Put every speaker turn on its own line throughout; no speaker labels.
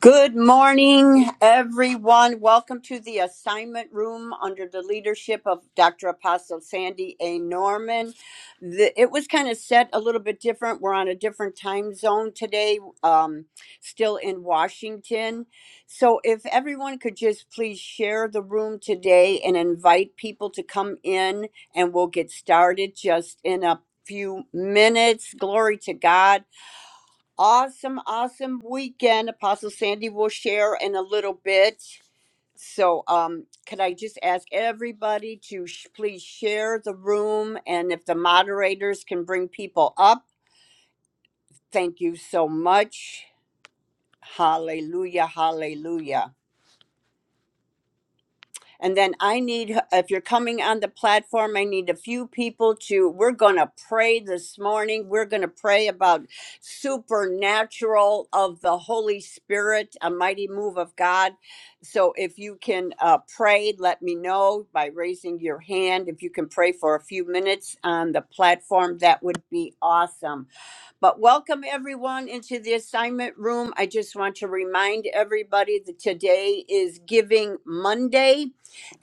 Good morning, everyone. Welcome to the assignment room under the leadership of Dr. Apostle Sandy A. Norman. The, it was kind of set a little bit different. We're on a different time zone today, um, still in Washington. So, if everyone could just please share the room today and invite people to come in, and we'll get started just in a few minutes. Glory to God. Awesome, awesome weekend. Apostle Sandy will share in a little bit. So, um, could I just ask everybody to sh- please share the room and if the moderators can bring people up? Thank you so much. Hallelujah, hallelujah. And then I need, if you're coming on the platform, I need a few people to, we're going to pray this morning. We're going to pray about supernatural of the Holy Spirit, a mighty move of God. So if you can uh, pray, let me know by raising your hand. If you can pray for a few minutes on the platform, that would be awesome. But welcome everyone into the assignment room. I just want to remind everybody that today is Giving Monday,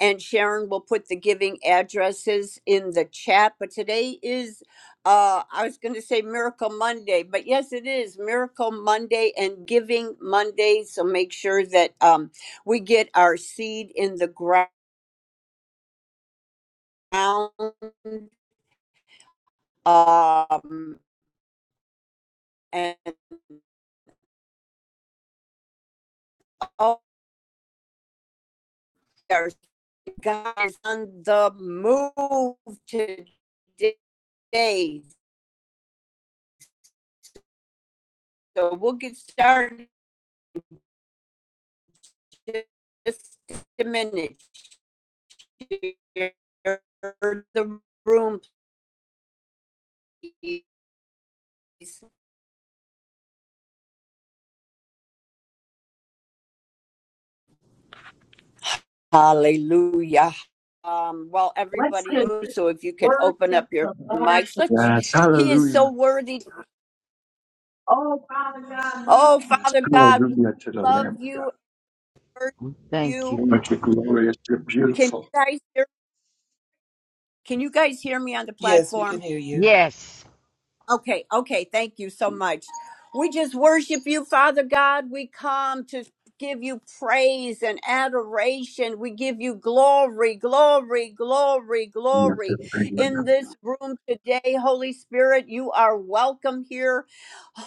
and Sharon will put the giving addresses in the chat. But today is, uh, I was going to say Miracle Monday, but yes, it is Miracle Monday and Giving Monday. So make sure that um, we get our seed in the ground. Um, and oh, God is on the move today. So we'll get started in just a minute. Share the room, please. Hallelujah. Um, well,
Let's
everybody,
just
so if you can
worship
open up your
the Lord
mics, let's,
together. Yes,
he is so
hallelujah.
worthy.
Oh, Father God, we
Oh,
Yes,
Father God, we
hallelujah to the
love
Lamb of
you,
God.
and worship
We thank you,
you.
Oh, but you're
Father.
glorious, you're
Can
beautiful.
you guys hear, can you guys hear me on the
Yes, we
platform?
can hear you.
Yes.
Okay, okay. Thank you so much. We just worship you, Father God. We come to give you praise and adoration. We give you glory, glory, glory,
You're the
glory.
Lamb of God.
In this room today, Holy Spirit, you are welcome here.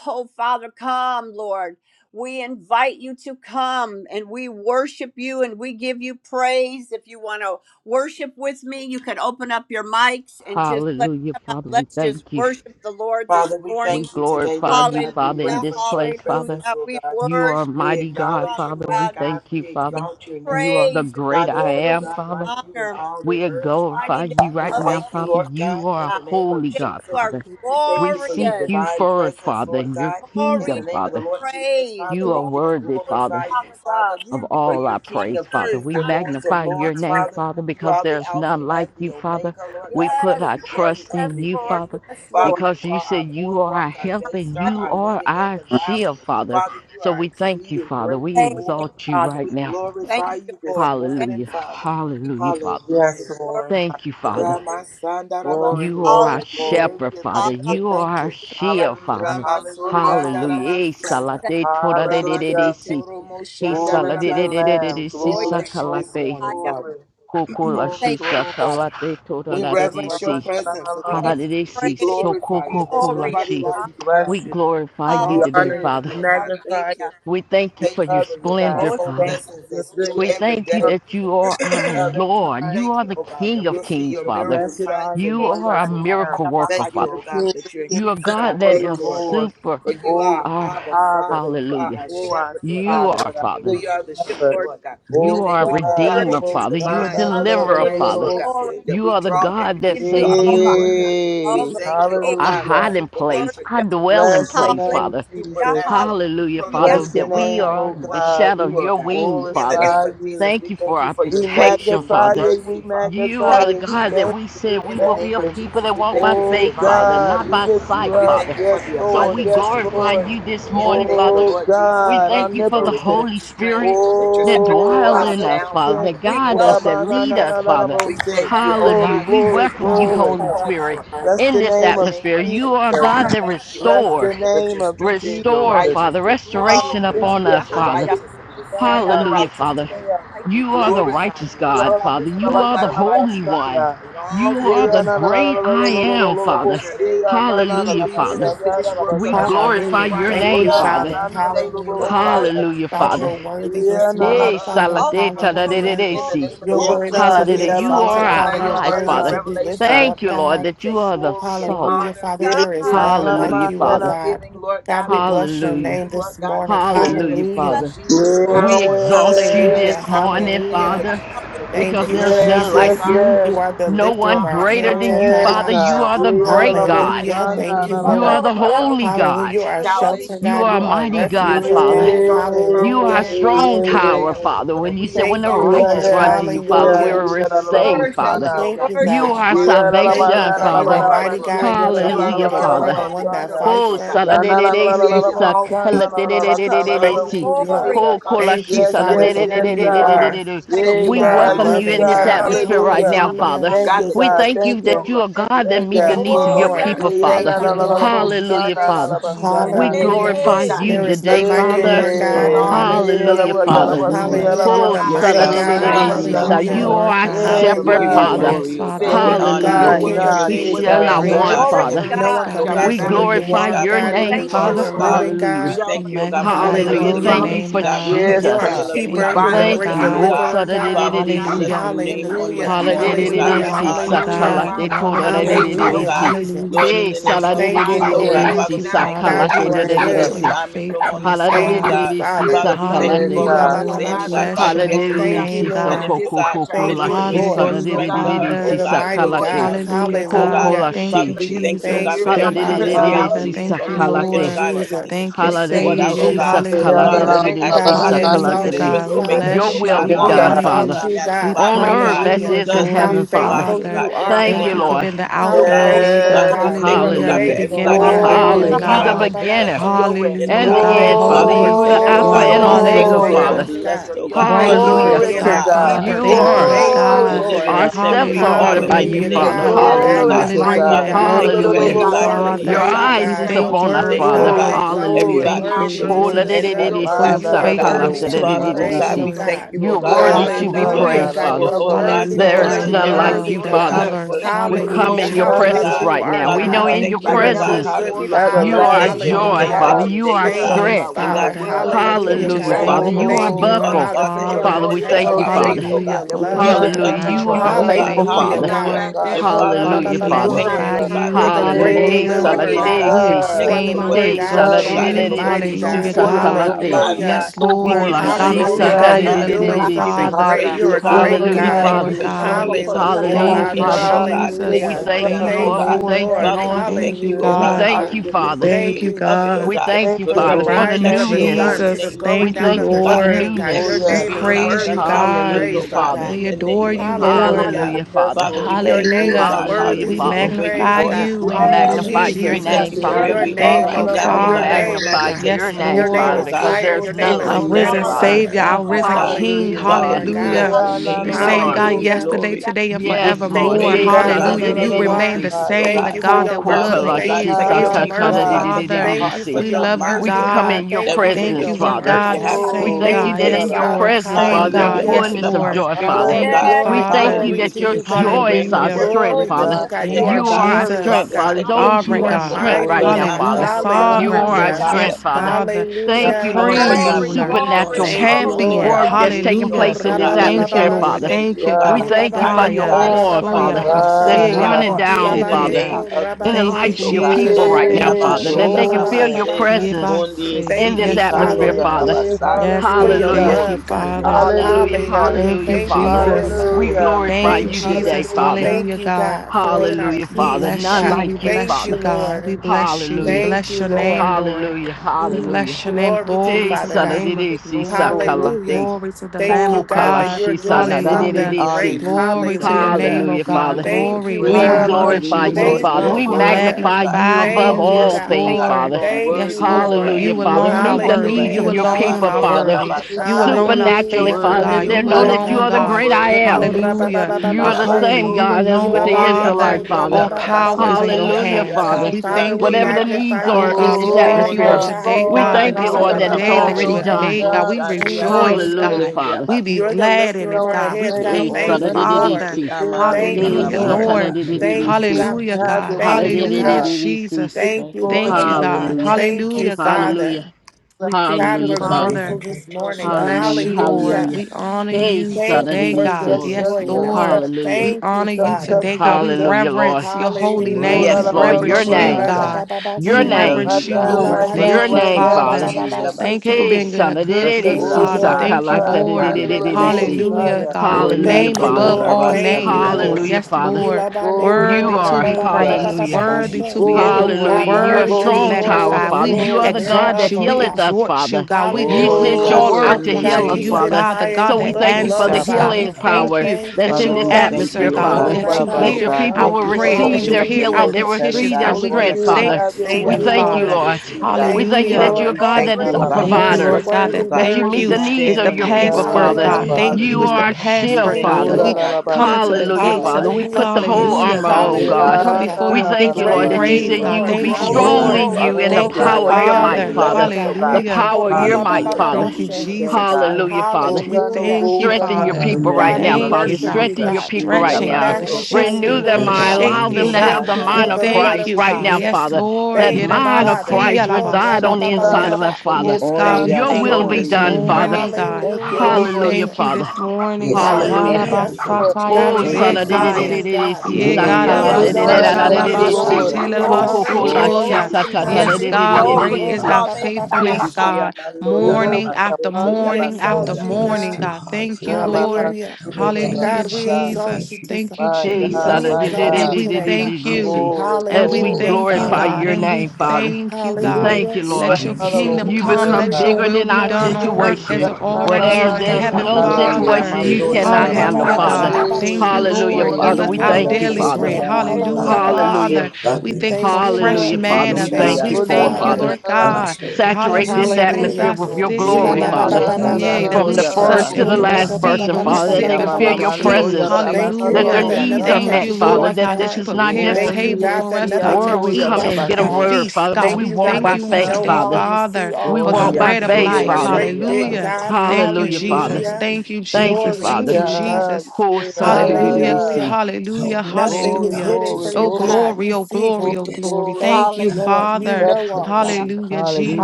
Oh, Father, come, Lord. We invite you to come and we worship you and we give you praise. If you want to worship with me, you can open up your mics and just let
Hallelujah,
Come on,
Father. We
let's just
thank you.
worship the Lord this
Father, we
We
morning.
thank you today,
glorify
Lord
you,
Hallelujah,
God. We
Father, in this
reverence your
place,
hallelujah.
Father.
presence, Lord
We
God.
You are
worship
We
mighty God,
acknowledge you,
Father
Father.
Lord
We
God.
God.
thank you,
We
We give
Father.
exalt your
You
name.
are the
praise
great
and
God,
I
there's no
glory
am,
God
and
Father.
like you in
honor.
all the
We
earth, Father.
glorify
Mighty name
you
We
right
of
now,
thank you,
Father.
Jesus.
Lord
You
God,
are a
in the name of
holy
Say,
God,
You
Jesus.
are
Father.
We thank
We
you for your
seek
glorious,
you
divine
first,
presence,
Father,
Lord
in your
God. In
glorious
the
kingdom,
name of the
Father.
Lord Jesus,
praise,
Father,
You are
we
glorious
just
worthy, Father.
glorify you,
Father
Father,
God. You're
of
doing
for
all our
your King
praise,
of
Father.
kings,
wonders,
We
your
signs and
Lords of
magnify your
wonders.
lords,
name,
Father.
Father,
You
because
are the
there's
Alpha
none like
and the
you, Father.
Omega, Lord
We
God. You're
put
Yes,
the
our
Lord.
beginning
trust
Yes,
and
in
the
you,
Lord.
end.
Father,
Yes,
Father,
Lord.
because
you
you
are our
said you are our
boardwalk, our
help
day
and
star,
you
our
are
lily in
our
the valley.
shield, Father.
Father, you
So
are
we thank you,
exceeding
Father.
great
We
Thank you,
reward.
exalt you
Father.
right
We
now. Father.
Thank
glorify
you,
you
Lord.
this
Thank
morning,
Hallelujah.
Father.
you,
Hallelujah, Father.
Hallelujah.
Yes,
Lord.
Lord.
Thank you, Father.
Ramasanda
Glory,
Rabasi.
You are
glory,
our
Hallelujah.
glory.
Thank
shepherd,
you,
Father.
thank you,
Hallelujah.
You are
thank
our
you.
shield,
Hallelujah,
Father.
hallelujah,
Ramasorianda
Hallelujah.
Hallelujah. Eh,
Ramasata.
Thank,
salate, tora, de, de, de, de,
hallelujah.
Ramasete
thank,
si.
Oromo
He
Shanda
Glory
salate,
to
de,
the
de,
Rabasi.
de, de,
Lamb.
de,
We
si,
oh,
Glory,
bless you this
glory,
sakalate.
yeah,
morning,
yeah.
Father.
glory,
Kokola
glory,
thank you,
shisa
glory.
Father,
kalate tora
We
dear
reverence
Lord.
your
ladidisi.
presence,
We
oh
give
God.
you
We
Haladidisi
praise,
glorify you.
Jesus,
There's
sokokokola
glory,
nobody
shi.
Jesus,
and
like
we
you,
honor.
bless
We
Father.
you.
glorify
in
We
you
all the
today,
honor
earth,
you.
Father.
We
Lord
Hallelujah.
God. Thank
magnify you.
you.
We thank you
We
for
Thank you
your
love
for
you,
your
God.
splendor,
Rose,
manifold
Thank
Father.
you
blessings
for your
that's new
goodness,
We
every
thank you
your
that
day.
you are our
love, and
Lord. You
Thank
kindness.
are
you,
the
oh God,
King
that
of
we'll see
Kings,
You're
your
the
Father.
miracle
blessed,
signs
are
and
You
Thank
great
are
I
a
wonders, oh God.
am.
miracle worker,
Thank you,
You're
Father.
oh
the
God,
King of
that you're
kings,
You are
increasing
God
our
that
Lord
faith,
of
is
Lord God.
lords.
super.
For you
Oh, God,
are our
ah,
Abba
Father.
Father, you are
hallelujah.
our
Oh,
you,
our
shepherd, Lord
You
God.
Father,
are,
shepherd, our
And
Father.
good
we are the
dear
sheep,
shepherd.
Lord.
Lord God. We
You
Oh,
are a
thank
We
you, oh
God.
God,
redeemer,
worship
that
Honorable
you're
Father.
the
you.
You are
Son,
We
a
vine
da,
and
da, da,
come
we're
da,
to
the
da,
deliverer,
da,
give
branch,
da,
you
da,
Father.
Lord
da,
God,
glory.
say,
that
You
we
are the
We
draw
come
God that
to give
everything
say
you
from
all
you,
you
the
Lord God. We
all
Yay.
the
thank you, oh
praise,
I
God, for
Hallelujah.
hide in place.
supernatural
I
worship.
dwell
intervention,
in
oh
Bless your
God.
place,
Hallelujah.
name,
Father.
Jesus.
Supernatural
Hallelujah,
Hallelujah.
Father,
Bless your
productivity,
that
Lord
we
God,
name,
are
in
oh
under the
what we
God.
shadow
do,
We
of
Lord
your
God.
wings,
In the
Father.
name
glorify
of Jesus,
you.
Thank
we
you
thank
for
you
our
for your
We
grace
protection,
and your
magnify
Father.
you,
mercy,
we
Father.
You
magnify
are
Thank
the
you, we
God
you,
that
thank
we
you, we
said we
In the
will be
thank
name
a
of
you.
people
Jesus,
that
we
walk
thank
by
you for
Oh
faith,
divine
Father,
God,
not
we
increase,
by
lift
Lord.
sight,
you
We
up.
thank
Father.
you for
Yes,
the
So
Lord,
we
abundance
yes,
life, Lord
glorify
Lord.
God.
you this
In the
morning,
name of
Father.
the
Oh
Lord Jesus,
We
we
God,
thank
thank
you
you
for
for
the
omnipotent.
renewed
Holy
dear
strength
Spirit
that you're
that
strengthening
Oh,
dwell
Father.
us
in us,
now,
Father,
omnipotent.
Father.
that
In
We
the
Oh,
guide
welcome.
ba,
us,
name
that
of
ba, na,
lead
na,
us,
Jesus,
na, na, na,
Father.
Praise
bo,
we
sing.
thank you,
and
oh
Glory,
Hallelujah.
God,
We
for
glory,
what's
welcome you,
about to
glory.
take
Holy
place,
Spirit,
Lord God.
Bless
in
the
this
In
name
the
of
name
atmosphere.
of
You are
Jesus,
Jesus.
we
God that
thank you, oh
Bless
God,
restore,
the
that you're
name of
strengthening your
restore,
Jesus.
righteous,
Father,
that your
restoration
Glory
children
to
are
upon
Hallelujah.
us,
the
God.
Father.
Yahweh,
righteous and the
Na,
seed
na,
of the
Hallelujah,
Yahweh,
righteous
Father.
today.
my
And we
You
God,
are the
my God.
glorify
righteous
you, Lord
God,
God.
na,
Father.
There's
You
Our
are
glory,
the
nobody
na,
like
Holy
you
One.
in
You
all the
sister,
are
earth,
the
Father.
great I
And we
am, Father.
exalt your name.
exalted in
We
Hallelujah,
this
believe in the
Father.
room. Thank
finished
you,
work
We
of
Father
Jesus
God.
glorify
Hallelujah.
your
Christ,
Thank
name,
Lord
you,
Glory,
God.
Father.
Father.
We thank you, oh
Hallelujah.
glory,
God, that
na.
Hallelujah,
you've
all
God,
Father.
glory,
you're
already
worthy this
demonstrated your
Yea,
morning,
power.
love,
Father.
your
All
salateta
power.
da de de
glory,
Hallelujah.
de
In the
si.
glory,
name of the
You're
Yes,
Lord
glory
worthy
to your
to
God.
Jesus,
be
Hallelujah.
name.
You
we
are
exalted,
Hallelujah.
our
Father.
declare
You're
your
eyes,
word
worthy
in
Father.
to be
hallelujah.
revelations
lifted up,
that
Thank you, Lord,
God.
blessings
that you
and
are the
glory and
Thank you,
salt.
my
Hallelujah,
honor,
Father.
God,
There is
my
none
wisdom
like
Hallelujah,
you,
and
oh
Father.
God.
thanksgiving, Lord
God,
God,
we
belong
bless
glory.
your
to
Hallelujah.
name
you, Lord
this
God.
morning.
In the
Hallelujah,
name of
Bless
Hallelujah.
Father.
Jesus,
Lord.
We
power and
exalt you
strength
this
Hallelujah.
Bless Lord.
in
morning,
the name
Hallelujah.
of
Father,
Jesus.
Hallelujah.
And we
Thank
because
you,
there's
declare,
yes,
none
oh
like
yes,
Jesus.
God,
you.
that
yes.
You are
you
the
No
lifter of
one
are
our
our
Hallelujah.
greater
heads,
God
than
oh
you,
and
My
Yes,
Lord,
Father.
God.
You
God.
God
are the
all the
Yeah,
alone,
la
and
great
la bo
earth.
beside
God.
you
Hallelujah.
there
Thank you,
la
is
la
You
none
ba
are
Lord.
the
Oh
sha
else,
God,
ba.
oh
holy
God.
Hallelujah.
God.
You
for
are our
your loving
shelter,
Salvation
You
God.
kindness,
are
You are
belongs
our
mighty
your
unto
God,
Yeah,
refuge,
you
oh
mercy.
who
Father.
God.
sits on the
yeah,
throne
You are a
Hallelujah.
and
strong
unto the
Hallelujah.
yeah,
tower,
Lamb.
yeah.
Father. When
And
you
we
said, when
Thank
the
you,
Hallelujah.
exalt
Yeah,
you, O
Lord.
righteous run
God.
to
yeah,
you, Father,
yeah,
we
Hallelujah.
are
yeah, la
Hallelujah,
la la
Father.
bo
saved,
We
Worship,
thank
Father.
you, O
Thank
God,
you,
You
worship
that
God.
you,
you
are
are the
Yeah, la la ba
creator
Thank you,
of
salvation,
worship the
la
God.
heaven
ba
You're a
Father.
and
la la
Lord
earth,
ba
mighty
in the
Lord
si
God.
God.
beauty
You're
la la
of
You
His
are
la
Jehovah
Hallelujah,
the
la la la la
Gabor,
holy
emperor
Father.
name.
the
of the
one that
universe,
fights
Oh,
Lord
for.
God.
La
Hallelujah.
na
That
la
you
la la la
saladededesi,
la
created
Hallelujah.
bo
all
la
things,
la
Lord
la
God.
la ka
And
la la la
all
Thank
bo
sakaladededededesi.
you,
things
Lord.
exist
Glory to
Oh,
you.
because you
Thank
kolashi,
you,
created
Yes,
what
Father,
yes,
you
for
yes,
who
please,
you
Lord God.
God.
are.
saladededededededede.
Thank
Thank
you.
Yeah,
You
you,
we
O
are a
God,
God,
welcome
yes,
you
that
in
you
loving
this
God.
never
God.
sleep
atmosphere
nor
right
Hallelujah.
now,
slumber.
Hallelujah,
Father.
Thank
God,
you,
that
We
you're
God.
Jesus.
in
thank you
Thank you.
that
control
you are
of
God that
Thank
everything,
meets
that
the
you.
Thank
you
you,
needs of
are
Oh,
your
aware
Lord.
yana.
people,
of
Yeah,
Father.
Thank
na
you,
la
everything
la la la
Yes,
Lord.
Lord.
in
bosha,
the
Hallelujah,
na
name
na
of
la
Father.
basa,
Jesus. And I
We
na.
Hallelujah. And
thank
I
you,
Hallelujah.
want
Lord
glorify
to
God,
you
There
say,
is
Yeah,
today,
none
that you've
like you,
given
Father.
thank
Lord
us
you,
the
God.
authority
yeah,
Father.
yeah, yeah, la
Hallelujah,
Hallelujah.
la la
Yes,
Father.
basa,
Hallelujah.
yeah,
Lord.
la
Hallelujah.
la
the
You're
Oh,
the
basa,
Yes,
son
yeah,
power
mighty
of
la
God,
the-
and
Yes,
the
we
the-
la la
God.
la
thank
God,
Father.
you,
she
dominion,
Lord
basa.
Lord
said,
Thank
glory
you,
God.
you
Hallelujah.
to
God.
are
Lord
In
our
God.
the name of
God.
Yeah,
the
We
shepherd,
Lord
give
Hallelujah.
you
You
God,
Jesus,
are
Father.
that
Yes,
glory,
you
oh
Father.
God.
said
We
We
that
Lord, oh
love
honor
you,
you
Hallelujah.
your
God,
my
and we
word
King
give
of
Lord.
your
God,
says
We
that
name
kings,
yes,
the
We
shall
whatever
Lord
we
of
God,
not
praise, oh
praise
want,
you,
bound
God.
lords.
on
Glory
Father,
to
God.
Father.
we
earth
No
Yes,
thank
one
God.
you, oh
God.
shall
We
be
God,
compares
We
for
to who
adore
your
bound in
you
goodness,
glorify
you.
heaven,
are,
God,
and
your
for
God.
who
You're
whatever
name,
the
Thank
we
you are,
loose
Father.
true
Yes,
oh
and
on
God.
earth
living
Lord.
We
Hallelujah.
God.
shall
you,
We
thank
be
you, oh God,
loosed
for
in
your
magnify your
grace
Hallelujah.
heaven,
Lord.
and
holy
your
Hallelujah.
Thank
Father.
you
name,
mercy,
for
God.
We
We
God.
loose,
thank
yes,
you
You're
for
to
our
Jesus.
your
God,
loving
we
keeper.
Thank you,
You're
kindness
the
bind
Lord
up
towards
the
Thank
great
us,
you.
oh
spirit
God.
Oh,
of
God.
deliverer,
son of the-
evil,
the-
God.
Father,
Lord
we
God.
she.
bless your
Hallelujah.
In the
name on
name of
this
Hallelujah.
Jesus,
There
morning, oh
is
God.
Hallelujah.
none
Hallelujah.
wickedness,
We
she
like
honor
you,
you
debauchery,
and
Hallelujah.
sakala
we
God,
te
give
in
Father,
you
all of
tora
the
de-
the
de-
earth,
de-
praise,
de-
hatred,
oh
oh
de-
God.
Hallelujah,
she.
God,
God.
we we
Hallelujah,
Jesus.
Lord,
do-
in
Hey,
the
son
name
Jesus.
of
we
the-
of
the-
Thank
the-
you,
Jesus,
bind
the-
oh
those
the-
yeah,
God,
the-
Lord.
spirits
Thank
she
Father,
you,
we
now in
thank
the
you,
sakala
oh
God,
Father,
name
te
God,
you
of
de-
are
de-
even
yes,
de-
for
de-
the
Jesus.
God,
good.
for
she.
your
assignment room on this
faithfulness,
And we
morning,
Thank you,
God.
Hallelujah.
loose
God.
the
she
spirit
Father.
Father,
of
we thank
love
you
yes,
and
for
Hallelujah,
Yila
unity,
God.
ba
Apostle
ba
oh
Lord. We
ba
Sandy,
God,
shi
God.
upon
te
bless
the
Father,
your
we
ka.
earth,
ask
holy
that
Lord
you
Hallelujah,
God.
Thank
would
you,
name,
she's so
Lord.
We
cool,
replenish,
God.
oh
cool,
God,
cool,
dispatch our
cool,
that
Thank
la
you
you,
would
warring
she,
Lord.
restore
angels,
Hallelujah,
oh
strength
God,
to her,
sadadididididi,
You're
in
oh
she's
Father.
the
the
God,
name of the
in
mighty
the
Lord
name
sakalate,
God.
of
Jesus to
Hallelujah,
Jesus, oh
ho,
contend with
God.
cool,
God.
la
Hallelujah.
Thank
contend
you,
Father,
she,
we
against
thank
the
you, oh God,
Thank
Jesus.
for
you,
spirit,
Thank you,
everything that
Father.
Yeah,
she
la
has
hallelujah,
la
Father.
principalities
she's a
released
in
Thank
on
you,
high
this
basa,
weekend, oh
sakalate,
places,
Lord.
God,
Lord God.
everything that
Jesus.
Thank
she
you,
We
has poured
thank
hallelujah,
out,
you,
Savior.
oh
oh
she's a
God.
God.
Jesus,
yeah,
God.
la
In
Father,
the
Hallelujah.
and
la
we
name
sakalate,
la
ask,
of
oh
God,
she's
we
God,
a
basa,
that you
Jesus,
would
we
Hallelujah,
exalt
send
sakalate,
you,
thank
God.
you, oh
We
God, that
restoration,
your
Father.
we
oh
bless you.
will
shall
God,
We
be
yes,
We
walk
done,
by
honor
God, yeah.
hallelujah,
faith
to
Father,
exalt
you.
her
you,
natural
We
and
God.
not
on
body,
by
oh
praise
earth
you.
God,
sight,
as
We
it
Hallelujah.
Lord
to
is in
her
God,
adore
that
How
we
heaven,
you,
spiritual
enter
Father.
body,
into
faithful
oh
Father.
you
God,
your
in
are,
the
rest,
Thank
Thank
Lord
Lord.
you,
you
name
God.
God.
for
of
Lord.
being the
And
Jesus, oh
How
Alpha
we'll
and
God.
Lord,
walk in
faithful,
your
Omega.
Father,
hallelujah,
we
rest,
God.
oh
You're
thank
God,
a
you, oh
in
Hallelujah.
God,
the
The
for
Hallelujah.
midst
faithful
of a
beginning
everybody, oh
and
God.
God,
the
storm.
even
end,
Hallelujah.
hallelujah,
who
Eko
Glory,
ra
You
God,
the
ba
hallelujah.
we'll
ba
God.
traveled
ba
enter
with
ba
us
beginner
into
on
shi
this
your
ka.
rest,
weekend, oh
Father.
and
Hallelujah,
the
God.
God.
end,
Thank you,
Father.
Father,
Thank
we
Lord,
Holy
You
you,
for
the
thank you,
Lord.
oh
never
Alpha
For
God,
One.
your
for
and
leaving
the
word
nor
said,
Omega,
souls
Lord
Hallelujah.
that
forsaking
the
were
God,
glory.
Father.
us,
take
blessed,
your
God.
oh God.
yoke,
Brighter
Thank
take
you for
Hallelujah,
your
morning
Hallelujah.
for
Glory
the
being
yoke
to
our
star,
lives
upon
that
us.
were
God.
Father.
keeper,
You
Thank
You
saved,
God.
you,
are.
oh
say,
Lord
God,
Take
Thank
my
you,
Glory
God.
yoke
to
delivered
Our
Lord.
upon
and
God.
you, for
set
your
steps
free,
are
Hallelujah,
yoke is
for
ordered
Father,
by
being
in the
you,
Hallelujah,
easy and
Father.
name
your
God.
of
beautiful.
We
Yes,
burden
Jesus,
Glory
is
Hallelujah.
God.
to
magnify
light.
you,
Hallelujah,
God.
Father,
in
we
Do do
And
all
hallelujah,
do
God.
so
of
thank
do
you
your
do
for
do
today,
We
Hallelujah.
ways,
do.
God, we
hallelujah.
everybody in
do a
the
Your
glorify
Father.
shaka.
daily
you,
assignment
We
eyes
God.
room
is
You're
on
exchange
thank
upon
you,
with
us,
Lord
you,
today,
worthy
oh
to
Father.
God.
be
Glory,
God.
God.
We
exalted.
give
You're
Hallelujah.
you
glory.
Everybody
Thank you,
our
in
worthy
the
to
burdens
be
hola
room
and
and
lifted
Jesus,
take
up.
on
your
the
for
My,
your
burdens,
You
da,
are
platform,
da, da,
Father.
God.
worthy
faithfulness
da,
In
to
the
be
Father,
da,
towards
name
oh
of
da.
us,
praised,
God,
oh
we
Lord.
thank
Jesus.
God.
you,
You
oh
are
God.
worthy
Yes,
Thank you,
to be
love
Hallelujah
Hallelujah,
Father.
praised,
God. I
God.
Father.
Oh,
for,
You're
love
oh
of my
God,
worthy,
Hallelujah,
There
for
is
soul.
your
supplying
worthy,
none
every
like
love
worthy,
you,
need,
that
The
oh
Father.
God,
God.
Prince
Yandarabasoriyandara.
of
covers.
according
Thank,
to
Thank you
We
your
for
Hallelujah,
Peace.
come
riches
Hallelujah.
in
souls
and
your
How
Yeah,
coming
glory,
na,
thank
into
good
na,
presence
Jesus.
the
do
God.
you,
you
right
do
Father
are,
kingdom,
now.
do.
oh
We
Father,
We
God,
we
know
God.
God.
da,
in your
thank
thank
you,
you,
like
You're
oh
a
never
Lord.
God,
good,
presence
We
good
before,
give you
hallelujah,
Lord
da.
for
God.
you
being
Father.
blessings
are
Yes,
Thank
saved
you,
in
and
Everlasting
a
oh
joy,
day
God,
Father.
Hallelujah.
like
Father.
that
glory,
you
You are
today, oh
assure us,
Thank
God.
oh
you,
Yes,
God,
strength.
with
And
your
Father.
God,
Father.
we
word
Father.
look
Lord
unto
that
We
Hallelujah,
Jesus.
we
you,
Hallelujah,
just
oh
God.
God,
Father.
thank
Hallelujah.
you on
remain
You
because
are
this
Thank
Oh,
you,
you
faithful
are
God,
morning,
buckle.
the
unto
Father, for
author
you
your
and
and
the
what
Father.
Father, we
loyal
a
finisher
to
of
thank
protection.
you,
our
you,
Thank
worker.
Lord
you
faith,
Father.
God,
for
oh
your
Hallelujah
God.
that
for
we
the
love,
We
Yeah,
look
trust
God.
na,
in
Hallelujah.
unto
you,
na,
You
supernatural.
na,
Lord
you,
are
God,
God,
oh
we
na, na, na.
God,
faithful,
that
thank
we
you,
Hallelujah,
will
Father.
not
hallelujah.
God.
Lord.
back
And
down,
Messiah,
Lord God.
Father, we
Father,
Hallelujah,
we
miracle
We
say
will
Father.
thank
not
magnify
you, oh
worker.
Ikorabababashe.
God.
return,
You're
oh
you.
Thank
the
you
God,
for
to
Hallelujah.
great
all
Hey,
the
that you
Hallelujah.
have
old
deliverer,
Yay,
Praise
done,
you,
laws
God.
Lord.
God.
We
and
saladidesi.
our
You
Thank
God,
are
you
the
old
for
esteem and
life,
we
what
Lord
Hey,
you're
Lord
we
God,
God,
exalt
doing,
love
oh
that
you.
strong
God,
we'll
and
and
for
you.
what
continue
you
mighty,
to go
saladididididisi
still
God.
Hallelujah,
will
forth
We
do
in
in
God.
our
you,
sakalate.
adore
lives,
Father,
you.
Hallelujah.
God.
Yes,
We
Koko
in
give
Lord,
the
la
the
you
God
We
name
that
of
sit
Hallelujah,
glory.
shisa
We
high
God,
Jesus.
you're
and
bless
honor
look
you.
doing
low,
We
you.
give
Waramakoshikerebahaya,
kadididididisi.
something
you
Father.
great.
praise,
We
You're
oh
a
God.
great
We
Hallelujah,
Hallelujah,
glorify
God.
thank you
Lord
Father.
for
you.
Harabasoriandarabashi.
showing
God.
yourself
Hallelujah,
Hallelujah,
strong
Oh,
Thank you,
Father.
in
kendererabokoshantaramase,
us,
Father.
oh
God, we
God, in the
lift
We
name
you
Hallelujah.
Jesus.
of
thank you,
Jesus,
up.
Thank
oh
you,
Lord.
Thank
We
Yandarabasi.
God.
you,
Lord.
thank
Thank
you,
Lord.
Father, we
Lord.
Thank
you,
thank
you,
you,
Jesus.
oh
Hallelujah,
We
Thank
God,
Thank
you,
Lord
God.
you,
thank
God.
you,
thank you,
hallelujah,
thank
Father.
for
Jesus.
you.
Thank
Thank
you,
being
you,
covered, oh
God.
We
God,
Jesus.
thank
Thank
you,
for
From
you,
the
Father,
being
Lord.
for the
Thank you,
rising
Thank
of
protected,
the
you,
oh God, in
newness.
sun
the
Lord.
to the
Jesus.
name of
We
going
Thank you,
down
thank
Jesus,
of
you
oh
the
for
God.
the
Lord.
same,
We
God,
Oh,
thank
your
newness.
you
We
for
name
yes.
is
Oh,
being our
praise
yes.
you,
son
worthy
and
to
Yes,
our
be
God.
shield,
Hallelujah,
oh
praised,
Lord.
oh
God,
Father.
God.
in
We
the
adore
name
you,
of
Yes,
Lord.
Jesus,
kelama-
Hallelujah.
God.
Hallelujah,
Lord. Yes,
Father.
Father,
Lord.
we
Your
Yes,
thank you,
name
oh
Lord.
is
Hallelujah.
God,
Hallelujah,
worthy
We
to
hallelujah,
be
for
Father.
where
My
you
magnify
praised,
God.
brought us
God.
you.
We
from,
Yes,
Father.
Hallelujah,
magnify your
We
Jesus,
thank
Jesus.
name,
you
Jesus.
for
Yes,
Father.
where
your
we are
name,
Thank
oh
you,
right now,
God,
We
oh
your
God, and for
Jesus,
Father.
name,
where
oh
magnify
you're
God,
Jesus,
your
taking
Yes,
us
name,
Jesus.
your
to,
name
Father,
Lord.
oh
is
because
God.
higher,
Oh,
there's
your
none
name
In
is
the
Our
like you,
risen
better,
name
Father.
of
Savior,
Father.
Hallelujah,
our
Jesus,
risen
God.
King.
Hallelujah,
Hallelujah,
Father,
Lord.
Lord
we
Hallelujah.
God.
bless your
The
name,
You
God.
same
We
are.
give
God
you
Hallelujah.
yesterday,
glory.
hallelujah.
today, and
We give
Yes,
you
Lord.
Thank
forevermore.
you,
Hey,
praise, oh
God, for
Sada
God, in
Hallelujah.
de
the
who
de
You
name
you
of
remain
are.
the
Jesus, oh
same,
Thank
the
God.
you for
God
your
that was
Father,
mercy.
and
oh
Thank
God,
you
is and
for
touch
is
your
your
to
people,
come,
oh
mercy.
God. Touch
Father.
our
Thank you
hearts,
for
see.
We
touch
your
our
love you,
We
minds,
can
mercy,
oh
come
God,
God.
God.
in your
that
Thank you
we
for
will
Thank
presence,
your
you, Lord
Father.
receive what you
God, the
have
mercy.
for
We
us
same
Kelamarobokoshataramate.
on
thank you
Thank
God.
da
that
you,
today,
da
in
oh
Yes,
da
your
God.
Father.
Lord.
da.
The
presence,
same
Father, there's
Messiah.
Hallelujah.
God.
Hallelujah.
Yes,
Open
fullness
up
of
our
Lord.
joy,
spirits,
My
Father.
oh
Glory,
Thank you,
God.
Yes,
We
glory,
God.
thank
Father,
Father.
you
glory
Hallelujah.
to
that
To
your
you,
receive a
God.
joy is
rhema
our
Hallelujah.
there's
word
strength,
Glory
from
to
you
fullness
Father.
you,
Yeah,
of
on
God. You
Thank
today,
joy.
are
you,
oh
Kuba.
You are
God.
our
glorious,
strength,
Father,
Jesus.
Father.
God.
send your
Hallelujah,
Those who
You
Sovereign
are
need
ruach, oh
God.
strength
God.
Oh,
mighty,
right
da
E
now,
God.
da da
Hallelujah.
Father,
amando ya
da.
you
Sovereign
are our
Lord.
Hallelujah.
hallelujah.
rabasataya.
strength,
Yes,
Father.
Father.
We give
Yeah,
Thank you,
Hallelujah.
na
you
Lord,
na
for
Oh
Supreme
na
your
God,
glory,
ruler.
breathe on
glory,
us
supernatural
this
Thank
na.
you,
glory,
morning,
Champion.
Lord.
work
God.
glory.
that's taking
Breathe on
Hallelujah.
place
us, oh
in this
God.
Yeah.
Thank you,
atmosphere,
Father, we
Lord.
Father.
Ikorababababashe.
thank
Thank
you, oh
you,
God,
We
God.
that the
thank you for
Ya,
fire
Ilabane
of
your
ya, ba,
God
Thank
is
oil,
so,
upon
you,
ya,
Father,
us
da,
on
Jesus,
ba,
that's
today,
si,
oh
ya,
korababababashata.
God.
la,
God.
running
Lord.
ba,
down,
si,
In the
te,
Ilabane
Father,
da.
Yeah,
name of
in the
Thank you,
Jesus,
lives
korabashe.
of
oh
your
God.
people
Eh,
Jesus.
right now,
Ilabane
Thank you,
Yeah,
Father,
yamando
that
ya
they can feel
Jesus.
glory.
your
rabase,
Ye,
korababababashata.
ba,
presence
hundi
si.
esi
in
Thank
this
you,
Yes,
ikando
atmosphere,
Father
Lord.
Yeah,
ya
Father.
rabasaya.
Yes,
for
God.
your
hallelujah.
Hallelujah.
Thank you,
Glory
love,
to your
God.
name,
Father.
God.
Hallelujah.
Hallelujah.
Hallelujah.
Thank
Hallelujah,
you,
Thank you
Father.
for your
Glory
Jesus.
to
We
love.
your
Hallelujah.
name,
glorify
Thank you,
Thank
you
Jesus.
today,
you.
Jesus.
Father.
Hallelujah.
Thank
Hallelujah,
you,
God.
God, for
Yes,
being our
sir.
Hallelujah,
We
Father.
peace,
bless
None
you.
thank
We
God.
like
you,
you,
Thank
bless you,
you,
Father.
God. We
Lord.
bless you. We
Hallelujah.
Mm,
Thank
bless
you,
your name,
Lord.
Lord.
Hallelujah.
We
mm,
bless your
Hallelujah.
name.
Glory to you,
Glory
Hey,
to
Father
the
son of
God.
the
name of
day,
the
see,
Yes,
Lord.
Lord. Yes, Lord.
sakala, day.
Hallelujah.
Glory to the
Thank
Lamb
Ho,
you,
of
God,
kala,
that
God.
you're
she, son
doing
Yes,
of the day,
God,
day,
we
something
Hallelujah.
day,
honor
see.
great.
you,
Glory to
Jesus.
your name,
Hallelujah.
O
Hallelujah,
We
God.
Father.
give you the
Thank
Glory.
you,
We
praise.
Yeah,
God.
I'm
Hallelujah,
glorify
Hallelujah,
not
you,
thank
Lord.
Jesus.
Thank
you,
Father.
You
you,
are
We
Lord.
going
We
worthy, oh
Father.
magnify
God.
you
magnify
You
above
are
you.
Thank
to
you,
all
Yes,
worthy,
God.
oh
things,
Thank
God.
you,
Lord.
Father.
Lord.
Thank you,
Yes,
Worthy is
Lord.
the
Lord.
Hallelujah,
You
Lamb.
Father.
alone are
Meet
Worthy
Thank
the
is the
worthy.
needs
You
of
Hallelujah,
Lamb.
your
alone
people,
are
Jesus.
Yamando
Father,
worthy.
be
You
Yarabasataya.
alone are
supernaturally,
Hallelujah,
faithful,
Father, that
Worthy,
God.
oh
they
You
know
God.
hallelujah,
Oh,
that you
You
God.
alone,
are the
are
God.
great I
You
God.
worthy,
call
am.
rabba
Jesus.
ba
Hallelujah.
ba ba
You
ba
Are
Eh,
are the
she.
holy.
same
Yabaso.
You
God as
alone,
with the
Oh,
Hilabane
Father.
Israelite,
ko
Yamando
Father.
rabba
All
ba ba ba ba
power is
ba
in
ba
your
Yarabasete
ba
Hallelujah,
and
sha.
hands,
Father.
God. We
Yasiki
Father,
thank
we
ando
Whatever
you,
the needs
magnify
are
Lord
you
Yarabasaya.
in
God.
this
We
this
you.
Oh,
thank
morning,
you on
oh
Yes,
Only
atmosphere,
a
God.
God.
today,
E
we
CE
ko
Lord.
God, that
thank you,
this
ando
rabba
is
Lord,
the
ba
that
ba
it's
ba
day
ba
Hallelujah.
Rain
ba
that you
already
Yarabase.
on
have
sha.
us,
done.
made, God.
God.
We
Rain,
Ushandi
Jesus,
rain,
rejoice,
Yasonde
rain.
Hallelujah,
God.
Father.
We be
you're
Yerehiabaso.
the
Rain
glad in
lifter of
it,
on
our
us,
God. We
heads,
rain
God.
on
Hey,
thank
us,
you,
Sada
Thank
rain
Only
you,
a
did
on us.
it,
C
Lord.
Father.
E
see.
Yeah, I'm
Amando
Thank
In
Hey,
you,
the
not
Hallelujah,
son of
name of
Lord.
going to
the
Lord.
Yarabasataya.
holy and
Thank you,
the
righteous
Move
Son,
God.
Hallelujah,
have
Jesus,
God.
your
we
Thank
way,
thank you,
you,
oh
Hallelujah,
Father.
God.
God.
Hallelujah.
Jesus.
It's a
Thank you,
Thank you,
boy
We
Thank
Lord.
you,
and
shall
it's a
Jesus.
God.
break
Hallelujah.
fire.
through
Thank you,
Hallelujah, God.
Hallelujah.
Father.
Bless
We thank
God,
you,
Hallelujah,
we're
the
God
Father.
and
grateful
Father.
enter
this
into the
and
We
morning.
God.
bless
Hallelujah.
supernatural.
you,
Hallelujah.
Lord.
Hallelujah.
We honor
In the
Hey,
name
you
of
son
Touch,
the
Thank
of
you
today,
holy, and
touch,
for
righteous,
your
God.
touch,
DDC.
Glory
Yes,
touch,
to
joy
your
in
touch,
us,
name.
Lord.
touch,
God.
Hallelujah.
We
Thank you,
honor you
touch,
even
touch,
Father.
today,
now,
God.
touch,
We
God,
touch,
Hallelujah,
touch.
Lord.
reverence your
let your
holy
Oh,
glory,
Hallelujah,
name.
la,
We
Worthy,
la,
Yes,
la,
God.
Lord,
God,
la,
We
your
worthy,
la,
your
reverence
call
you,
worthy,
name.
glory.
Rabba
fire.
God.
God.
Baba
We
Your
We
Bashem.
love
name.
Right
reverence
you,
you,
God.
now,
We
Lord.
Hallelujah.
right
In
Ilabane
now,
Your
trust
Thank you,
you,
right
the
name,
name
Koro
now,
Jesus.
of
Hey,
Father.
Baba
Father.
in the
Jesus,
name
Baba
yeah, my
Thank you
Sete,
for
of
soul.
Hey,
God.
being
Jesus.
a
son of
good,
Trust
good
you with
Thank
DDC.
you,
our
God.
Oh,
Father.
God.
Lord.
Thank
lives,
you,
God.
Sakalata
La,
Lord.
la, la,
Andi,
la,
our
la, la,
Thank
soul.
DDC.
you,
Hallelujah,
Lord.
fire.
God.
Oh,
The
yeah,
Hallelujah,
name
Thank
no,
you,
yeah,
Father.
above
Lord.
all
Rabba,
Jesus.
Thank
Sani,
you,
yeah,
names,
my
Lord.
Lord.
Hallelujah,
soul.
Hallelujah,
Yes,
Father.
glory.
Lord.
Ilabane
Glory to
You
Koro
Worthy to
are.
Baba
be
your name,
Baba Baba
praised,
God.
We
Hallelujah.
Baba
say
Thank you,
worthy
thank you.
to
Bashem.
be
Glory,
Jesus.
adored,
God,
Hallelujah.
the
glory,
You are a
worthy
earth
to be
is
glory,
strong
yours
tower,
and the
glory,
magnified.
Father.
We
You
Thank
are
fullness
you,
glory,
the
God.
God
exalt
that
thereof,
you.
oh
We
healeth
God.
us,
exhort you,
Father.
God. We
glory.
You
Oh,
Thank
we
you
Hallelujah,
sent
for
yeah,
your
God.
your
call
love.
Oh,
word
out
to
Sunday,
unto
heal
yeah,
God,
us,
you
Thank you
you,
yeah,
sit
my
Father.
God, the
soul.
higher,
So
God
you
for
we
that
your
look
thank you for
low,
the
blessings.
answers,
Baba,
God.
Thank
We
you,
healing
Father.
God,
thank
power
Sana.
you
Thank you,
that's
that
in
Father,
you
for
we
this
Lord.
that which
thank
you're
answer,
atmosphere,
We
you, oh
doing
God,
call
Father.
God.
in
Oh,
that
this
you
Thank
hour,
you,
Baba,
That
oh
hear
your
Rabashe.
God.
Son,
Thank
people
our
Thank
will
you,
you
the
for
Jesus.
that
other
prayers,
the
that
receive
you
which
opening
most
their
we
up the
hear
might
Hallelujah.
our
healing,
not
windows
they
of
will
heaven,
petitions,
receive
God,
understand,
their
God.
and
We
Holy
God.
pouring
give
strength,
us
Spirit,
out
Father.
have
thanks
blessings
your
to
we
But we
Thank
We
have
way.
you,
you,
know
not
thank
room
you,
Lord.
Father.
to
it
Lord.
receive, God.
We
Thank
thank
you,
you that
Hallelujah.
Father,
you're a
Lord.
we
God
Yeah,
thank
that is
you, oh
a
Baba,
Glory,
God. We
Thank
Baba.
is.
you,
provider
Worthy,
Lord
trust
God,
you, oh
worthy,
that
God.
that you
thank
meet
worthy,
We
the
you
God.
needs
is
stand
of
the
on
your
your
Yeah,
people,
la,
word,
la,
oh
password,
la,
Father.
thank
la,
God.
God.
ba.
Hallelujah.
Thank you
You
is the
are
Hallelujah.
our
We
shield,
password,
Thank
thank
God,
you,
Oh,
that
Father.
you,
la,
oh
we
la,
Lord.
God,
la,
that
ba,
we
come
si,
have
into the
la,
never
la,
Hallelujah,
seen the
gates of
Father.
si.
We
he-
righteous
Hallelujah.
put the
forsaken
whole
Yes,
nor his
hallelujah,
God.
armor
God.
seed
on,
Thank you.
We
baking
God.
Hallelujah,
come
Yeah,
bread, oh
God.
before
la,
We
your
God.
la, la,
thank
gates
la,
you,
la,
with
In
Lord,
Great
ba.
the
that
are
you
you,
praise,
name
said
of
God.
you
you.
Lord.
would be
Thank you,
Jesus, oh
Yeah,
Glory,
strong
God.
yeah,
Lord.
in
God.
glory,
Hallelujah.
you
Father,
in the
Thank
Yeah,
oh
Thank
you,
you,
God.
glory,
God.
power of
Lord.
Great
your
are
Hallelujah.
might,
you,
Father.
Hallelujah.
Bless
Lord
Father.
us, oh
God.
The
God.
Hallelujah.
Eko
power of your
Yeah,
might,
Hallelujah.
God.
As
Father.
Thank you,
only you
rababababashe.
can,
Jesus,
God.
Lord.
Hallelujah,
Oh,
Father.
We
la, no,
Hallelujah.
thank you,
go, la,
Strengthen
ma,
your
la.
Father.
In
people
Mm,
the
right
God,
mm,
we
now,
name
mm,
of
Thank
Father.
you,
mm.
worship
God,
you,
for
Strengthen
the
your
Jesus.
God.
people right
We
stretching, for
now.
the
Oh,
Iyabaso.
magnify
yes,
you,
Renew
shifting,
Lord
their
God.
for
Lord
the
In the
mind.
God.
Allow
name of
them
shaking.
to
Rabasori
Jesus.
Huh?
have
Thank
the
you
We
for
mind of
the
Yandarabasi.
Thank
blood
you,
thank
of
Christ
you,
Jesus.
right
God.
now,
Yes,
Jesus.
Father.
Lord.
Let
Thank
Mm,
you,
mind of
mm,
Father.
Yerabasi,
Christ
Neko
reside on the
Yeah,
inside
yalabasotoya.
of
la,
rabababasha.
us,
la,
Father.
go,
Yes, God,
son,
Only
Thank
we
a
Your
you,
la.
thank
will
you
be
Sunday,
Lord.
this
done,
mm.
Father.
morning,
Yabaso.
God.
Thank you,
Hallelujah,
We
Lord.
Hallelujah,
thank you
Jesus.
Father.
this morning,
Yes,
God.
God, we
Hallelujah.
Thank you, Lord.
come
Hallelujah.
before you
Oh,
Arabasata
today
Oh,
God,
to
Thank
we
you,
sala de
acknowledge
de de
exalt
that
de
yerebekaya.
you,
Jesus.
de de
God.
si
you
Ye
are
Hey,
the
We
sakala de
God
de
Yabando,
de
of
exalt
la
God,
la
you,
garabasanta
the
de
thank
we
de
you,
de si.
exalt
impossible.
Lord.
you,
Yarabasataya.
labasete
You
we
own the
Koko
exalt
glory,
you,
kola
we
shi
glory,
labasotoya.
Only
exalt
a
you,
satata
God.
de
Yes,
thousands
de
glory,
Kiando,
of
de de
God,
de
We
healed
de
and
great
de
call
glory.
is
si.
thy
hundred
Hallelujah,
thou- hundred
Please
faithfulness,
thousand
rababababasha.
God
Ikiamando,
healed.
Oh,
morning
la,
after
ma,
Yarabasete,
We
si,
morning after
exalt
Yabasoya.
you,
Nothing is
morning,
God.
too
God.
hard for
Thank you,
la,
you.
ma, ma,
Lord.
Hallelujah.
si,
And
la,
we
la, ba,
thank you,
Hallelujah,
God,
si,
we
Father. We
exalt
Jesus.
thank you
you,
Thank you,
My
that
Hey,
you are
son,
God,
We
Jesus.
my
Jehovah
exalt
God.
you
And we
today, God.
Jireh,
thank
our
you.
provider.
Glory,
And
as
we
we
Hallelujah,
glory.
thank you,
glorify
Father.
God.
your
And
Hallelujah.
we
name,
And that
Father.
thank you,
you
God.
make
Thank
Hallelujah.
you, Lord.
Yeah,
Let your
na na
springs in
lo
the
kingdom
bo
You
se
come.
desert
Glory,
become
Let
ka.
and
your
the
bigger
will
glory,
than
be
our
glory,
done on earth
glory.
pathway in
as
situation.
it
Yeah,
the
na na
already
wilderness.
na
is
We
Whatever
in
na
there's
thank
na
you,
hallelujah,
heaven,
no
na
Lord,
la bo
Hey,
situation
Father.
se.
you
even
Yamando,
as we
cannot
ask
handle,
you
Hallelujah,
for
Yarabasaya.
Father.
God.
Yeah,
supernatural
Thank
Ikorabababababashe.
you,
provision
yeah,
Hallelujah,
Oh,
oh
Lord.
na
Give
na
Father.
us
We
to
na
Yamando,
our
thank you,
na.
daily
manifest
Father.
Yarebeki,
bread.
in our
hallelujah.
Yamando,
Hallelujah,
life.
Ikoroshototabababababashe.
Hallelujah.
Father.
Yarabase.
God,
We
we
thank you
ask
Thank
for
you,
that you
fresh
Hallelujah,
Lord.
would
Father.
manna,
We
release
Only
God.
thank
Thank
a
We
you
Oh
resources
you,
na
for it,
thank
from
na
you,
na
Father.
Father.
Lord
Sunday,
na na na.
God.
Yabase.
unexpected
Saturate this
places
Hallelujah.
and
Thank
atmosphere
Hallelujah.
open
you,
with
Lord.
your
doors
Ila
Oh
glory,
ba ba
na
Rebaseteya.
Only
ba
Father.
that
na
a
ba
na
no
ba
na
Yea,
man
na
that
she.
can
Siando,
From
we
na na
the
na
Lord.
na
shut.
sup
bo
first to
and
Iko
Send
the
we
se
Yarabase.
ro
ka.
ba
last
divine
ba ba
receive
person,
ba
and we
ba
helpers
Father,
ba
that
and
ba
sit
they
ba
can
ba
feel
before
ba
the
your
she.
Ikiyamamamando,
King.
Yeah,
presence
na
Thank
na
you,
na
that
na
their
Yarabasete,
Lord,
Hallelujah.
bo
that
needs
sa
nothing
are
na.
Thank you,
met,
catches you
Yandiabaso.
Father,
Lord
off
that
God, that
this
you
guard.
is not
prepare a
just a
Thank you,
table
Only
God,
for
that
us,
si
God,
nothing
to
Lord,
ando
we
catches
ya
you
come
eat
in
by
and get a
and
thank
rabase.
you,
surprise.
word,
God,
feast,
Father,
to
but
God.
we
Thank
We
you,
walk
God,
thank
by
that
you
Oh
support
you
on
na na
faith,
na
know
today,
God.
Father.
all, you
na.
see
Father,
all,
We
for the
walk
Only a
by
Father.
bread of
Hallelujah,
faith,
son de
You are
to
life.
a
Father.
yerehi
great big
Hallelujah.
support.
abaso.
God.
Thank you,
Hallelujah, Father.
Jesus.
Hallelujah.
Thank
Hallelujah.
you,
Thank
Thank
you,
you,
Jesus.
Jesus.
Glory
Thank
Father.
to
you,
you, God.
Yeah,
Jesus.
yeah,
Oh, son
yeah,
did
Hallelujah.
he
yeah.
Hallelujah.
see.
Hallelujah.
Help us,
Nothing
Glory,
is
Hallelujah.
God,
hidden
to
glory,
from you,
Oh,
glory,
support
God. You
glory. Oh,
see,
the
glory.
God.
Oh,
glory,
destiny.
glory.
glory.
Thank
Thank you,
you,
Hallelujah.
Lord. You
Father.
Hallelujah. The
That's
know
the
all,
name.
purpose
God.
you
Hallelujah,
have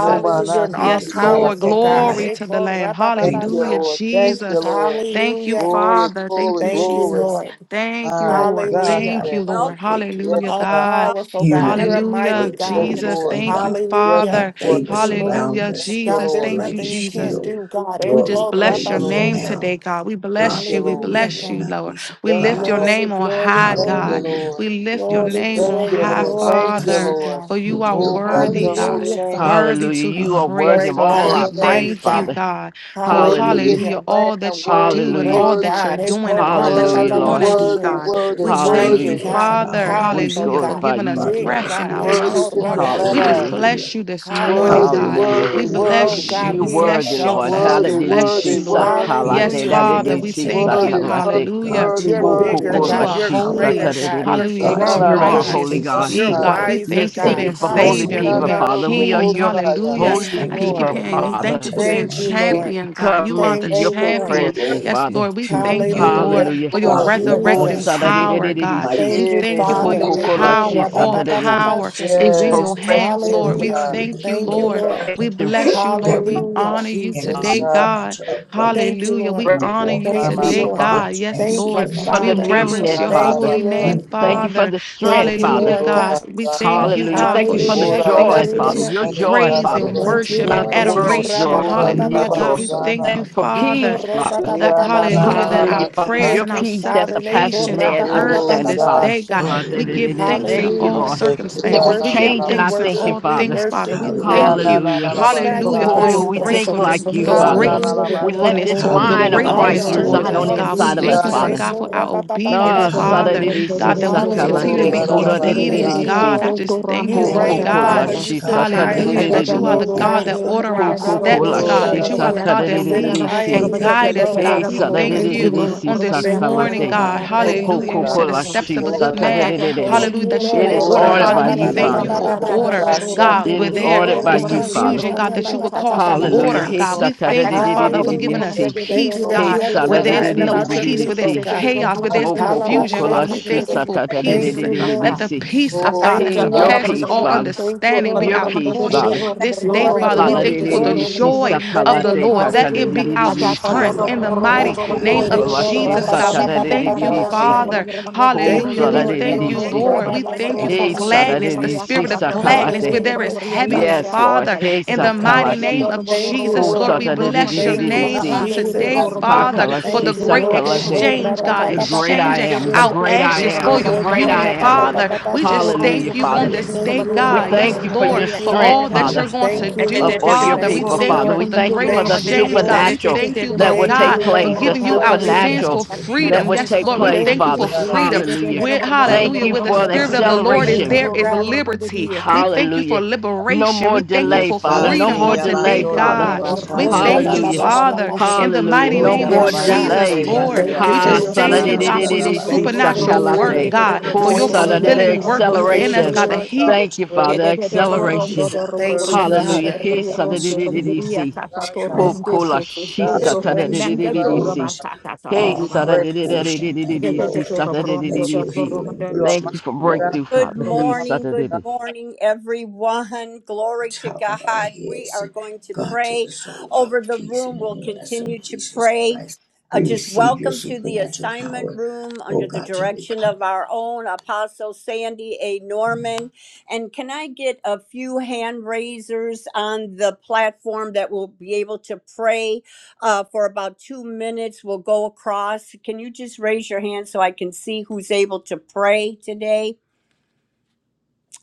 Oh, my,
us.
You're
I
an
And we
all
Yes,
say,
declare
Lord.
powerful
that
God.
Glory
Eh,
to
lack.
the Lamb.
Thank
We
you,
Hallelujah,
declare
korabababasha.
Lord. Thank you,
Jesus.
Lord.
Thank you,
Hallelujah.
Glory,
Father. Thank
glory,
you,
Thank you,
glory.
Jesus.
Lord.
Thank you,
My
a
Lord.
God,
nation
Hallelujah.
Thank
of
you,
today.
brutal
Lord.
Welcome,
Yes,
Hallelujah,
welcome,
breakthroughs,
All
and
God.
God.
welcome,
powerful God. You're a
Mm.
healing
everyone.
mighty
Hallelujah,
Yes,
God.
today.
breakthroughs,
Jesus.
Lord.
thank
Thank you,
God,
Yes,
Hallelujah.
and
Father.
Lord.
favor
Thank you, Lord.
surround
Hallelujah,
Thank
us
you,
God,
Jesus.
Lord.
there's
Thank you,
like a
nothing you can't
Jesus.
shield.
do, God. Eh,
We
Lord, we
just
Thank
bless
pray
you,
your
even
Lord.
name
korabashote.
now,
today, God. We
Thank
God,
bless
you,
you.
that
We
Lord.
we
Hallelujah,
bless
will
you,
God.
not be
Lord. We
Thank
lift
you,
your
Lord.
surprised.
Glory,
name on
glory,
high,
Thank you,
glory,
God.
Hallelujah
Lord.
We lift your
Lord,
glory,
so
name
Thank
on
you,
glory,
high,
Lord.
surprise
glory
Thank
to
you,
us
you,
Father,
Lord.
God.
for you
with
are
your
Oh, bless
worthy,
your
goodness and
God,
holy
Hallelujah,
name.
Father.
surprise
worthy
Hallelujah.
us,
to be
You are
God.
worthy
praised,
Bless
of
Great
your
Father.
all our
holy
We
God,
name.
praise,
mighty
thank you,
Father.
God.
God, for
Worthy is
Hallelujah.
hallelujah,
the
Hallelujah.
all
Lamb.
that you
Worthy,
do and
Hallelujah.
Great
all
worthy,
that you're
God. Eh,
doing
po,
and
ra,
all
Call
ba,
that you're
ba,
us
Hallelujah,
ba, ba,
worthy,
going
Lord.
to
ba,
into
do,
she.
worthy,
God
God.
that it will
worthy,
We
spring
thank
Mighty
you,
worthy.
Hallelujah.
forth
God.
from our
Father,
We
lives.
Powerful
And
hallelujah, for
God.
glorify
giving us
you.
God, let
Big
breath
us
in
God.
be a
our
Eh,
Worthy
po,
lungs,
is
ra,
Lord.
the
ba,
testimony,
We
she.
just
Lamb.
Hallelujah.
hallelujah,
bless you this morning,
of
Worthy,
your
God.
Hallelujah.
Hallelujah.
worthy,
We
glory,
Oh
worthy,
bless
hallelujah.
you.
God,
You
We
We
we
say
worthy,
bless
thank
you,
you,
exalt
Lord.
you,
bless.
Father,
We
as
worthy,
God.
we
Hallelujah.
bless
worthy,
you,
trust
Lord.
worthy,
in your
Yes,
Sakalate.
Hallelujah. We
Father,
timing
we
and
lift you
thank
up,
you.
worthy,
submit,
God.
Hallelujah.
worthy,
Hallelujah
God, to
worthy,
You're
your
worthy.
bigger,
that
will.
you
God.
are
You're
Empower
holy,
greater,
us,
God.
Hokokolashisatadididi.
You're
hallelujah, and
God,
you
Una
to
are
na
You
stronger,
na
are
be a
God.
righteous
holy,
as
faithful
God.
You're
thee,
robosana,
steward
God.
of
We
You're
wiser,
thank you for
every
God.
seeking
being
for holy
na
blessing
Savior,
na
for
people,
you
being
na
Hallelujah.
Father. We are
King,
your
robosaya.
hallelujah.
release.
Thank
holy
you,
I
Thank
just
you,
keep
people,
Lord.
Lord.
hearing
Let
you.
our
Thank you
Father.
Thank
for
you,
being
Thank you,
testimony
Jesus.
bring.
We
Lord.
champion, God. You
come
are
into
the
Thank you,
Thank
your
you,
Good
Lord.
champion.
Lord.
presence,
morning,
glory
Yes,
Father.
Lord, we
to your
thank
good
you,
Yes,
name.
Lord,
Hallelujah.
Hallelujah.
for your
Lord.
God, let
resurrecting
others see
morning.
Jesus.
your
power, God.
Hosadadididididisi.
We
Thank
mighty
Yeah,
you,
thank you
yeah,
for
hand
Father.
your
at
yes,
work in
power.
the name
All
of thy
Hokokolashisatadidi.
holy
power
righteous Son,
Nekorababababashe.
Thank
is
you
in
for
your
Jesus. As
yes,
hands,
yes,
We
Lord. We
Hallelujah.
God.
decree and
thank you,
Thank you,
declare,
Lord.
Lord.
We
God,
restoration,
bless you, Lord.
that
We
we
Hallelujah,
honor
walk
you
in
Yes,
Jesus.
the
today,
Father.
God.
God.
supernatural
Yes, God.
Thank you,
abundance.
Hallelujah.
Lord.
We
We
honor
walk
you
My,
in
Thank
the
you,
my, my.
today,
people,
Lord.
Father.
God.
God.
supernatural
Yes,
and
Thank
Lord.
you,
Thank you for
We
the
supernatural
Father.
Yes,
peace, oh
reverence
newness,
yeah,
your
na na
God.
Thank
Father.
you,
holy
basya.
We
Lord.
name,
Thank you
walk
for
Father.
the
Thank
Oh,
strength,
you,
Father.
Hallelujah,
Lord God.
God. We thank
robosana.
you,
Hallelujah.
supernatural
God,
Thank
for
you for the
favor
Oh,
Hallelujah.
shifting
joy,
from
us
robosana.
Father.
into
this
Hallelujah.
Your
day
joy,
Yeah, na
praise
forward in
na
the
Father.
and
Thank
mighty
you,
worship
robosaya.
and
Not
name
Lord.
the
of
world's
Jesus.
adoration.
joy,
Ora
And
Father.
we
Your
Hallelujah,
call it
God.
joy.
Ekorababababashe.
We
so
Rabasana.
thank
Thank
you,
you
now,
for
God, we
Father.
peace,
call it
Father.
so
That,
in the
hallelujah, that
Ikorobababababashete.
name
our
Hallelujah,
of
Father.
our
prayers
Your
and
Thank
Yanananalabasana.
you,
our
peace that
Father.
Son,
surpasses
supplications
Jesus
are
man's
heard on
Oh
understanding,
Christ.
this
God.
Father.
day, God.
Nekorababababababashe.
Allah, da-
We give
Hallelujah,
thanks in
Thank you,
all
Lord.
Hallelujah.
hallelujah,
Jesus.
We
That we're
hallelujah.
circumstances. We give
worship,
Glory
Yananana-
we
changing
be
our
thanks
to
in
God.
thinking,
worship,
all
we
Father.
things, Father.
worship
We
you, God.
thank
Hallelujah.
you,
Hallelujah.
We
Yes,
Thank
Lord.
hallelujah, for
magnify
Yanananalabasaya.
Oh,
your
Yes,
you,
we
God.
yes,
think
gratefulness,
yes,
like you,
the
yes,
Father.
yes.
Hallelujah.
We let
gratefulness
this
to
Yanananalabasana.
the
mind of
Hallelujah.
All
gratefulness
Christ
the
Yes,
earth
towards
Lord.
reside on
us,
the
Thank you,
belongs
God.
to
We
inside of
you,
thank
us,
you,
God.
Jesus.
Lord
Yanan-
Father.
Yes,
God, for our
Lord.
obedience,
Ah,
Ekorabababababashe.
Father.
Hallelujah.
God, that
Glory
we
be
will
to
continue
God.
to
Hallelujah.
be
Ora
Thank you, Father. Thank
Thank
obedient,
you.
you,
Rabasana.
God. I
Lord.
just thank
You
you,
Thank
Lord
you,
reign,
Ora
Hokoko
Lord.
la
God.
Father.
Yes,
You
you.
shi
sit
ta
God, we
da
high
da
and
da
you
thank
Hallelujah.
da
Rabasana.
you.
da
look
That you are the
low,
si.
God
Thank
God.
you,
that
Father.
order our
You are
Hokoko
steps,
la
God.
Ora
Hallelujah.
shi
That you are the
God.
ta
God
da
You
Rabasana.
that
da da
sit
da
leads
high and
si.
Hey,
you
and
look
God,
guide us,
low.
please,
Hey
God. We
sa
okay.
da
Jesus.
da
thank
da
Thank
da
you,
you
Lord.
si
on
Jesus.
this
Thank you,
morning,
sakalate.
Lord.
God.
Ah, la
Glory
la
Thank you,
to
la,
Hallelujah. You
Lord.
God.
Hokoko
said the
la
steps
shi
of
kushia,
a
Hallelujah,
da
Ora
ta
good
da
da
da,
man,
da
Rabasana.
ba,
da da
Acatanto
da.
kushia.
Thank
hallelujah,
you,
that you
Lord.
robundianto
It
will
is
Ora
robere
order.
Eko
ordered
Father,
by
we
Rabasana.
acanto
you,
to
Hele,
thank
la
you
Father.
roma
la
da
for
la,
Oh
da
la,
da
order,
ro
God,
rabababababababashe.
ro ro
kushia,
God,
It
where
saturate.
is
there
ba,
ordered
Eko
by
is
you,
kas.
Father.
confusion, God, that you will cause
Hey,
Hallelujah.
order,
rabashatababababababashe.
Hey
God.
kas.
Oh,
sa
We
ta da
thank
da
you,
da da
Father,
da
for giving
Hallelujah.
us
thank
si.
you.
Thank
peace,
you
Oh,
that
Hey
you
God,
sa
haven't
where
da da da
there's
forgotten
da
no
da
about
da
your
peace, where
people,
there's
si.
God.
chaos, where there's
Rabasana.
hallelujah.
confusion.
Hokoko la
Father, we
shi
Halabasheteka.
thank you
ta
for
da da da da
Thank
peace.
you,
da da
Lord.
Let the
si.
Acha
peace of
Glory,
God
Thank
that
Hey,
you,
God,
your
Glory
Lord.
surpasses
to
peace,
all
God,
Father.
Thank you,
understanding be
Lord.
Your
our
peace,
portion
Thank
Father.
you,
Lord.
Lord.
Thank
this day,
have
you,
Glory,
Lord.
your
Father. We
way,
glory,
Thank
thank
you,
you
God.
for
Jesus.
the
glory.
Haladidididisi
Thank
joy of
Thank
the
you.
sakalate
Lord. That it be
Hallelujah,
our
you.
Jesus.
tatadidididisi.
Ah,
strength
ya,
in the
ba,
Thank
mighty
you,
Hoko
kushia,
name
da
Lord.
of
koko
da da,
Eko
ba,
lashi
Jesus, God.
kas.
We thank
Hele,
you,
Well,
satadidididisi.
rabababababababashe.
Father.
hele.
Ho
Thank
Hallelujah.
you,
oh,
We
Lord.
God,
thank you,
Mm.
saladididisi.
well,
Lord. We
God,
thank you
Thank
for
you,
He
Jesus.
gladness, the
Thank you,
saladididisi
spirit
God.
of
Thank you.
gladness,
sakalate.
where there
I
is
Hallelujah,
Father,
heaviness,
Yes,
Jesus.
Lord.
Father.
He
In
want
the
we
mighty
thank you.
sakalashi.
name of
Thank you,
Ho
Jesus,
this
Lord,
Lord.
we bless your
Thank
What
you,
name
am
satadididididisi.
I?
on today,
have
Jesus.
your
Father,
way,
Hallelujah.
for
Hakalashi
the
Thank you,
great
Lord.
Lord. Thank
has
sakalate.
you,
been
exchange,
In the name
God,
The
purchased
great I
Thank
exchanging
for
am, the
us.
our
great I
ashes for
am, the
your
Stand
Lord.
great
on
of
I
your
beauty,
am.
word
Father. We just
that
Hallelujah,
thank you on
Father.
this
declares
day,
you are
We
the
God. Yes,
thank you
Lord
for your
Thank
Lord,
who
you,
for
strength,
all
Lord.
that
Father.
you're
heals
going to
Thank
all
you,
our
do,
up
Lord.
on your
Father.
Thank
We
people,
diseases.
you,
I
thank
Lord.
you
Father. We
for the
thank you
great
for the
Thank you,
we
exchange,
pray
God.
Lord.
We
supernatural
thank
right
you,
that
Lord
will
now,
Thank
take
God,
you,
God,
for
place,
Lord.
the
for
giving you
God, I
our
Hallelujah.
sins
supernatural
for
supernatural
that
freedom.
healing
would
to
Yes,
take
Lord, we
flow
place,
Thank
thank
through
you
you,
Father.
for
every
God, I
freedom.
part
Jesus.
Hallelujah.
With
Thank
of
hallelujah,
you
where the
the
for the
spirit of the
God,
body.
Lord
Hey,
is,
Thank
acceleration.
there
you,
God,
is
God.
liberty.
you.
We thank you for
Hallelujah.
I
No
liberation.
more
We
give
thank you
delay,
for
Yes,
Father.
God.
Yes,
No
freedom
more
on
Thank
God.
delay,
today,
Iyabando ya
Father.
in
God.
the
What
name of
am
thy
We
you
I?
rabasandi
Son,
thank you,
Hallelujah.
abaso.
Jesus the
Father,
Christ,
in
Ikorabababababasha.
the
Hallelujah.
mighty
we
Oh,
No
ya
name of
Yes,
more
rebuke
God.
sickness,
Jesus,
babasete
delay.
pain,
Lord.
and
Thank you
We
Ha
for
just
yandiase.
your
infirmities
thank you,
in
freedom.
Yando
God,
ya
for
Jesus'
your
saladididididi,
name.
si
Thank
rabasi.
you for
We
your
supernatural work,
declare
sakalate.
freedom.
that
God,
every
for
Ho
your
Thank you,
for
system
Lord.
in
saladidi,
fulfilling
our
work
body
within
Thank
us,
you,
acceleration.
God,
function
that
Lord.
all
He
according
the
Thank you,
to
praise,
Father.
divine
Acceleration.
the
design,
Thank you,
glory, God.
stretch,
Hallelujah.
Father.
a
He
God's
Thank you,
saladididididi,
strength,
Jesus.
si.
God, yeah,
Ho
strength, God,
kula shi
God,
Good
restoration and
bless
satadididididi,
you,
si.
wholeness
God.
Hey,
are
We
our
praise
you.
portion. Thank you,
saladidididididi,
you.
si
Lord. Let
saladididididi,
your
si.
healing
You are
Thank
virtue
mighty
you for
God,
flow
breakthrough,
Good
Father. He
awesome
morning, good
God.
saladididididi.
morning, everyone. Glory to
top of our
God. We
heads,
are going to
God, to the
pray
soles of our
over the
feet, in
room.
the
We'll
name of the Son
continue to
Jesus
pray.
Christ.
Uh,
We
just
receive your
welcome to the
supernatural
assignment
power,
room
oh
under the
God, to
direction of
recover.
our own Apostle Sandy A. Norman. And can I get a few hand raisers on the platform that will be able to pray uh, for about two minutes? We'll go across. Can you just raise your hand so I can see who's able to pray today?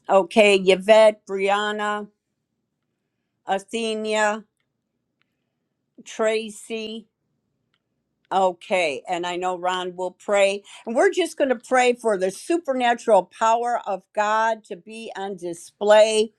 Okay, Yvette, Brianna, Athenia, Tracy, Okay, and I know Ron will pray. And we're just going to pray for the supernatural power of God to be on display.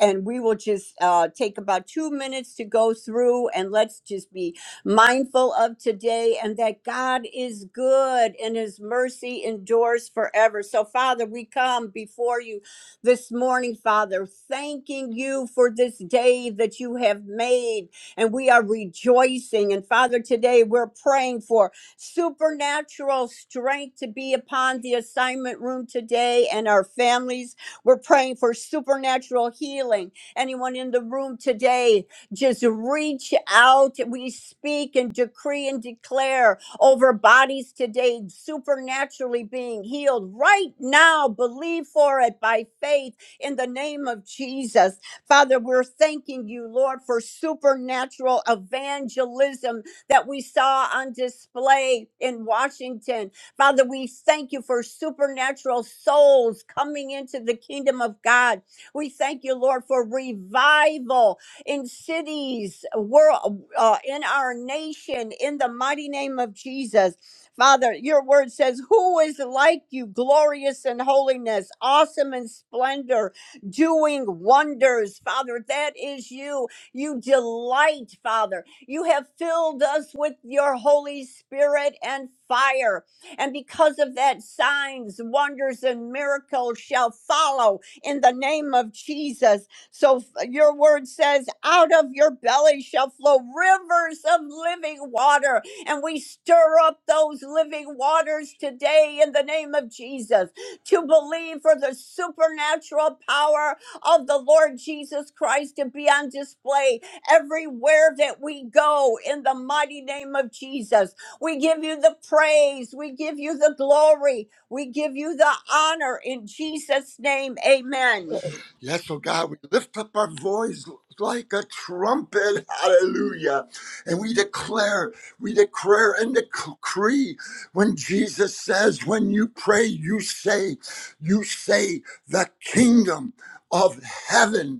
And we will just uh, take about two minutes to go through and let's just be mindful of today and that God is good and his mercy endures forever. So, Father, we come before you this morning, Father, thanking you for this day that you have made and we are rejoicing. And Father, today we're praying for supernatural strength to be upon the assignment room today and our families. We're praying for supernatural healing. Anyone in the room today, just reach out. We speak and decree and declare over bodies today, supernaturally being healed right now. Believe for it by faith in the name of Jesus. Father, we're thanking you, Lord, for supernatural evangelism that we saw on display in Washington. Father, we thank you for supernatural souls coming into the kingdom of God. We thank you, Lord, for revival in cities, world, uh, in our nation, in the mighty name of Jesus. Father, your word says, Who is like you, glorious in holiness, awesome in splendor? doing wonders, Father. That is you. You delight, Father. You have filled us with your Holy Spirit and fire. And because of that, signs, wonders, and miracles shall follow in the name of Jesus. So f- your word says, out of your belly shall flow rivers of living water. And we stir up those living waters today in the name of Jesus to believe for the supernatural power of the Lord Jesus Christ to be on display everywhere that we go in the mighty name of Jesus. We give you the praise, we give you the glory, we give you the honor in Jesus' name. Amen. Yes, oh God, we lift up our voice like a trumpet. Hallelujah. And we declare, we declare and decree. When Jesus says, when you pray, you say, you say, the kingdom of heaven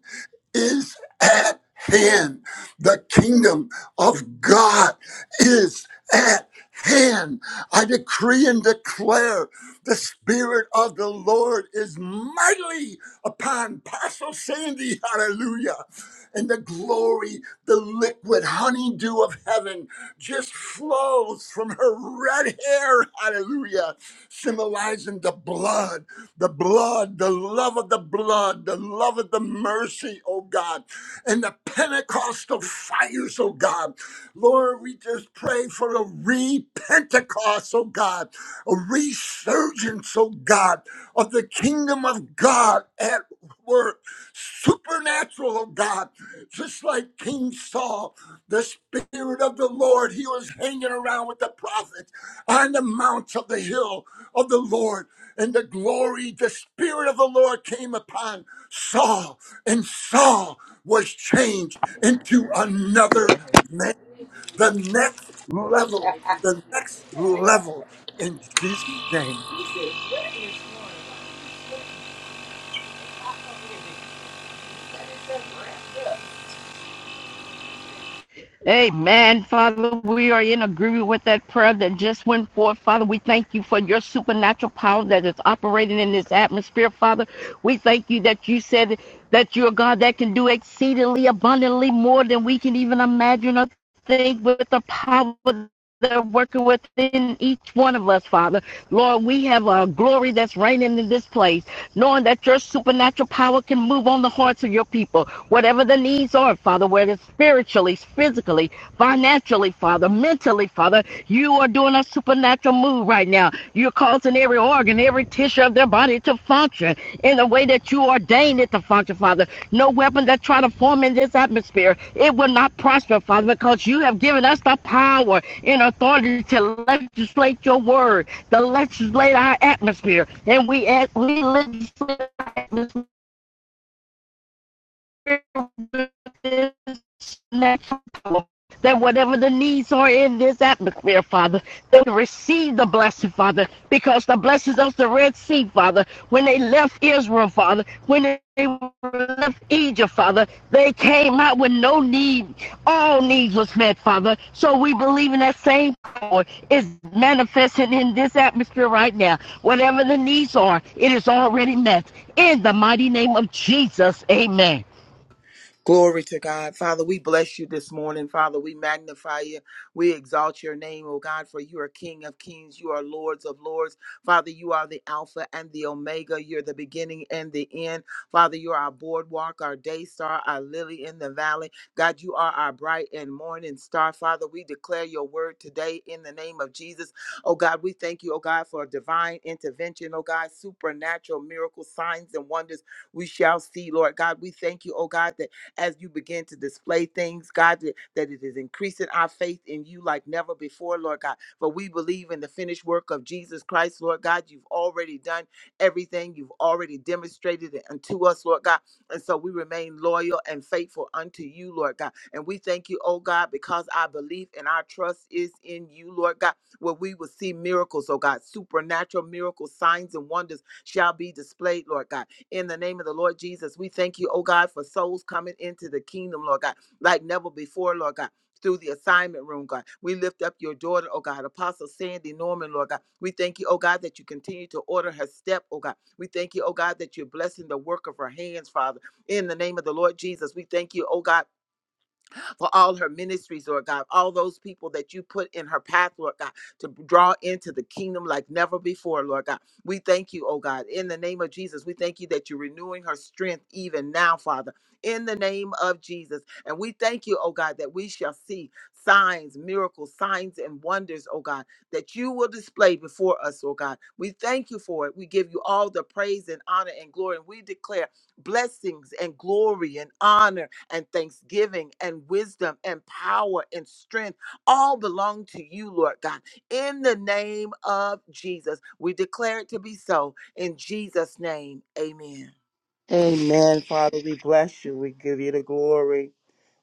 is at hand. The kingdom of God is at hand. I decree and declare the Spirit of the Lord is mightily upon Pastor Sandy. Hallelujah. And the glory, the liquid honeydew of heaven just flows from her red hair. Hallelujah. Symbolizing the blood the blood, the love of the blood, the love of the mercy, oh God, and the Pentecostal fires, oh God. Lord, we just pray for a re-Pentecost, oh God, a resurgence, oh God, of the kingdom of God at work, supernatural, oh God, just like King Saul, the Spirit of the Lord, he was hanging around with the prophets on the mount of the hill of the Lord and the glory, the Spirit of the Lord came upon Saul, and Saul was changed into another man. The next level, the next level in Jesus' name.
Amen, Father. We are in agreement with that prayer that just went forth, Father. We thank you for your supernatural power that is operating in this atmosphere, Father. We thank you that you said that you're a God that can do exceedingly abundantly more than we can even imagine or think with the power that are working within each one of us, Father. Lord, we have a glory that's reigning in this place knowing that your supernatural power can move on the hearts of your people, whatever the needs are, Father, whether it's spiritually, physically, financially, Father, mentally, Father, you are doing a supernatural move right now. You're causing every organ, every tissue of their body to function in the way that you ordained it to function, Father. No weapon that try to form in this atmosphere, it will not prosper, Father, because you have given us the power and authority to legislate your word the legislate atmosphere, and we act, we legislate our atmosphere next power, that whatever the needs are in this atmosphere, Father, they receive the blessing, Father, because the blessings of the Red Sea, Father, when they left Israel, Father, when they left Egypt, Father, they came out with no need. All needs was met, Father. So we believe in that same power is manifesting in this atmosphere right now. Whatever the needs are, it is already met. In the mighty name of Jesus, amen.
Glory to God. Father, we bless you this morning. Father, we magnify you. We exalt your name, oh God, for you are King of kings. You are Lords of lords. Father, you are the Alpha and the Omega. You're the beginning and the end. Father, you are our boardwalk, our day star, our lily in the valley. God, you are our bright and morning star. Father, we declare your word today in the name of Jesus. Oh God, we thank you, oh God, for divine intervention, oh God, supernatural miracles, signs, and wonders we shall see, Lord God. We thank you, oh God, that as you begin to display things, God, that that it is increasing our faith in you like never before, Lord God. For we believe in the finished work of Jesus Christ, Lord God. You've already done everything, you've already demonstrated it unto us, Lord God. And so we remain loyal and faithful unto you, Lord God. And we thank you, oh God, because our belief and our trust is in you, Lord God, where we will see miracles, oh God, supernatural miracles, signs and wonders shall be displayed, Lord God in the name of the Lord Jesus. We thank you, oh God, for souls coming into the kingdom, Lord God, like never before, Lord God. Through the assignment room, God. We lift up your daughter, oh God, Apostle Sandy Norman, Lord God. We thank you, oh God, that you continue to order her step, oh God. We thank you, oh God, that you're blessing the work of her hands, Father, in the name of the Lord Jesus. We thank you, oh God for all her ministries, Lord God, all those people that you put in her path, Lord God, to draw into the kingdom like never before, Lord God. We thank you, oh God, in the name of Jesus. We thank you that you're renewing her strength even now, Father, in the name of Jesus. And we thank you, oh God, that we shall see signs, miracles, signs, and wonders, oh God, that you will display before us, oh God. We thank you for it. We give you all the praise and honor and glory. And we declare blessings and glory and honor and thanksgiving and wisdom and power and strength all belong to you, Lord God. In the name of Jesus, we declare it to be so. In Jesus' name, amen.
Amen, Father. We bless you. We give you the glory.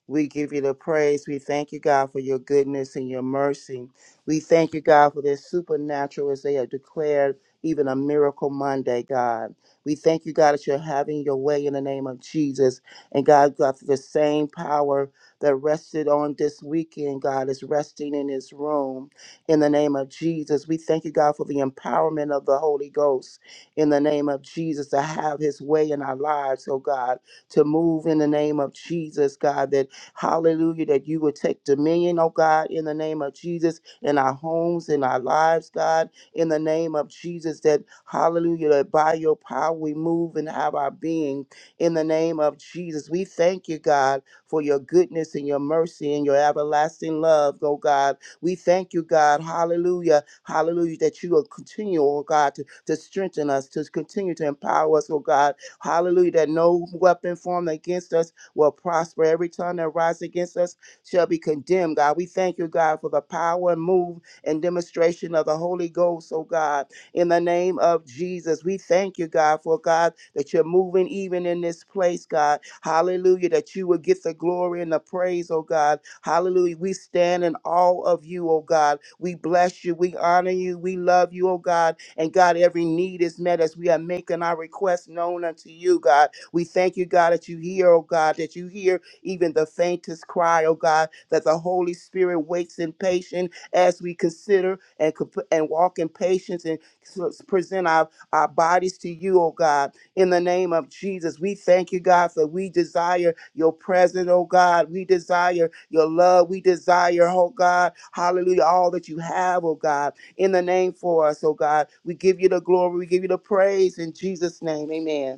We give you the praise. We thank you, God, for your goodness and your mercy. We thank you, God, for this supernatural as they have declared even a miracle Monday, God. We thank you, God, that you're having your way in the name of Jesus. And God, God, for the same power that rested on this weekend, God, is resting in this room in the name of Jesus. We thank you, God, for the empowerment of the Holy Ghost in the name of Jesus to have his way in our lives, oh God, to move in the name of Jesus, God, that Hallelujah, that you would take dominion, oh God, in the name of Jesus, in our homes, in our lives, God, in the name of Jesus, that hallelujah, that by your power we move and have our being in the name of Jesus. We thank you, God, for your goodness and your mercy and your everlasting love, oh God. We thank you, God, hallelujah, hallelujah, that you will continue, oh God, to, to strengthen us, to continue to empower us, oh God, hallelujah, that no weapon formed against us will prosper. Every tongue that rises against us shall be condemned, God. We thank you, God, for the power and move and demonstration of the Holy Ghost, oh God. In the name of Jesus, we thank you, God, for God, that you're moving even in this place, God. Hallelujah, that you will get the glory and the praise, oh God. Hallelujah. We stand in awe of you, oh God. We bless you. We honor you. We love you, oh God. And God, every need is met as we are making our request known unto you, God. We thank you, God, that you hear, oh God, that you hear even the faintest cry, oh God, that the Holy Spirit waits in patience as we consider and comp- and walk in patience and s- present our, our bodies to you, oh God. In the name of Jesus, we thank you, God, for we desire your presence, oh God. We desire your love. We desire, oh God, hallelujah, all that you have, oh God, in the name for us, oh God. We give you the glory. We give you the praise in Jesus' name. Amen.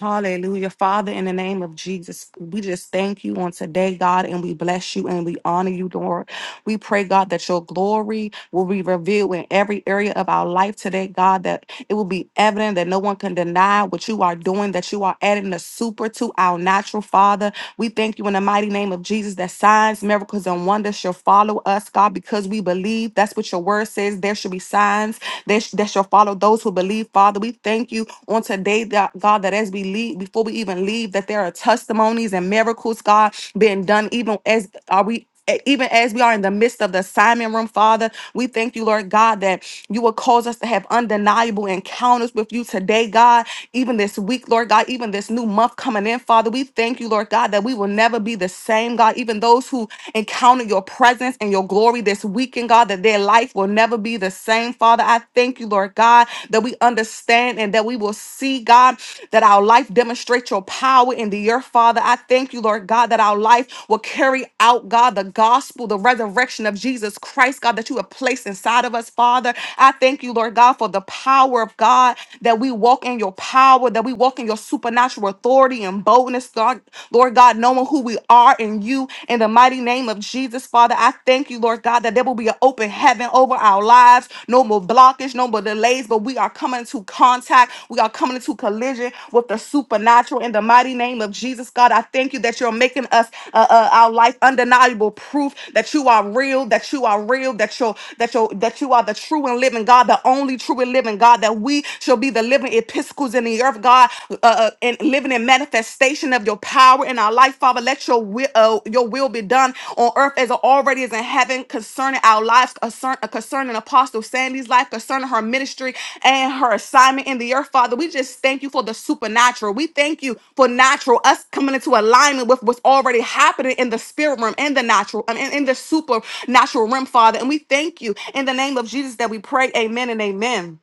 Hallelujah. Father, in the name of Jesus, we just thank you on today, God, and we bless you and we honor you, Lord. We pray, God, that your glory will be revealed in every area of our life today, God, that it will be evident that no one can deny what you are doing, that you are adding the super to our natural, Father. We thank you in the mighty name of Jesus that signs, miracles, and wonders shall follow us, God, because we believe. That's what your word says. There should be signs that, sh- that shall follow those who believe, Father. We thank you on today, that, God, that as we leave, before we even leave, that there are testimonies and miracles, God, being done, even as are we e- even as we are in the midst of the assignment room, Father, we thank you, Lord God, that you will cause us to have undeniable encounters with you today, God, even this week, Lord God, even this new month coming in, Father. We thank you, Lord God, that we will never be the same, God. Even those who encounter your presence and your glory this weekend, God, that their life will never be the same, Father. I thank you, Lord God, that we understand and that we will will see, God, that our life demonstrates your power in the earth, Father. I thank you, Lord God, that our life will carry out, God, the gospel, the resurrection of Jesus Christ, God, that you have placed inside of us, Father. I thank you, Lord God, for the power of God, that we walk in your power, that we walk in your supernatural authority and boldness, God, Lord God, knowing who we are in you in the mighty name of Jesus, Father. Father, I thank you, Lord God, that there will be an open heaven over our lives. No more blockage, no more delays, but we are coming into contact. We are coming into collision with the supernatural in the mighty name of Jesus, God. I thank you that you're making us uh, uh, our life undeniable proof that you are real, that you are real, that you're that you that you are the true and living God, the only true and living God, that we shall be the living epistles in the in the earth, God, uh, uh, and living in manifestation of your power in our life, Father. Let your will, uh, your will be done on earth as it already is in heaven concerning our lives, concern, uh, concerning Apostle Sandy's life, concerning her ministry and her assignment in the earth, Father. We just thank you for the supernatural. We thank you for natural, us coming into alignment with what's already happening in the spirit realm, and the natural, I mean, in the supernatural realm, Father. And we thank you in the name of Jesus that we pray. Amen and amen.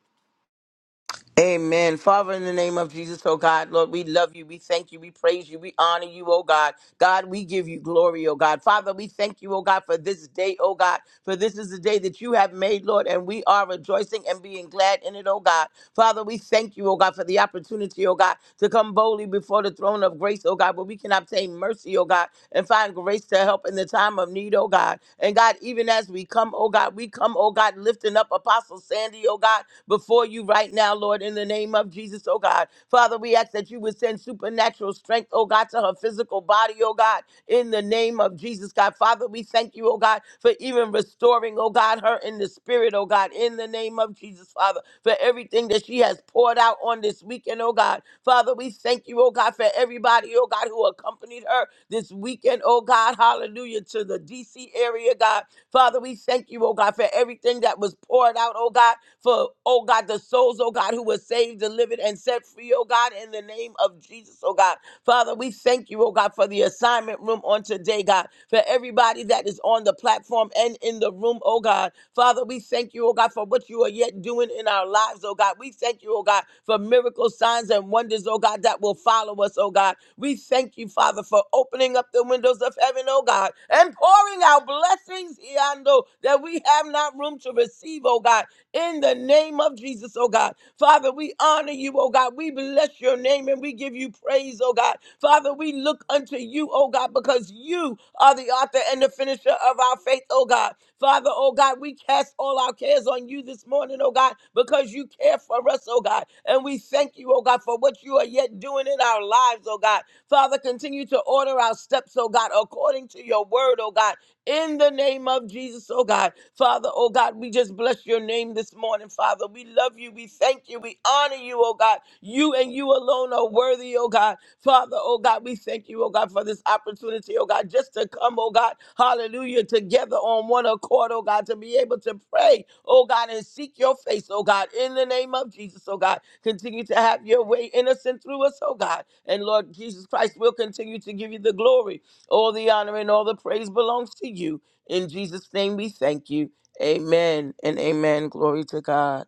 Amen. Father, in the name of Jesus, oh God, Lord, we love you. We thank you. We praise you. We honor you, oh God. God, we give you glory, oh God. Father, we thank you, oh God, for this day, oh God, for this is the day that you have made, Lord, and we are rejoicing and being glad in it, oh God. Father, we thank you, oh God, for the opportunity, oh God, to come boldly before the throne of grace, oh God, where we can obtain mercy, oh God, and find grace to help in the time of need, oh God. And God, even as we come, oh God, we come, oh God, lifting up Apostle Sandy, oh God, before you right now, Lord, in the name of Jesus, oh God. Father, we ask that you would send supernatural strength, oh God, to her physical body, oh God, in the name of Jesus, God. Father, we thank you, oh God, for even restoring, oh God, her in the spirit, oh God, in the name of Jesus, Father for everything that she has poured out on this weekend, oh God. Father, we thank you, oh God, for everybody, oh God, who accompanied her this weekend, oh God. Hallelujah to the DC area, God. Father, we thank you, oh God, for everything that was poured out, oh God, for, oh God, the souls, oh God, who were saved, delivered, and set free, oh God, in the name of Jesus, oh God. Father, we thank you, oh God, for the assignment room on today, God, for everybody that is on the platform and in the room, oh God. Father, we thank you, oh God, for what you are yet doing in our lives, oh God. We thank you, oh God, for miracles, signs, and wonders, oh God, that will follow us, oh God. We thank you, Father, for opening up the windows of heaven, oh God, and pouring out blessings, Iando, that we have not room to receive, oh God, in the name name of Jesus, oh God. Father, we honor you, oh God. We bless your name and we give you praise, oh God. Father, we look unto you, oh God, because you are the author and the finisher of our faith, oh God. Father, oh God, we cast all our cares on you this morning, oh God, because you care for us, oh God. And we thank you, oh God, for what you are yet doing in our lives, oh God. Father, continue to order our steps, oh God, according to your word, oh God in the name of Jesus, oh God. Father, oh God, we just bless your name this morning, Father. We love you. We thank you. We honor you, oh God. You and you alone are worthy, oh God. Father, oh God, we thank you, oh God, for this opportunity, oh God, just to come, oh God, hallelujah, together on one accord, oh God, to be able to pray, oh God, and seek your face, oh God, in the name of Jesus, oh God. Continue to have your way innocent through us, oh God. And Lord Jesus Christ, we'll continue to give you the glory. All the honor and all the praise belongs to you. In Jesus' name we thank you. Amen and amen. Glory to God.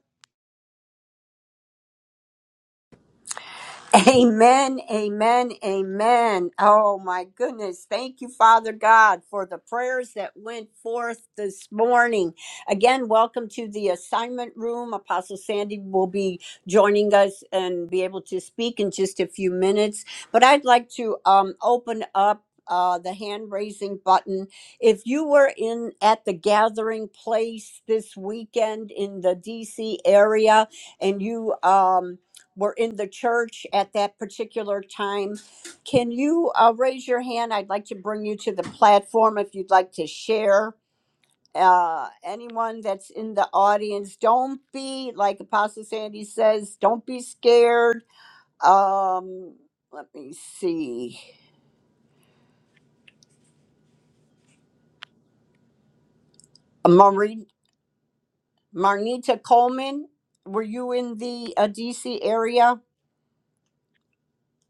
Amen, amen, amen. Oh my goodness. Thank you, Father God, for the prayers that went forth this morning. Again, welcome to the assignment room. Apostle Sandy will be joining us and be able to speak in just a few minutes. But I'd like to um, open up. Uh, the hand raising button. If you were in at the gathering place this weekend in the DC area and you um, were in the church at that particular time. Can you uh, raise your hand? I'd like to bring you to the platform if you'd like to share. Uh, anyone that's in the audience, don't be like Apostle Sandy says. Don't be scared. Um, let me see. Marie, Marnita Coleman, were you in the uh, DC area?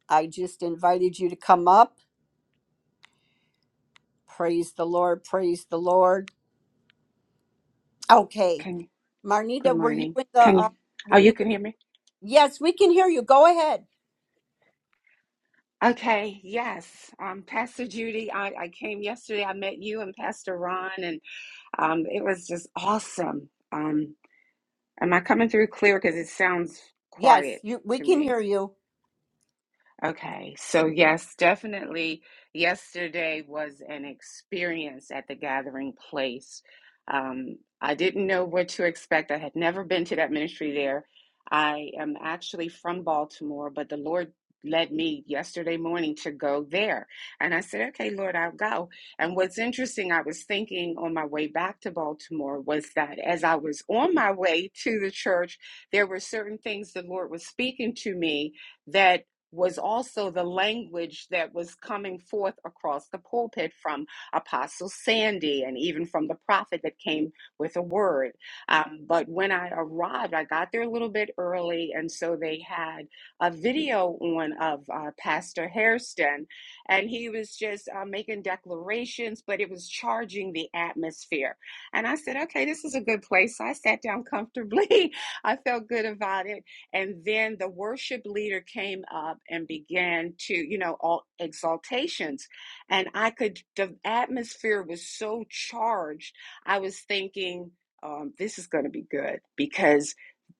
I just invited you to come up. Praise the Lord. Praise the Lord. Okay.
Can you? Good
Marnita, were you
morning.
in the?
Can
Uh,
you? Oh,
were
you
you?
can hear me?
Yes, we can hear you. Go ahead.
Okay. Yes. Um, Pastor Judy, I, I came yesterday. I met you and Pastor Ron, and um, it was just awesome. Um, am I coming through clear? Because it sounds
Yes,
quiet
you. We
to
can
me.
hear you.
Okay, so yes, definitely. Yesterday was an experience at the gathering place. Um, I didn't know what to expect. I had never been to that ministry there. I am actually from Baltimore, but the Lord led me yesterday morning to go there. And I said, okay, Lord, I'll go. And what's interesting, I was thinking on my way back to Baltimore was that as I was on my way to the church, there were certain things the Lord was speaking to me that was also the language that was coming forth across the pulpit from Apostle Sandy and even from the prophet that came with a word. Um, but when I arrived, I got there a little bit early, and so they had a video on of uh, Pastor Hairston, and he was just uh, making declarations, but it was charging the atmosphere. And I said, okay, this is a good place. So I sat down comfortably. I felt good about it and then the worship leader came up and began to, you know, all exaltations. And I could, the atmosphere was so charged. I was thinking, um, this is going to be good because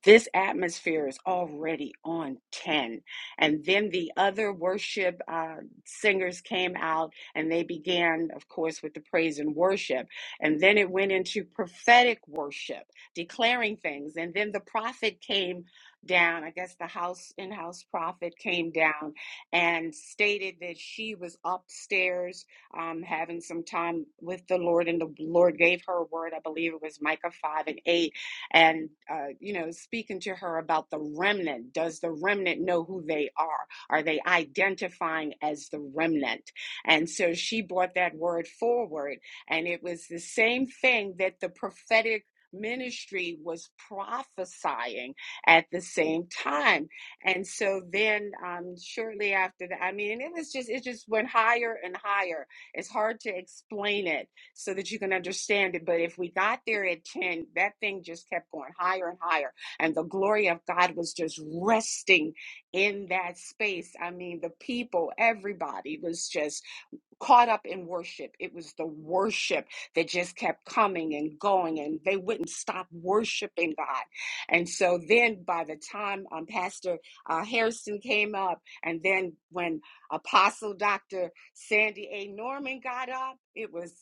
this atmosphere is already on 10. And then the other worship uh, singers came out and they began, of course, with the praise and worship. And then it went into prophetic worship, declaring things. And then the prophet came down. I guess the house in house prophet came down and stated that she was upstairs um, having some time with the Lord, and the Lord gave her a word. I believe it was Micah 5 and 8, and, uh, you know, speaking to her about the remnant. Does the remnant know who they are? Are they identifying as the remnant? And so she brought that word forward, and it was the same thing that the prophetic ministry was prophesying at the same time. And so then um, shortly after that, I mean, and it was just, it just went higher and higher. It's hard to explain it so that you can understand it. But if we got there at 10, that thing just kept going higher and higher. And the glory of God was just resting in that space. I mean, the people, everybody was just caught up in worship. It was the worship that just kept coming and going, and they wouldn't stop worshiping God. And so then, by the time um, Pastor uh, Harrison came up, and then when Apostle Dr. Sandy A. Norman got up, it was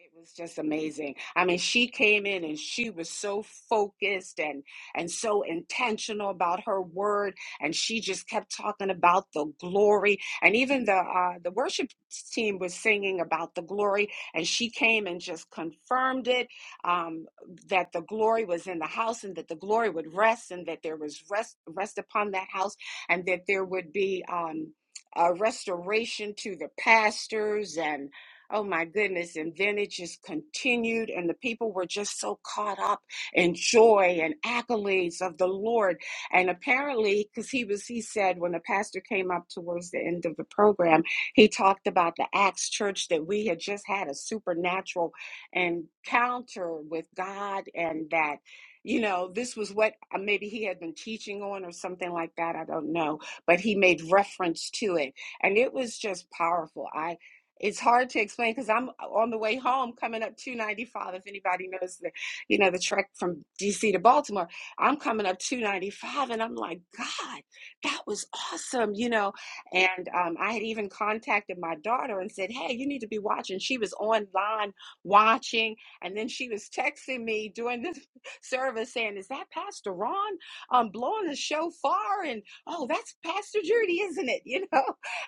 it was just amazing. I mean, she came in and she was so focused and and so intentional about her word, and she just kept talking about the glory. And even the uh, the worship team was singing about the glory, and she came and just confirmed it um, that the glory was in the house, and that the glory would rest, and that there was rest rest upon that house, and that there would be. Um, a restoration to the pastors and. Oh my goodness. And then it just continued, and the people were just so caught up in joy and accolades of the Lord. And apparently, because he was, he said, when the pastor came up towards the end of the program, he talked about the Acts church that we had just had a supernatural encounter with God and that. You know, this was what uh, maybe he had been teaching on or something like that. I don't know. But he made reference to it. And it was just powerful. I it's hard to explain because I'm on the way home coming up 295. If anybody knows the, you know, the trek from DC to Baltimore, I'm coming up 295 and I'm like, God, that was awesome, you know. And um, I had even contacted my daughter and said, Hey, you need to be watching. She was online watching, and then she was texting me during this service saying, Is that Pastor Ron um blowing the shofar? And oh, that's Pastor Judy, isn't it? You know,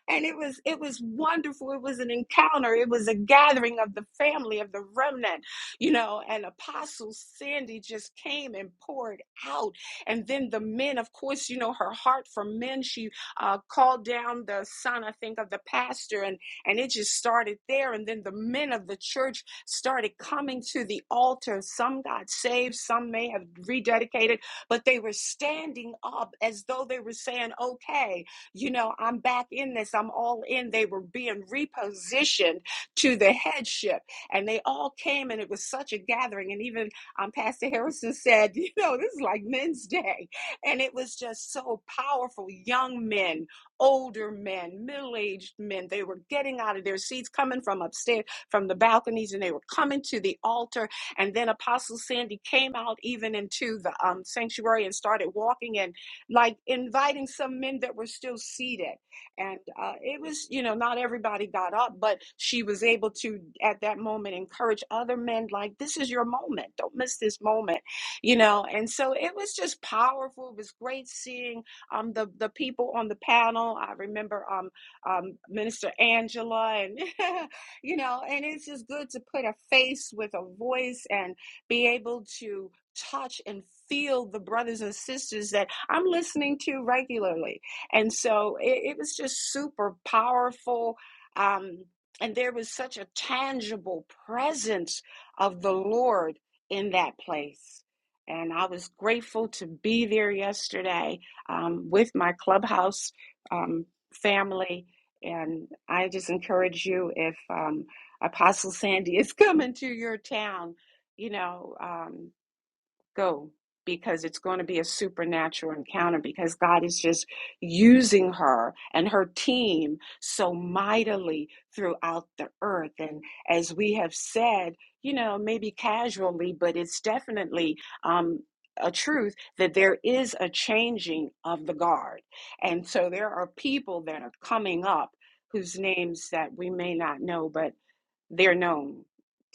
and it was it was wonderful it was an encounter it was a gathering of the family of the remnant you know and apostle sandy just came and poured out and then the men of course you know her heart for men she uh, called down the son i think of the pastor and and it just started there and then the men of the church started coming to the altar some got saved some may have rededicated but they were standing up as though they were saying okay you know, I'm back in this, I'm all in. They were being repositioned to the headship, and they all came, and it was such a gathering. And even um, Pastor Harrison said, you know, this is like men's day. And it was just so powerful. Young men, older men, middle aged men, they were getting out of their seats, coming from upstairs, from the balconies, and they were coming to the altar. And then Apostle Sandy came out even into the um, sanctuary and started walking and like inviting some men that were still seated. And uh, it was, you know, not everybody got up, but she was able to, at that moment, encourage other men, like, this is your moment. Don't miss this moment, you know. And so it was just powerful. It was great seeing um, the, the people on the panel. I remember um, um, Minister Angela, and, you know, and it's just good to put a face with a voice and be able to touch and feel the brothers and sisters that I'm listening to regularly. And so it, it was just super powerful. Um, and there was such a tangible presence of the Lord in that place. And I was grateful to be there yesterday um, with my clubhouse um, family. And I just encourage you if um, Apostle Sandy is coming to your town, you know. Um, go because it's going to be a supernatural encounter because God is just using her and her team so mightily throughout the earth. And as we have said, you know, maybe casually, but it's definitely um, a truth that there is a changing of the guard. And so there are people that are coming up whose names that we may not know, but they're known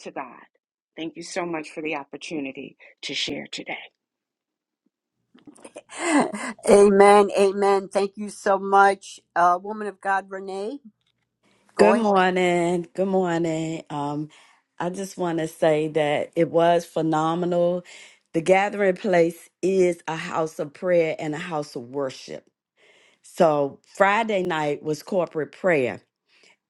to God. Thank you so much for the opportunity to share today.
Amen. Amen. Thank you so much, uh, woman of God, Renee. Go
Good
ahead.
morning. Good morning. Um, I just want to say that it was phenomenal. The gathering place is a house of prayer and a house of worship. So Friday night was corporate prayer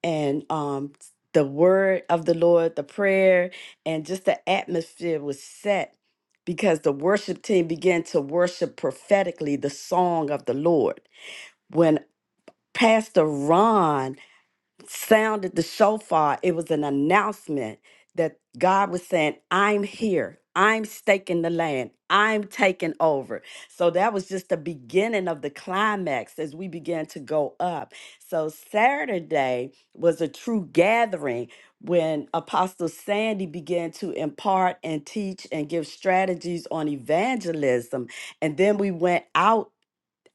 and um the word of the Lord, the prayer, and just the atmosphere was set because the worship team began to worship prophetically the song of the Lord. When Pastor Ron sounded the shofar, it was an announcement that God was saying, I'm here. I'm staking the land. I'm taking over. So that was just the beginning of the climax as we began to go up. So Saturday was a true gathering when Apostle Sandy began to impart and teach and give strategies on evangelism. And then we went out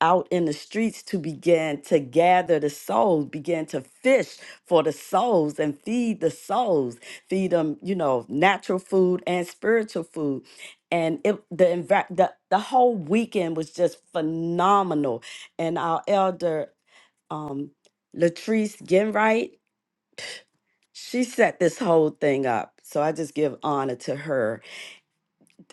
out in the streets to begin to gather the souls, begin to fish for the souls and feed the souls, feed them, you know, natural food and spiritual food. And it, the, envi- the the whole weekend was just phenomenal. And our elder, um, Latrice Genright, she set this whole thing up. So I just give honor to her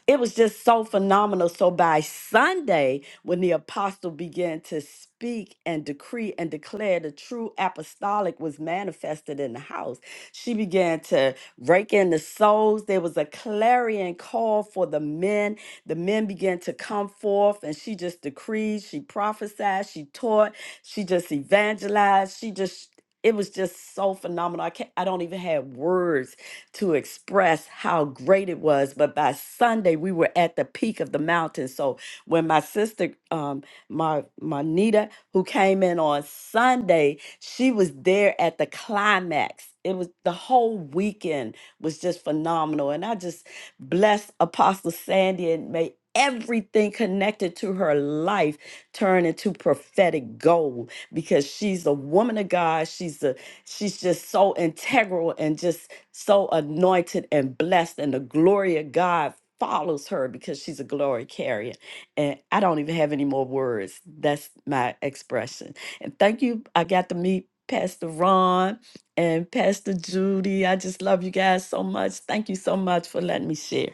it was just so phenomenal. So by Sunday, when the apostle began to speak and decree and declare the true apostolic was manifested in the house, she began to rake in the souls. There was a clarion call for the men. The men began to come forth, and she just decreed, she prophesied, she taught, she just evangelized, she just. It was just so phenomenal. I can't, I don't even have words to express how great it was. But by Sunday, we were at the peak of the mountain. So when my sister, um, my Monita, who came in on Sunday, she was there at the climax. It was the whole weekend was just phenomenal. And I just bless Apostle Sandy and may everything connected to her life turn into prophetic gold because she's a woman of God. She's a She's just so integral and just so anointed and blessed, and the glory of God follows her because she's a glory carrier. And I don't even have any more words. That's my expression. And thank you. I got to meet Pastor Ron and Pastor Judy. I just love you guys so much. Thank you so much for letting me share.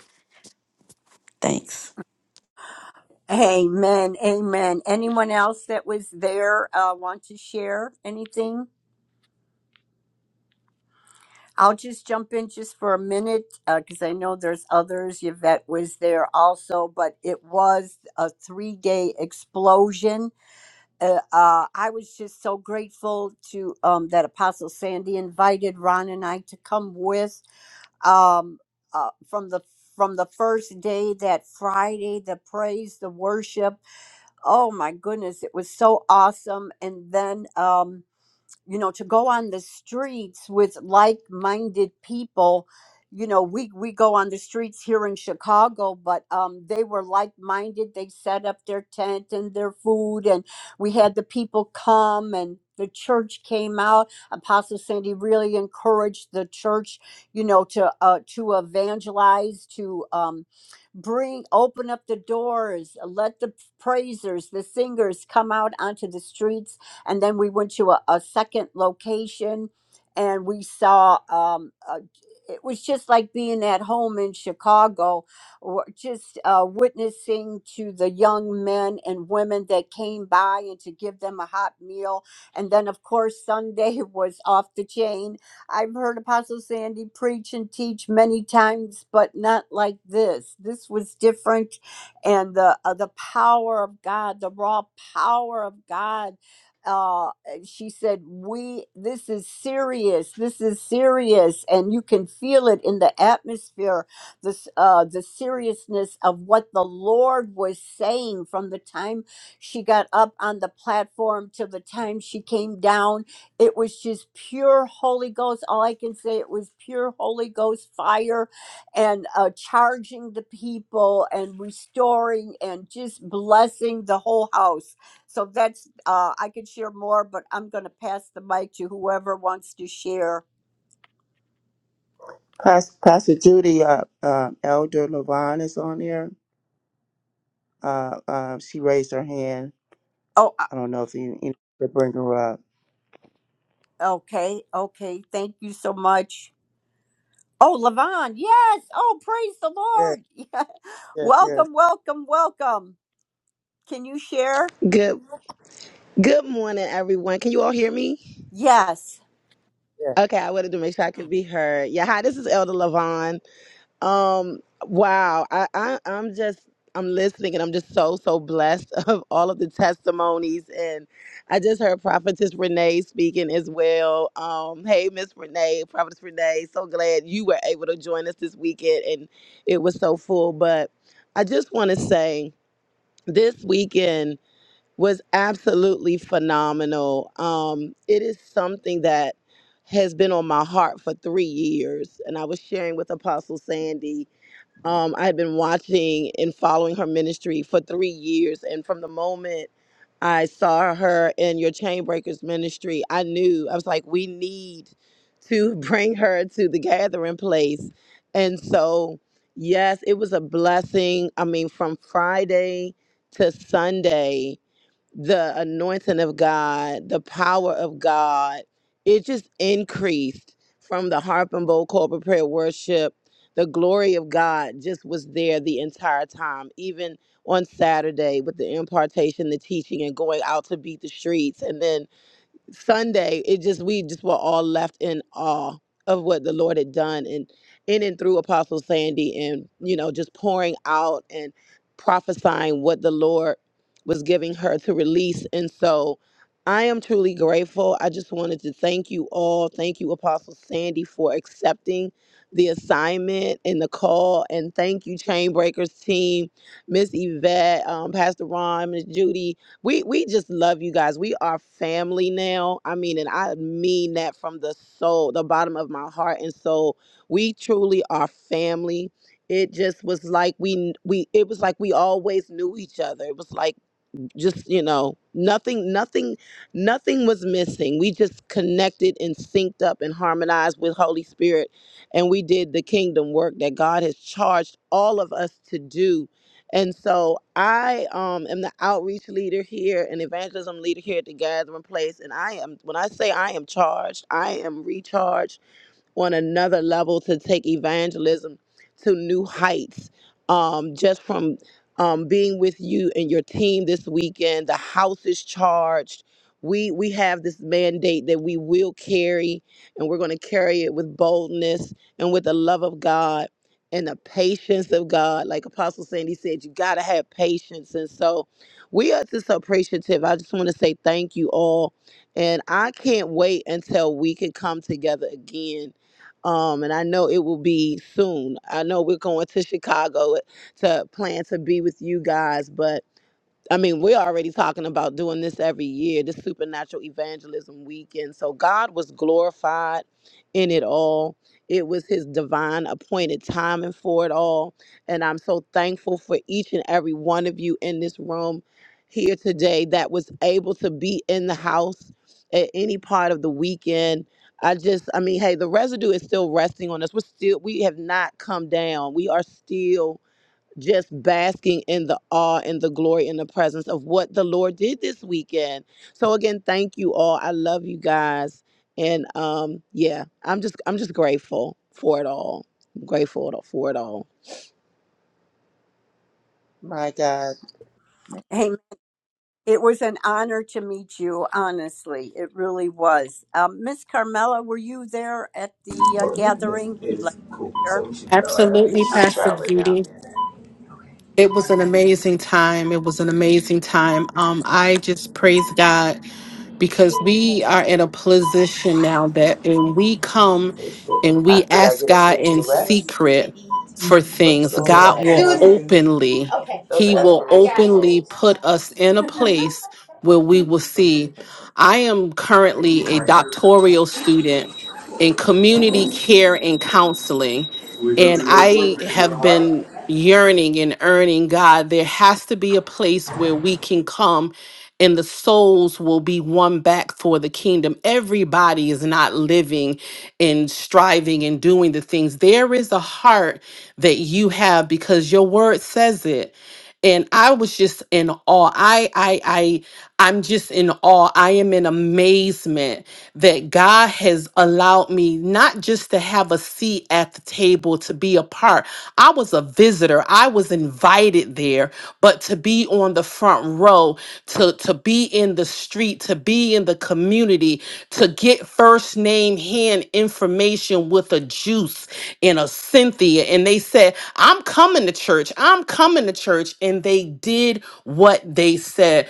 Thanks.
Amen. Amen. Anyone else that was there uh, want to share anything? I'll just jump in just for a minute because I know there's others. Yvette was there also, but it was a three day explosion uh, uh, I was just so grateful to um, that Apostle Sandy invited Ron and I to come with um, uh, from the from the first day that Friday, the praise, the worship. Oh my goodness, it was so awesome! And then. Um, you know to go on the streets with like-minded people you know we we go on the streets here in chicago but um they were like-minded they set up their tent and their food and we had the people come and the church came out apostle sandy really encouraged the church you know to uh to evangelize to um bring open up the doors let the praisers the singers come out onto the streets and then we went to a, a second location and we saw, um, a, it was just like being at home in Chicago, or just uh, witnessing to the young men and women that came by and to give them a hot meal. And then, of course, Sunday was off the chain. I've heard Apostle Sandy preach and teach many times, but not like this. This was different and the uh, the power of God, the raw power of God uh, she said, "We this is serious. This is serious, and you can feel it in the atmosphere. This uh, the seriousness of what the Lord was saying from the time she got up on the platform to the time she came down. It was just pure Holy Ghost. All I can say it was pure Holy Ghost fire, and uh, charging the people and restoring and just blessing the whole house." So that's, uh, I could share more, but I'm going to pass the mic to whoever wants to share.
Pas- Pastor Judy, uh, uh, Elder Levon is on there. Uh, uh, she raised her hand.
Oh, uh,
I don't know if you, you could bring her up.
okay. Okay. Thank you so much. Oh, Levon. Yes. Oh, praise the
Yes,
Lord.
yes, yes,
Welcome, welcome, welcome. Can you share?
Good good morning, everyone. Can you all hear me?
Yes.
yes.
Okay, I wanted to make sure I could be heard. Yeah, hi, this is Elder Lavon. Um, wow, I, I I'm just I'm listening and I'm just so so blessed of all of the testimonies and I just heard Prophetess Renee speaking as well. Um, hey Miss Renee, Prophetess Renee, so glad you were able to join us this weekend and it was so full. But I just want to say this weekend was absolutely phenomenal. Um, it is something that has been on my heart for three years. And I was sharing with Apostle Sandy. Um, I had been watching and following her ministry for three years. And from the moment I saw her in your Chainbreakers ministry, I knew, I was like, we need to bring her to the gathering place. And so, yes, it was a blessing. I mean, from Friday to Sunday, the anointing of God, the power of God, it just increased from the harp and bowl corporate prayer worship. The glory of God just was there the entire time, even on Saturday with the impartation, the teaching, and going out to beat the streets. And then Sunday, it just we just were all left in awe of what the Lord had done and in and through Apostle Sandy and you know just pouring out and prophesying what the Lord was giving her to release. And so I am truly grateful. I just wanted to thank you all. Thank you, Apostle Sandy, for accepting the assignment and the call. And thank you, Chain Breakers team, Miss Yvette, um, Pastor Ron, Miss Judy, we we just love you guys. We are family now. I mean, and I mean that from the soul, the bottom of my heart and soul. We truly are family. It just was like we we it was like we always knew each other. It was like just you know nothing nothing nothing was missing we just connected and synced up and harmonized with holy spirit and we did the kingdom work that god has charged all of us to do and so i um, am the outreach leader here and evangelism leader here at the gathering place and i am when i say i am charged i am recharged on another level to take evangelism to new heights. Um, just from um, being with you and your team this weekend, the house is charged. We we have this mandate that we will carry, and we're going to carry it with boldness and with the love of God and the patience of God. Like Apostle Sandy said, you got to have patience, and so we are just so appreciative. I just want to say thank you all, and I can't wait until we can come together again um, and I know it will be soon. I know we're going to Chicago to plan to be with you guys, but I mean, we're already talking about doing this every year, this supernatural evangelism weekend. So God was glorified in it all. It was his divine appointed timing for it all. And I'm so thankful for each and every one of you in this room here today that was able to be in the house at any part of the weekend. I just, I mean, hey, the residue is still resting on us. We're still, we have not come down. We are still just basking in the awe and the glory and the presence of what the Lord did this weekend. So again, thank you all. I love you guys. And um yeah, I'm just I'm just grateful for it all. I'm grateful for it all.
My God.
It was an honor to meet you, honestly. It really was. Um, Miss Carmela, were you there at the uh,
Well, this
gathering? If you'd like
is
to
cool, so
share.
we should be all right. I think
Absolutely,
we should
Pastor
travel it down
Judy.
there.
It was an amazing time. It was an amazing time. Um, I just praise God because we are in a position now that when we come
Eight fifty.
and
Uh,
we
did I
ask
get a
God
chance to
in
rest? To
secret
eat.
for
What's
things,
all of
God
that? You
will
know, things,
openly,
those are
He will
aspirational
openly
goals. I
put
got
us in a place where we will see. I am currently a doctoral student in community care and counseling.
you. We're gonna
And
do those work,
I
make another
have
right.
been yearning and earning God, there has to be a place where we can come and the souls will be won back for the kingdom. Everybody is not living and striving and doing the things. There is a heart that you have because your word says it and I was just in awe. I I I I'm just in awe. I am in amazement that God has allowed me not just to have a seat at the table to be a part. I was a visitor. I was invited there, but to be on the front row, to to be in the street, to be in the community, to get first name hand information conversation with a Juice and a Cynthia, and they said, I'm coming to church. I'm coming to church. And they did what they said.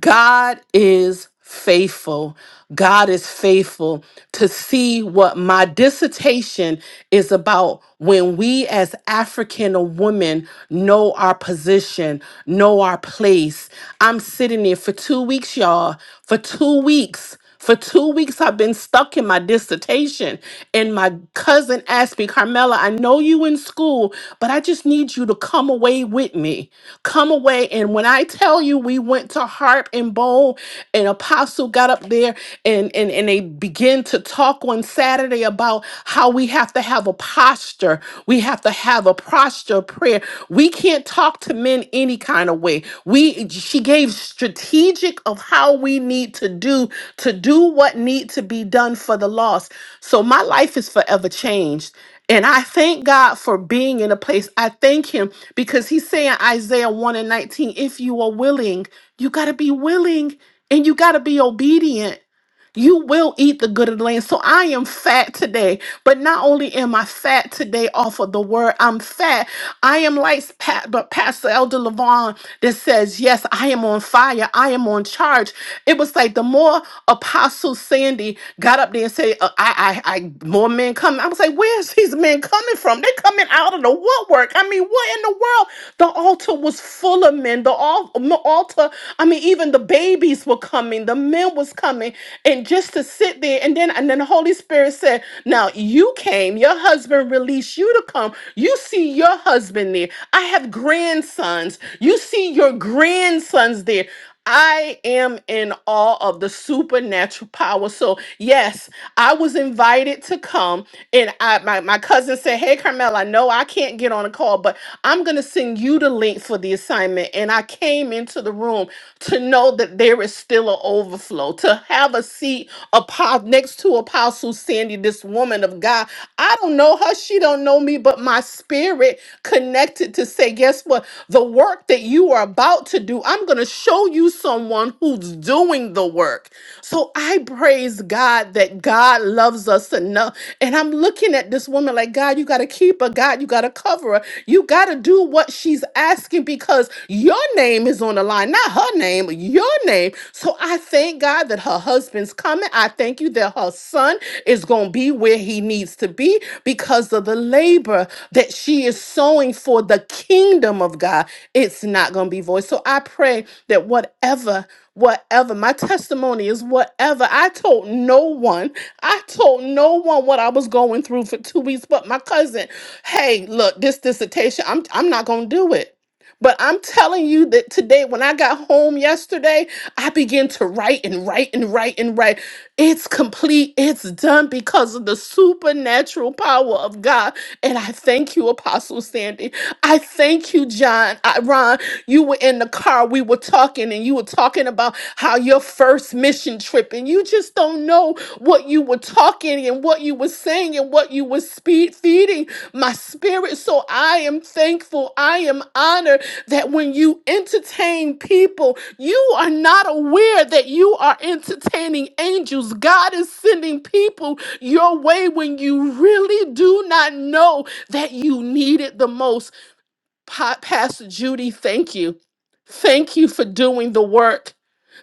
God is faithful. God is faithful to see what my dissertation is about when we as African women know our position, know our place. I'm sitting there for 2 weeks y'all, for 2 weeks for two weeks, I've been stuck in my dissertation. And my cousin asked me, Carmela, I know you in school, but I just need you to come away with me. Come away. And when I tell you, we went to Harp and Bowl, and Apostle got up there and, and, and they began to talk on Saturday about how we have to have a posture. We have to have a posture of prayer. We can't talk to men any kind of way. We she gave strategic of how we need to do to do what need to be done for the lost. So my life is forever changed. And I thank God for being in a place. I thank him because he's saying Isaiah 1 and 19, if you are willing, you gotta be willing and you gotta be obedient you will eat the good of the land. So I am fat today. But not only am I fat today off of the word, I'm fat. I am like Pa- but Pastor Elder Levon that says, Yes, I am on fire. I am on charge. It was like the more Apostle Sandy got up there and said, uh, I, I, I, more men coming. I was like, Where's these men coming from? they coming out of the woodwork. I mean, what in the world? The altar was full of men. The al- altar, I mean, even the baby babies were coming, the men was coming, and just to sit there and then and then the Holy Spirit said, Now you came, your husband released you to come. You see your husband there. I have grandsons. You see your grandsons there. I am in awe of the supernatural power. So, yes, I was invited to come. And I my, my cousin said, Hey Carmel, I know I can't get on a call, but I'm gonna send you the link for the assignment. And I came into the room to know that there is still an overflow, to have a seat apo- next to Apostle Sandy, this woman of God. I don't know her. She don't know me, but my spirit connected to say, guess what? The work that you are about to do, I'm going to show you someone who's doing the work. So I praise God that God loves us enough. And I'm looking at this woman like, God, you got to keep her. God, you got to cover her. You got to do do what she's asking because your name is on the line, not her name, your name. So I thank God that her husband's coming. I thank you that her son is going to be where he needs to be because of the labor that she is sowing for the kingdom of God. It's not going to be void. So I pray that whatever whatever my testimony is whatever i told no one i told no one what i was going through for two weeks but my cousin hey, look, this dissertation, I'm I'm not gonna do it. But I'm telling you that today, when I got home yesterday, I began to write and write and write and write. It's complete, it's done because of the supernatural power of God. And I thank you, Apostle Sandy. I thank you, John. I, Ron, you were in the car, we were talking, and you were talking about how your first mission trip, and you just don't know what you were talking and what you were saying and what you were speed feeding my spirit. So I am thankful. I am honored that when you entertain people, you are not aware that you are entertaining angels. God is sending people your way when you really do not know that you need it the most. Pa- Pastor Judy, thank you. Thank you for doing the work.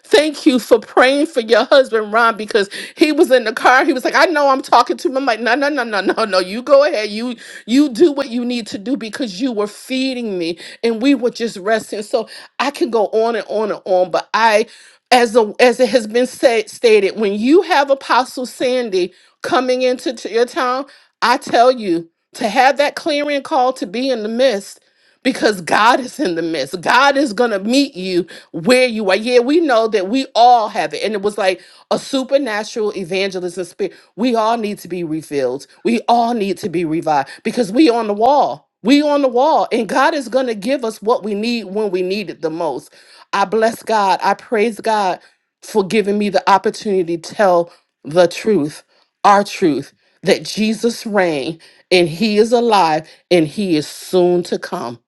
Thank you for praying for your husband, Ron, because he was in the car. He was like, I know I'm talking to him. I'm like, no, no, no, no, no, no. You go ahead. You you do what you need to do because you were feeding me and we were just resting. So I can go on and on and on. But I, as a, as it has been said stated, when you have Apostle Sandy coming into t- your town, I tell you to have that clearing call to be in the midst because God is in the midst. God is going to meet you where you are. Yeah, we know that we all have it. And it was like a supernatural evangelism spirit. We all need to be refilled. We all need to be revived because we on the wall. We on the wall. And God is gonna give us what we need when we need it the most. I bless God. I praise God for giving me the opportunity to tell the truth, our truth, that Jesus reigned and he is alive and he is soon to come.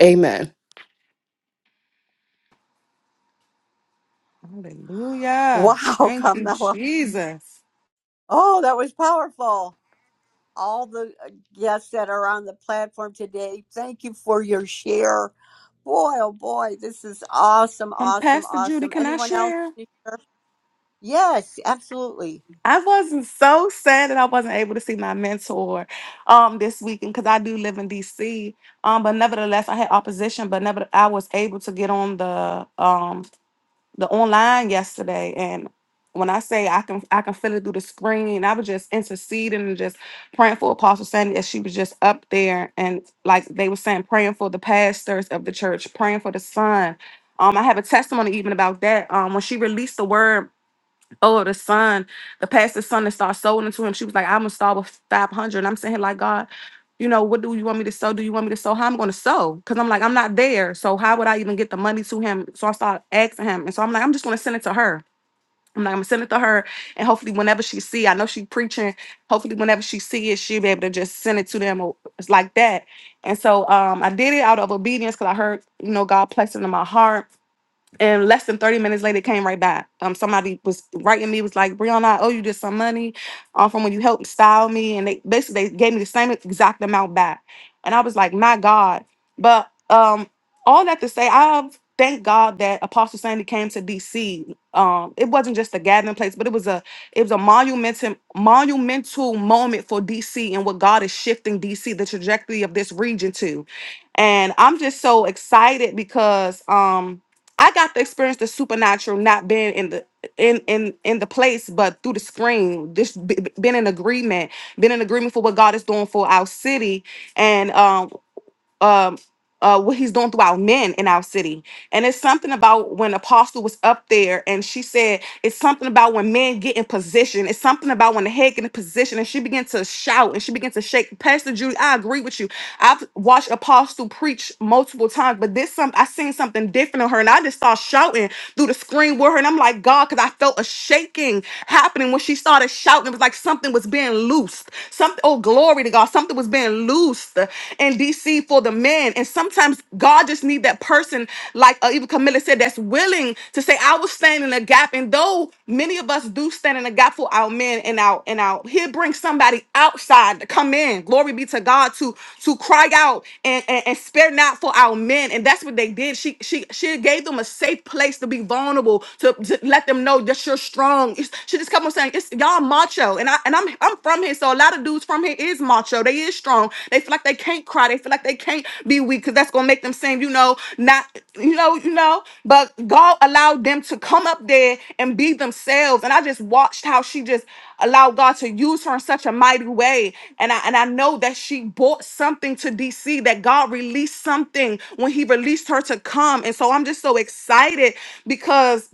Amen.
Hallelujah.
Wow,
Thank you,
Carmela.
Jesus.
Oh, that was powerful. All the uh, guests that are on the platform today, thank you for your share. Boy, oh boy, this is awesome,
Um,
awesome,
Pastor Judy,
awesome.
can I
Anyone else?
share?
Yes, absolutely.
I wasn't so sad that I wasn't able to see my mentor um this weekend because I do live in DC. Um, but nevertheless, I had opposition, but never I was able to get on the um the online yesterday and when I say I can I can feel it through the screen, I was just interceding and just praying for Apostle Sandy as she was just up there and like they were saying, praying for the pastors of the church, praying for the son. Um, I have a testimony even about that. Um, when she released the word Oh, the son, the pastor's son that started sold into him. She was like, I'm gonna start with 500. And I'm saying, like, God, you know, what do you want me to sow? Do you want me to sow? How I'm gonna sow? Because I'm like, I'm not there. So how would I even get the money to him? So I start asking him. And so I'm like, I'm just gonna send it to her. I'm like, I'm gonna send it to her. And hopefully whenever she see, I know she preaching, hopefully whenever she see it, she'll be able to just send it to them or it's like that. And so um I did it out of obedience because I heard, you know, God placed it in my heart and less than 30 minutes later, it came right back. Um, somebody was writing me, was like, Brianna, I owe you just some money um, from when you helped style me. And they basically they gave me the same exact amount back. And I was like, my God. But um, all that to say, I thank God that Apostle Sandy came to DC. Um, it wasn't just a gathering place, but it was a it was a monumental monumental moment for DC and what God is shifting DC, the trajectory of this region to. And I'm just so excited because um I got to experience the supernatural, not being in the in in in the place, but through the screen. This b- b- been in agreement, been in agreement for what God is doing for our city, and um um. Uh, what he's doing through our men in our city. And it's something about when Apostle was up there and she said, it's something about when men get in position. It's something about when the head get in position and she began to shout and she began to shake. Pastor Judy, I agree with you I've watched Apostle preach multiple times, but this some I seen something different on her, and I just started shouting through the screen with her, and I'm like, God, because I felt a shaking happening when she started shouting. It was like something was being loosed. Something, oh glory to God, something was being loosed in DC for the men. And sometimes God just need that person, like uh, even Camilla said, that's willing to say, I was standing in the gap gap. And though many of us do stand in the gap for our men and our and our he'll bring somebody outside to come in. Glory be to God to to cry out and, and, and spare not for our men. And that's what they did. She she she gave them a safe place to be vulnerable, to, to let them know that you're strong. It's- she just kept on saying, It's y'all macho. And I and I'm I'm from here. So a lot of dudes from here is macho. They is strong. They feel like they can't cry. They feel like they can't be weak because that's gonna make them seem, you know, not, you know, you know. But God allowed them to come up there and be themselves. And I just watched how she just allowed God to use her in such a mighty way. And I and I know that she bought something to DC that God released something when He released her to come. And so I'm just so excited because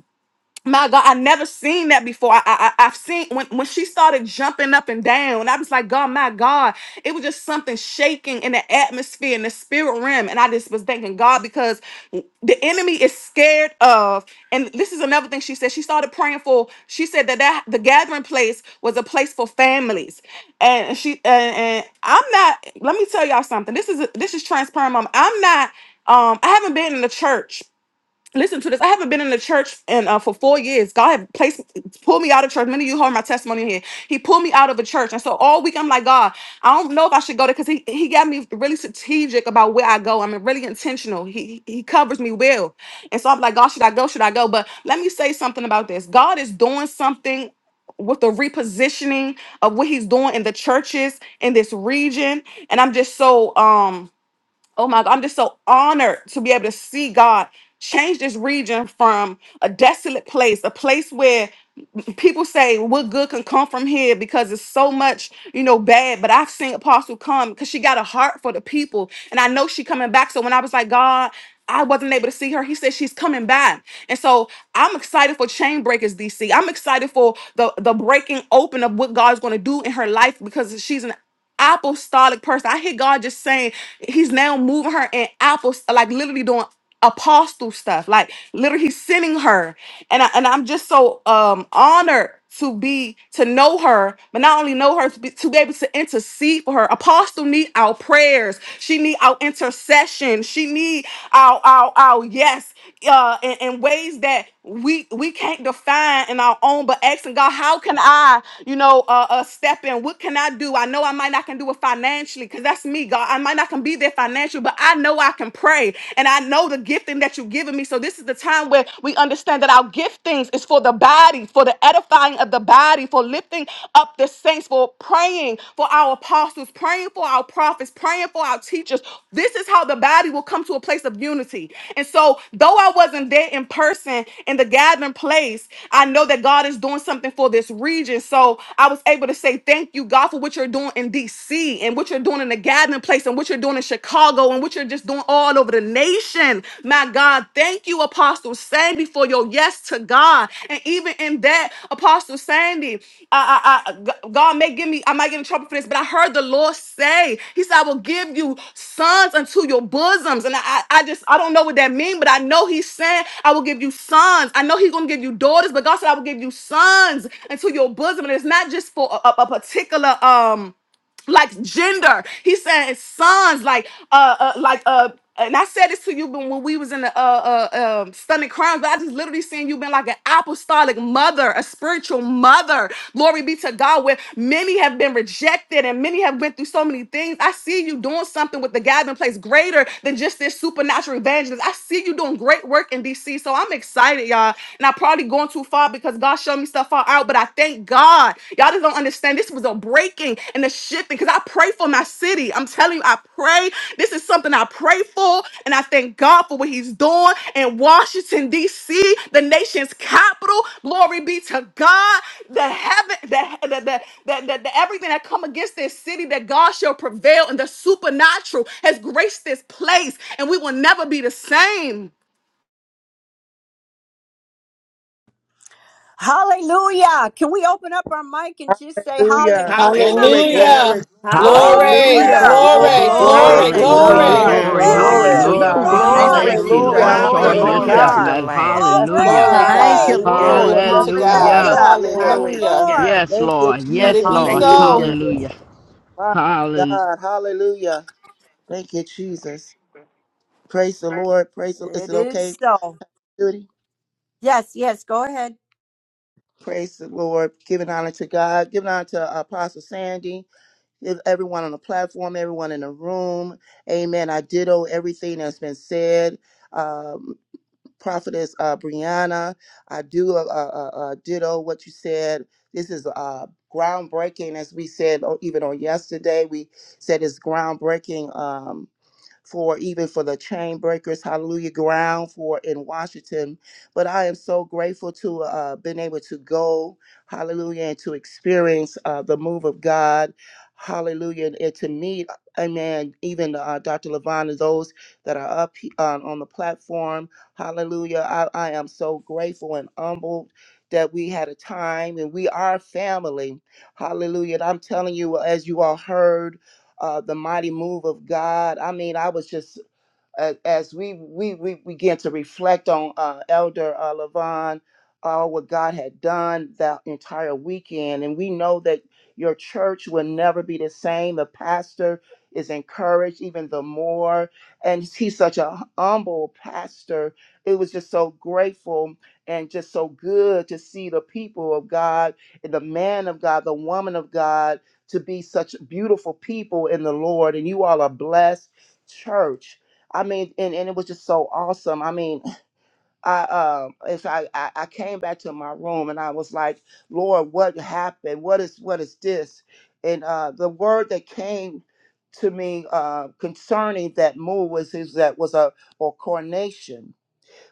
my God, I never seen that before. I, I I- I've seen when when she started jumping up and down. I was like, God, my God, it was just something shaking in the atmosphere in the spirit realm, and I just was thanking God because the enemy is scared of. And this is another thing she said. She started praying for. She said that that the gathering place was a place for families, and she and, and I'm not. Let me tell y'all something. This is this is transparent, mom. I'm not. Um, I haven't been in the church listen to this. I haven't been in the church and uh, for four years. God had placed pulled me out of church. Many of you heard my testimony here. He pulled me out of a church, and so all week I'm like, God, I don't know if I should go there because he he got me really strategic about where I go. I'm really intentional. He he he covers me well, and so I'm like, God, should I go? Should I go? But let me say something about this. God is doing something. With the repositioning of what he's doing in the churches in this region, and I'm just so um Oh my God, I'm just so honored to be able to see God change this region from a desolate place, a place where people say what good can come from here because it's so much you know bad but i've seen apostle come because she got a heart for the people and i know she coming back so when i was like god i wasn't able to see her he said she's coming back and so i'm excited for chain breakers dc i'm excited for the the breaking open of what god's going to do in her life because she's an apostolic person. I hear God just saying He's now moving her in apples, like literally doing apostle stuff. Like literally he's sending her. And I, and I'm just so um honored to be to know her, but not only know her to be, to be able to intercede for her. Apostle need our prayers. She need our intercession. She need our our our yes uh in, in ways that we we can't define in our own but asking God, how can I, you know, uh, uh step in? What can I do? I know I might might not can do it financially because that's me, God. I might not can be there financially, but I know I can pray and I know the gifting that you've given me. So this is the time where we understand that our giftings is for the body, for the edifying of the body, for lifting up the saints, for praying for our apostles, praying for our prophets, praying for our teachers. This is how the body will come to a place of unity. And so though I wasn't there in person in the gathering place, I know that God is doing something for this region. So I was able to say thank you, God, for what you're doing in DC and what you're doing in the gathering place and what you're doing in Chicago and what you're just doing all over the nation. My God, thank you, Apostle Sandy, for your yes to God. And even in that, Apostle Sandy, I, I, I, G- God may give me, I might get in trouble for this, but I heard the Lord say, He said, I will give you sons unto your bosoms. And I, I I just, I don't know what that means, but I know He's saying, I will give you sons. I know He's going to give you daughters, but God said, I will give you sons unto your bosom. And it's not just for a, a a particular, um, like gender. He said sons, like uh, uh like uh. And I said this to you when when we was in the uh, uh, um stunning crimes, but I just literally seen you been like an apostolic mother, a spiritual mother. Glory be to God, where many have been rejected and many have went through so many things. I see you doing something with the gathering place greater than just this supernatural evangelist. I see you doing great work in DC, so I'm excited, y'all. And I probably going too far because God showed me stuff all out, but I thank God. Y'all just don't understand. This was a breaking and a shifting because I pray for my city. I'm telling you, I pray. This is something I pray for, and I thank God for what He's doing in Washington, D.C., the nation's capital. Glory be to God. The heaven, the, the, the, the, the, the everything that come against this city, that God shall prevail, and the supernatural has graced this place, and we will never be the same.
Hallelujah. Can we open up our mic and just say
Hallelujah.
hallelujah?
Glory,
Hallelujah.
glory,
Hallelujah.
glory,
Glory,
Hallelujah.
Hallelujah.
Hallelujah.
glory,
Glory.
Glory
glory,
glory,
to
glory,
Hallelujah.
Glory,
glory.
God.
glory,
Glory.
Hallelujah.
glory,
Glory
glory.
to
Yes,
Hallelujah,
Ooh,
glory.
God.
Father.
Thank you,
glory,
Lord.
Thank
Jesus.
you,
glory,
Lord.
Jesus.
God.
Hallelujah.
Hallelujah,
glory
Showing
to
Glory
Hallelujah.
yourself,
to
hallelujah.
the
God.
man.
Lamb.
Bless
Hallelujah.
Glory,
God.
Thank you,
God.
Glory.
Hallelujah.
Glory
Lord.
Lord,
be
bless
to
the
Yes,
Lord,
God.
bless
Hallelujah.
the
Lord.
Hallelujah.
Yes,
Lord.
Hallelujah.
Hallelujah.
Lord.
Yes,
Thank you,
Lord.
Let it
Yes,
Jesus.
be
Thank
Lord.
Thank
you,
you,
so.
Lord.
Hallelujah.
Jesus.
Hallelujah.
My
Hallelujah.
God. Hallelujah. Thank you, Jesus. Praise the Lord. Praise. The, is
It
it okay,
is so.
Judy?
Yes, yes. Go ahead.
Praise the Lord. Giving honor to God. Giving honor to uh, Apostle Sandy. Give everyone on the platform. Everyone in the room. Amen. I ditto everything that's been said. Um, Prophetess uh, Brianna, I do uh, uh, uh, uh, ditto what you said. This is uh, groundbreaking, as we said o- even on yesterday. We said it's groundbreaking. Um, for even for the chain breakers, hallelujah, ground for in Washington. But I am so grateful to uh, been able to go, hallelujah, and to experience uh, the move of God, hallelujah, and, and to meet, uh, amen, even uh, Dr. Levon and those that are up he- uh, on the platform, hallelujah. I, I am so grateful and humbled that we had a time and we are family, hallelujah. And I'm telling you, as you all heard, uh, the mighty move of God. I mean, I was just a- as we, we we began to reflect on uh, Elder uh, Levon, all what God had done that entire weekend, and we know that your church will never be the same. The pastor is encouraged even the more, and he's such a humble pastor. It was just so grateful and just so good to see the people of God and the man of God, the woman of God, to be such beautiful people in the Lord. And you all are blessed church. I mean, and, and it was just so awesome. I mean, I um, as I, I I came back to my room and I was like, Lord, what happened? What is what is this? And uh, the word that came to me uh, concerning that move was is that was a or coronation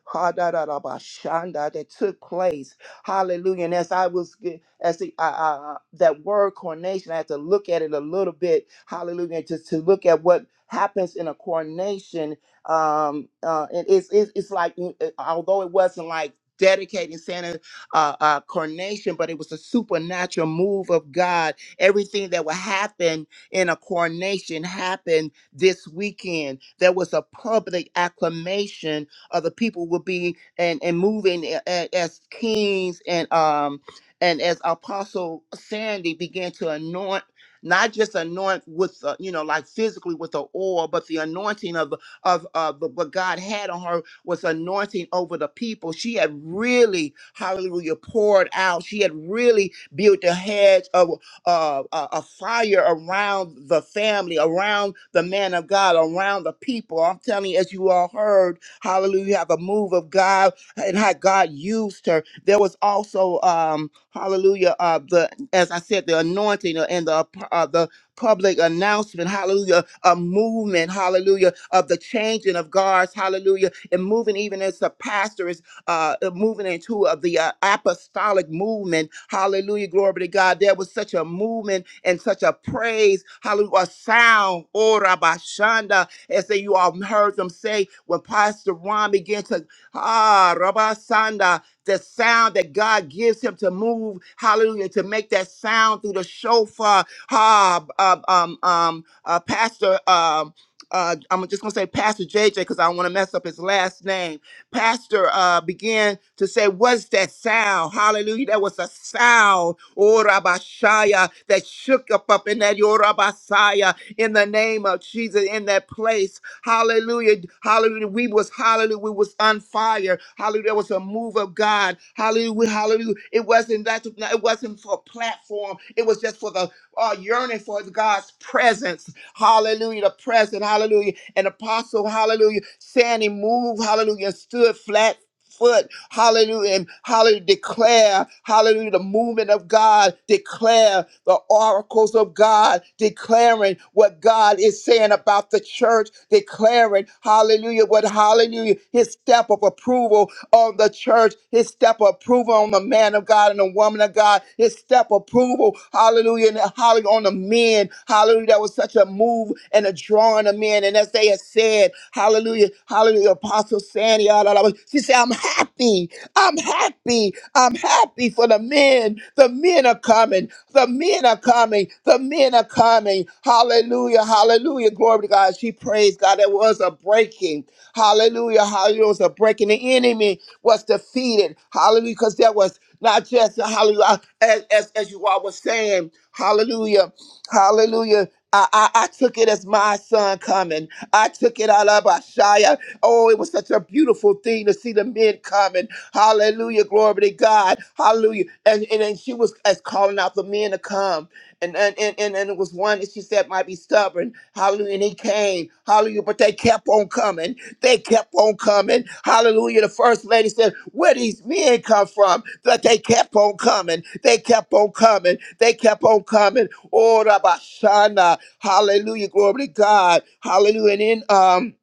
ha da da da ba shanda that took place. Hallelujah. And as I was ge- as the I, I, I- that word coronation, I had to look at it a little bit. Hallelujah. And just to look at what happens in a coronation. Um, uh, it- it's it's it's like mm, uh, although it wasn't like dedicating Santa uh, uh, coronation, but it was a supernatural move of God. Everything that would happen in a coronation happened this weekend. There was a public acclamation of the people will be and and moving a- a- as kings and um and as apostle sandy began to anoint not just anoint with uh, you know like physically with the oil but the anointing of of of the, what god had on her was anointing over the people she had really hallelujah poured out she had really built a hedge of uh, a, a fire around the family, around the man of God, around the people. I'm telling you, as you all heard, Hallelujah. Have a move of God and how God used her. There was also, um, hallelujah, uh, the as I said, the anointing and the uh, the public announcement, hallelujah, a movement, hallelujah, of the changing of guards, hallelujah, and moving even as the pastor is uh, moving into of the uh, apostolic movement, hallelujah, glory be to God. There was such a movement and such a praise, hallelujah, a sound, oh, Rabashanda, as they, you all heard them say when Pastor Ron began to, ah, Rabbi Sanda, the sound that God gives him to move, hallelujah, to make that sound through the shofar. Ah, um, um, um, uh, Pastor, um, uh, I'm just gonna say Pastor JJ because I don't want to mess up his last name. Pastor uh, began to say, "What's that sound? Hallelujah! That was a sound, oh Rabashaya, that shook up up in that your Rabashaya in the name of Jesus in that place. Hallelujah. Hallelujah. We was hallelujah. We was on fire. Hallelujah. There was a move of God. Hallelujah. Hallelujah. It wasn't that no, it wasn't for a platform. It was just for the uh, yearning for God's presence. Hallelujah. The present. Hallelujah. And apostle, hallelujah. Sandy moved, hallelujah, stood flat. foot. Hallelujah. And hallelujah. Declare, hallelujah, the movement of God. Declare the oracles of God. Declaring what God is saying about the church. Declaring, hallelujah, what hallelujah, his step of approval on the church church, his step of approval on the man of God and the woman of God, his step of approval, hallelujah, and hallelujah on the men, hallelujah. That was such a move and a drawing of men. And as they had said, hallelujah, hallelujah, Apostle Sandy, ah, la, la, la, she said, I'm happy, I'm happy, I'm happy for the men. The men are coming, the men are coming, the men are coming. Hallelujah, hallelujah, glory to God. She praised God. It was a breaking. Hallelujah. Hallelujah. It was a breaking the enemy was defeated. Hallelujah. Because there was not just hallelujah, as, as, as you all were saying, hallelujah, hallelujah. I, I, I took it as my son coming. I took it out of Ashaya. Oh, it was such a beautiful thing to see the men coming. Hallelujah. Glory to God. Hallelujah. And and, and she was as calling out the men to come. And and, and and and it was one that she said might be stubborn. Hallelujah. And he came. Hallelujah. But they kept on coming. They kept on coming. Hallelujah. The first lady said, Where these men come from? But they kept on coming. They kept on coming. They kept on coming. Oh, Rabashana. Hallelujah. Glory to God. Hallelujah. And then um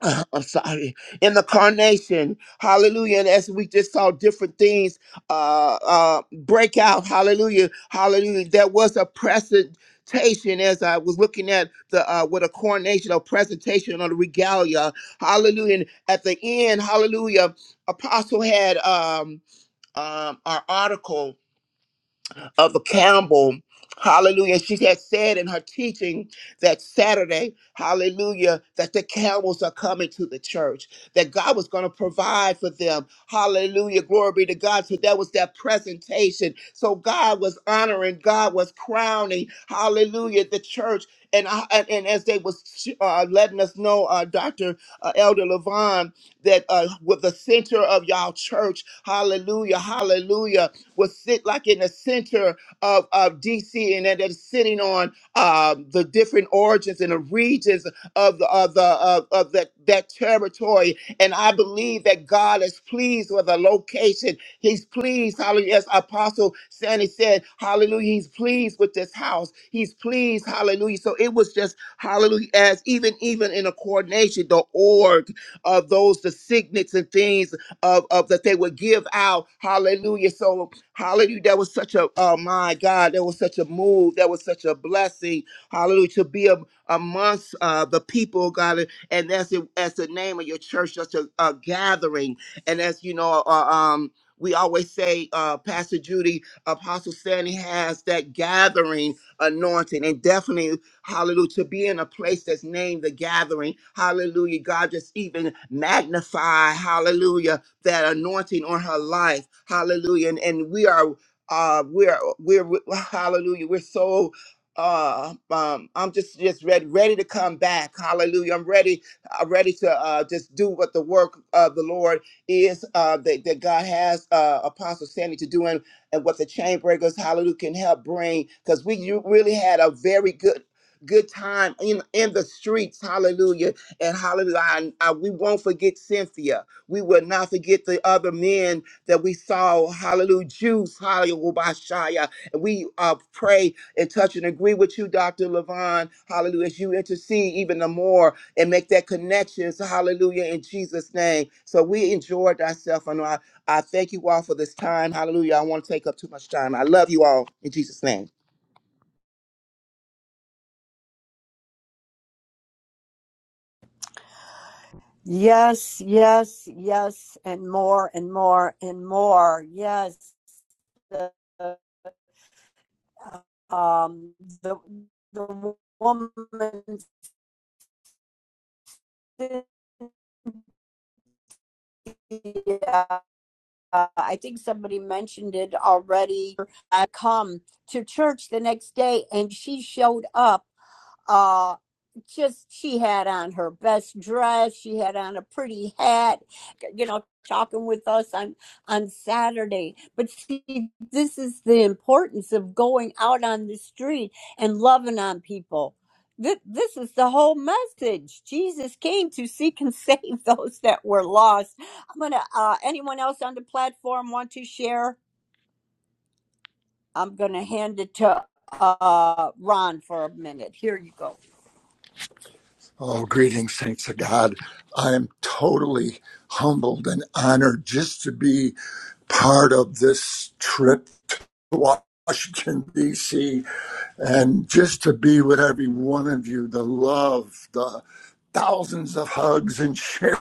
I'm sorry, in the carnation. Hallelujah. And as we just saw different things uh uh break out, hallelujah, hallelujah. There was a presentation as I was looking at the uh with a coronation or presentation on the regalia. Hallelujah. And at the end, hallelujah, apostle had um um our article of Campbell. Hallelujah. She had said in her teaching that Saturday, hallelujah, that the Campbells are coming to the church, that God was going to provide for them. Hallelujah. Glory be to God. So that was that presentation. So God was honoring, God was crowning, hallelujah, the church. And, I, and, and as they was uh, letting us know, uh, Dr. Uh, Elder Levon, that uh, with the center of y'all church, hallelujah, hallelujah, was sit like in the center of, of DC and that is sitting on um, the different origins and the regions of the of the of, of that that territory. And I believe that God is pleased with the location. He's pleased, hallelujah. As Apostle Sandy said, hallelujah, he's pleased with this house. He's pleased, hallelujah. So it was just hallelujah, as even even in a coordination, the org of those the signets and things of, of that they would give out. Hallelujah. So Hallelujah. That was such a, oh my God, that was such a move. That was such a blessing. Hallelujah. To be a, amongst uh, the people, oh God. And that's it, as the name of your church, just a, a gathering. And as you know, uh, um, we always say, uh, Pastor Judy, Apostle Sandy has that gathering anointing. And definitely, hallelujah, to be in a place that's named the gathering. Hallelujah. God just even magnify, hallelujah that anointing on her life. Hallelujah. And, and we are uh we're we're hallelujah. We're so uh um I'm just just ready ready to come back. Hallelujah. I'm ready I'm ready to uh just do what the work of the Lord is uh that, that God has uh Apostle Sandy to do and, and what the chain breakers hallelujah can help bring because we you really had a very good good time in in the streets hallelujah and hallelujah I, I, we won't forget Cynthia we will not forget the other men that we saw. Hallelujah. Jews, hallelujah. And we uh, pray and touch and agree with you, Dr. Levon. Hallelujah. As you intercede even the more and make that connection. So hallelujah. In Jesus' name. So we enjoyed ourselves. And I, I thank you all for this time. Hallelujah. I don't want to take up too much time. I love you all in Jesus' name.
Yes, yes, yes, and more and more and more. Yes, the um the the woman Cynthia, I think somebody mentioned it already. I come to church the next day, and she showed up uh just she had on her best dress she had on a pretty hat you know talking with us on on saturday but see this is the importance of going out on the street and loving on people Th- this is the whole message jesus came to seek and save those that were lost i'm gonna uh anyone else on the platform want to share i'm gonna hand it to uh ron for a minute here you go Oh, greetings, saints of God. I am totally humbled and honored just to be part of this trip to Washington, D.C and just to be with every one of you, the love, the thousands of hugs and sharing,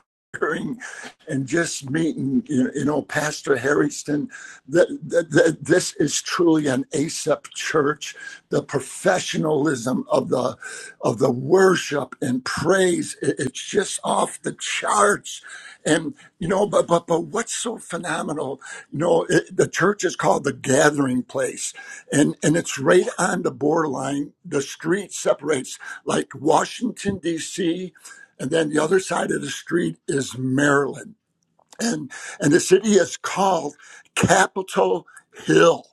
and just meeting, you you know, Pastor Harrington. That, that, that this is truly an ASAP church. The professionalism of the of the worship and praise, it- it's just off the charts. And you know, but but but what's so phenomenal? You know, it, the church is called the Gathering Place and and it's right on the borderline. The street separates like Washington D.C., and then the other side of the street is Maryland and and the city is called Capitol Hill.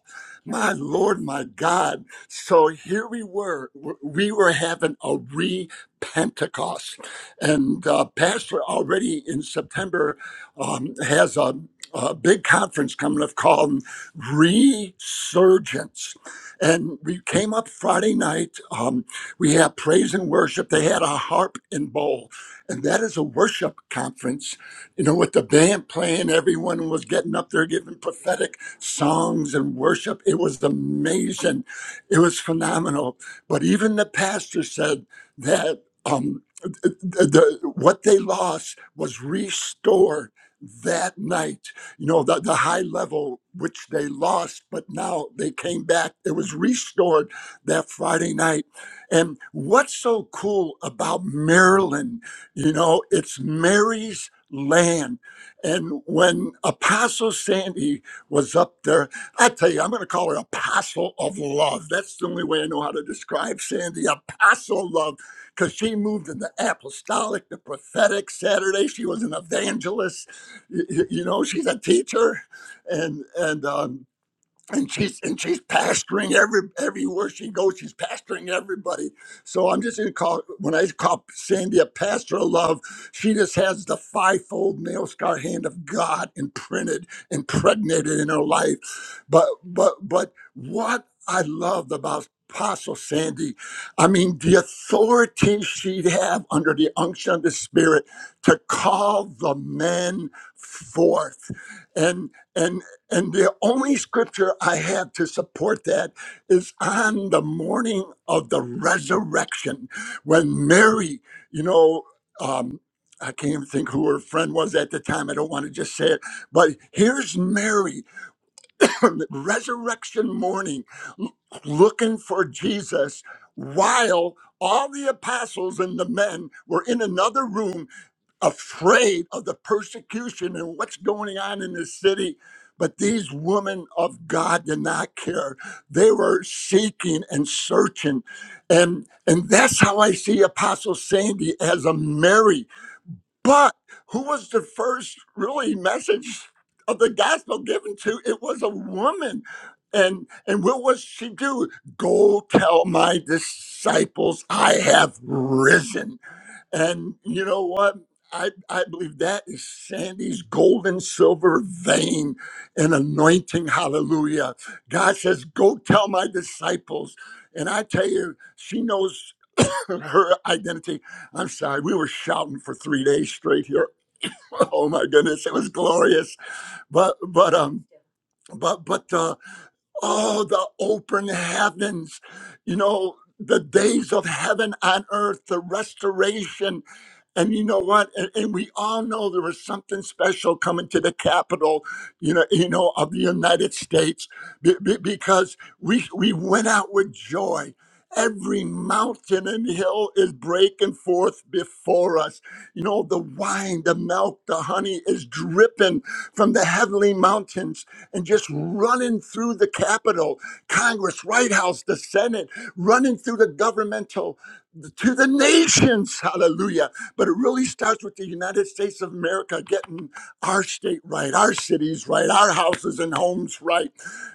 My Lord, my God. So here we were. We were having a re Pentecost. And uh, Pastor already in September um, has a, a big conference coming up called Resurgence. And we came up Friday night. Um, we had praise and worship. They had a harp and bowl. And that is a worship conference you know, with the band playing, everyone was getting up there giving prophetic songs and worship. It was amazing. It was phenomenal. But even the pastor said that um, the, the, what they lost was restored that night. You know, the, the high level which they lost, but now they came back. It was restored that Friday night. And what's so cool about Maryland? You know, it's Mary's land. And when Apostle Sandy was up there, I tell you, I'm going to call her Apostle of Love. That's the only way I know how to describe Sandy, Apostle of Love, because she moved in the apostolic, the prophetic Saturday. She was an evangelist. Y- y- You know, she's a teacher. And, and, um, and she's and she's pastoring every everywhere she goes. She's pastoring everybody. So I'm just gonna call when I call Sandy a pastor of love. She just has the fivefold nail scar hand of God imprinted, impregnated in her life. But but but what I loved about Apostle Sandy, I mean the authority she'd have under the unction of the Spirit to call the men forth, and. and. And the only scripture I have to support that is on the morning of the resurrection when Mary, you know, um, I can't even think who her friend was at the time. I don't want to just say it. But here's Mary on the resurrection morning l- looking for Jesus while all the apostles and the men were in another room afraid of the persecution and what's going on in the city. But these women of God did not care. They were seeking and searching. And, and that's how I see Apostle Sandy as a Mary. But who was the first really message of the gospel given to? It was a woman. And and what was she do? Go tell my disciples I have risen and you know what? I, I believe that is Sandy's gold and silver vein and anointing. Hallelujah. God says, Go tell my disciples. And I tell you, she knows her identity. I'm sorry, we were shouting for three days straight here. Oh my goodness, it was glorious. But but um but but uh oh the open heavens, you know, the days of heaven on earth, the restoration and you know what? And, and we all know there was something special coming to the capital, you know, you know, of the United States, be- be- because we we went out with joy. Every mountain and hill is breaking forth before us. You know, the wine, the milk, the honey is dripping from the heavenly mountains and just running through the Capitol, Congress, White House, the Senate, running through the governmental to the nations. Hallelujah but it really starts with the United States of America getting our state right, our cities right, our houses and homes right.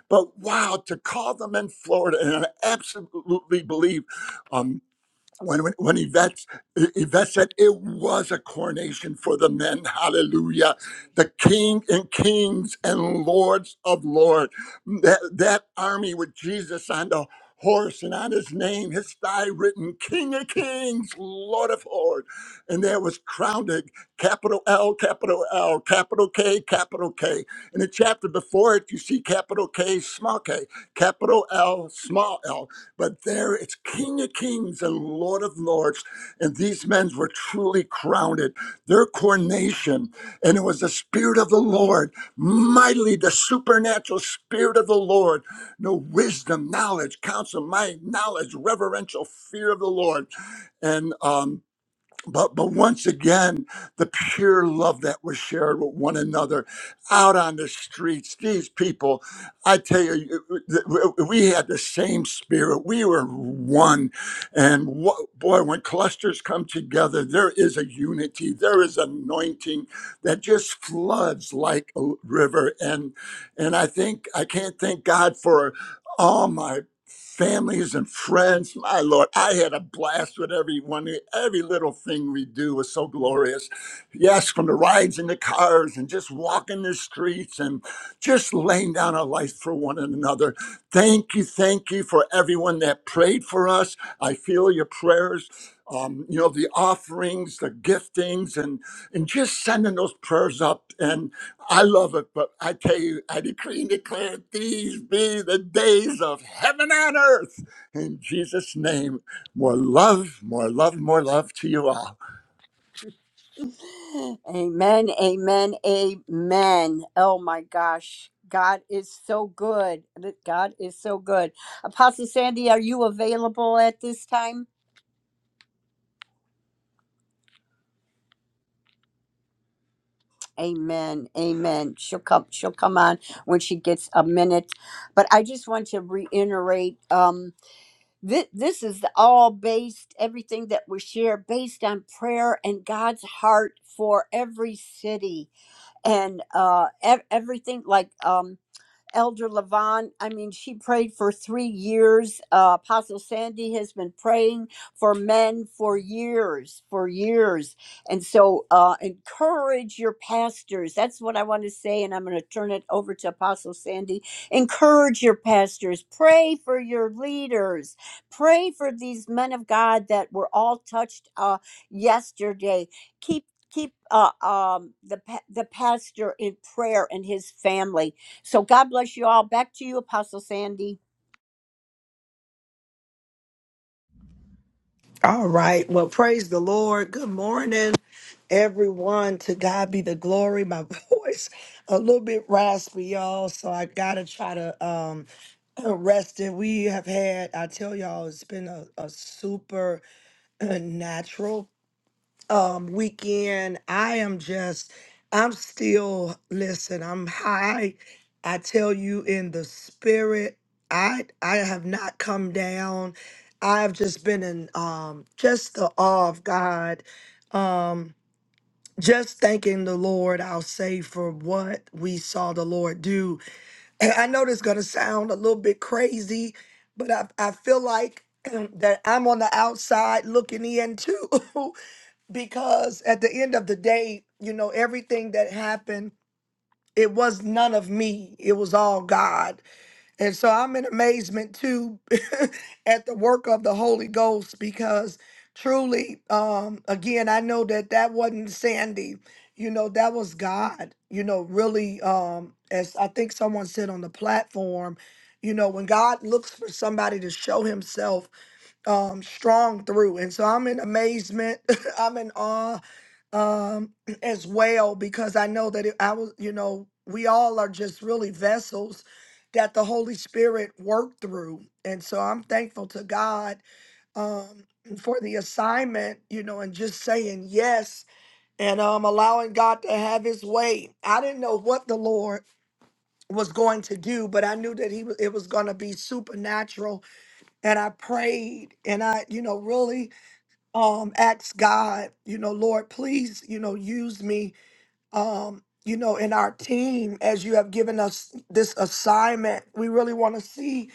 But wow, to call them in Florida, and I absolutely believe. um, when when, when Yvette Yvette said it was a coronation for the men. Hallelujah. The King and Kings and Lords of Lord. That that army with Jesus on the horse and on his name, his thigh written, King of Kings, Lord of Lords. And there was crowned a capital L, capital L, capital K, capital K. In the chapter before it, you see capital K, small K, capital L, small L. But there it's King of Kings and Lord of Lords. And these men were truly crowned. Their coronation, and it was the Spirit of the Lord, mightily the supernatural Spirit of the Lord. No wisdom, knowledge, counsel, might, knowledge, reverential fear of the Lord. And um, but but once again the pure love that was shared with one another out on the streets these people i tell you you- you- we had the same spirit we were one and wha- boy when clusters come together there is a unity there is anointing that just floods like a river and and i think i can't thank god for all my families and friends. My Lord, I had a blast with everyone. Every little thing we do was so glorious. Yes, from the rides in the cars and just walking the streets and just laying down our life for one another. Thank you, thank you for everyone that prayed for us. I feel your prayers. Um, you know the offerings, the giftings, and and just sending those prayers up. And I love it, but I tell you, I decree and declare these be the days of heaven and earth. In Jesus' name, more love, more love, more love to you all. Amen, amen, amen. Oh my gosh. God is so good. God is so good. Apostle Sandy, are you available at this time? Amen. Amen. She'll come she'll come on when she gets a minute. But I just want to reiterate um this, this is all based everything that we share based on prayer and god's heart for every city and uh ev- everything like um, Elder Levon, I mean, she prayed for three years. Uh, Apostle Sandy has been praying for men for years, for years. And so uh, encourage your pastors. That's what I want to say. And I'm going to turn it over to Apostle Sandy. Encourage your pastors. Pray for your leaders. Pray for these men of God that were all touched uh, yesterday. Keep Keep uh, um, the pa- the pastor in prayer and his family so God bless you all. Back to you, Apostle Sandy.
All right. Well, praise the Lord. Good morning, everyone. To God be the glory. My voice a little bit raspy, y'all. So I gotta try to um rest it. We have had. I tell y'all, it's been a, a super natural um weekend. I am just I'm still listen, I'm high. I tell you in the spirit. I I have not come down. I've just been in um just the awe of God. Um just thanking the Lord, I'll say, for what we saw the Lord do. And I know this is gonna sound a little bit crazy, but I, I feel like that I'm on the outside looking in too. because at the end of the day, you know, everything that happened, it was none of me. It was all God. And so I'm in amazement too at the work of the Holy Ghost because truly, um, again, I know that that wasn't Sandy. You know, that was God, you know, really, um, as I think someone said on the platform, you know, when God looks for somebody to show himself um strong through and so i'm in amazement i'm in awe um as well because i know that it, i was you know we all are just really vessels that the holy spirit worked through and so i'm thankful to god um for the assignment you know and just saying yes and um allowing god to have his way i didn't know what the lord was going to do but i knew that he wa- it was going to be supernatural and i prayed and i you know really um ask God, you know, Lord, please, you know, use me um, you know, in our team as you have given us this assignment. We really want to see,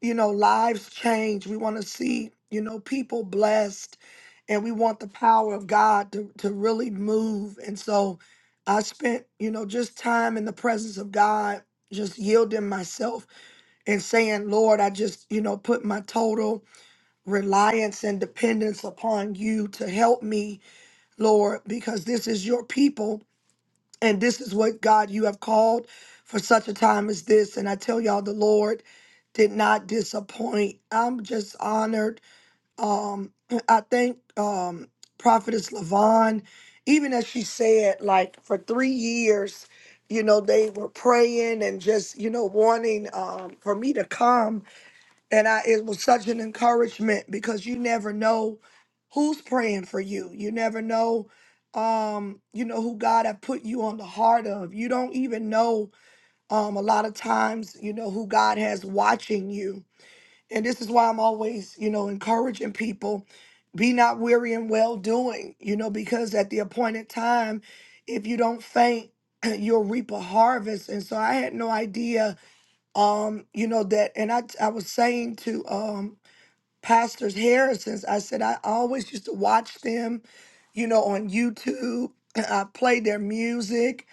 you know, lives change. We want to see, you know, people blessed and we want the power of God to to really move. And so I spent, you know, just time in the presence of God, just yielding myself and saying, Lord, I just, you know, put my total reliance and dependence upon you to help me, Lord, because this is your people and this is what God you have called for such a time as this. And I tell y'all, the Lord did not disappoint. I'm just honored. Um, I thank um, Prophetess Lavon, even as she said, like for three years, you know, they were praying and just, you know, wanting um, for me to come and I, it was such an encouragement because you never know who's praying for you. You never know, um, you know, who God have put you on the heart of. You don't even know, um, a lot of times, you know, who God has watching you. And this is why I'm always, you know, encouraging people, be not weary in well doing, you know, because at the appointed time, if you don't faint, you'll reap a harvest. And so I had no idea um you know that and i i was saying to um Pastors Harrison's. I said I always used to watch them, you know, on YouTube. I played their music,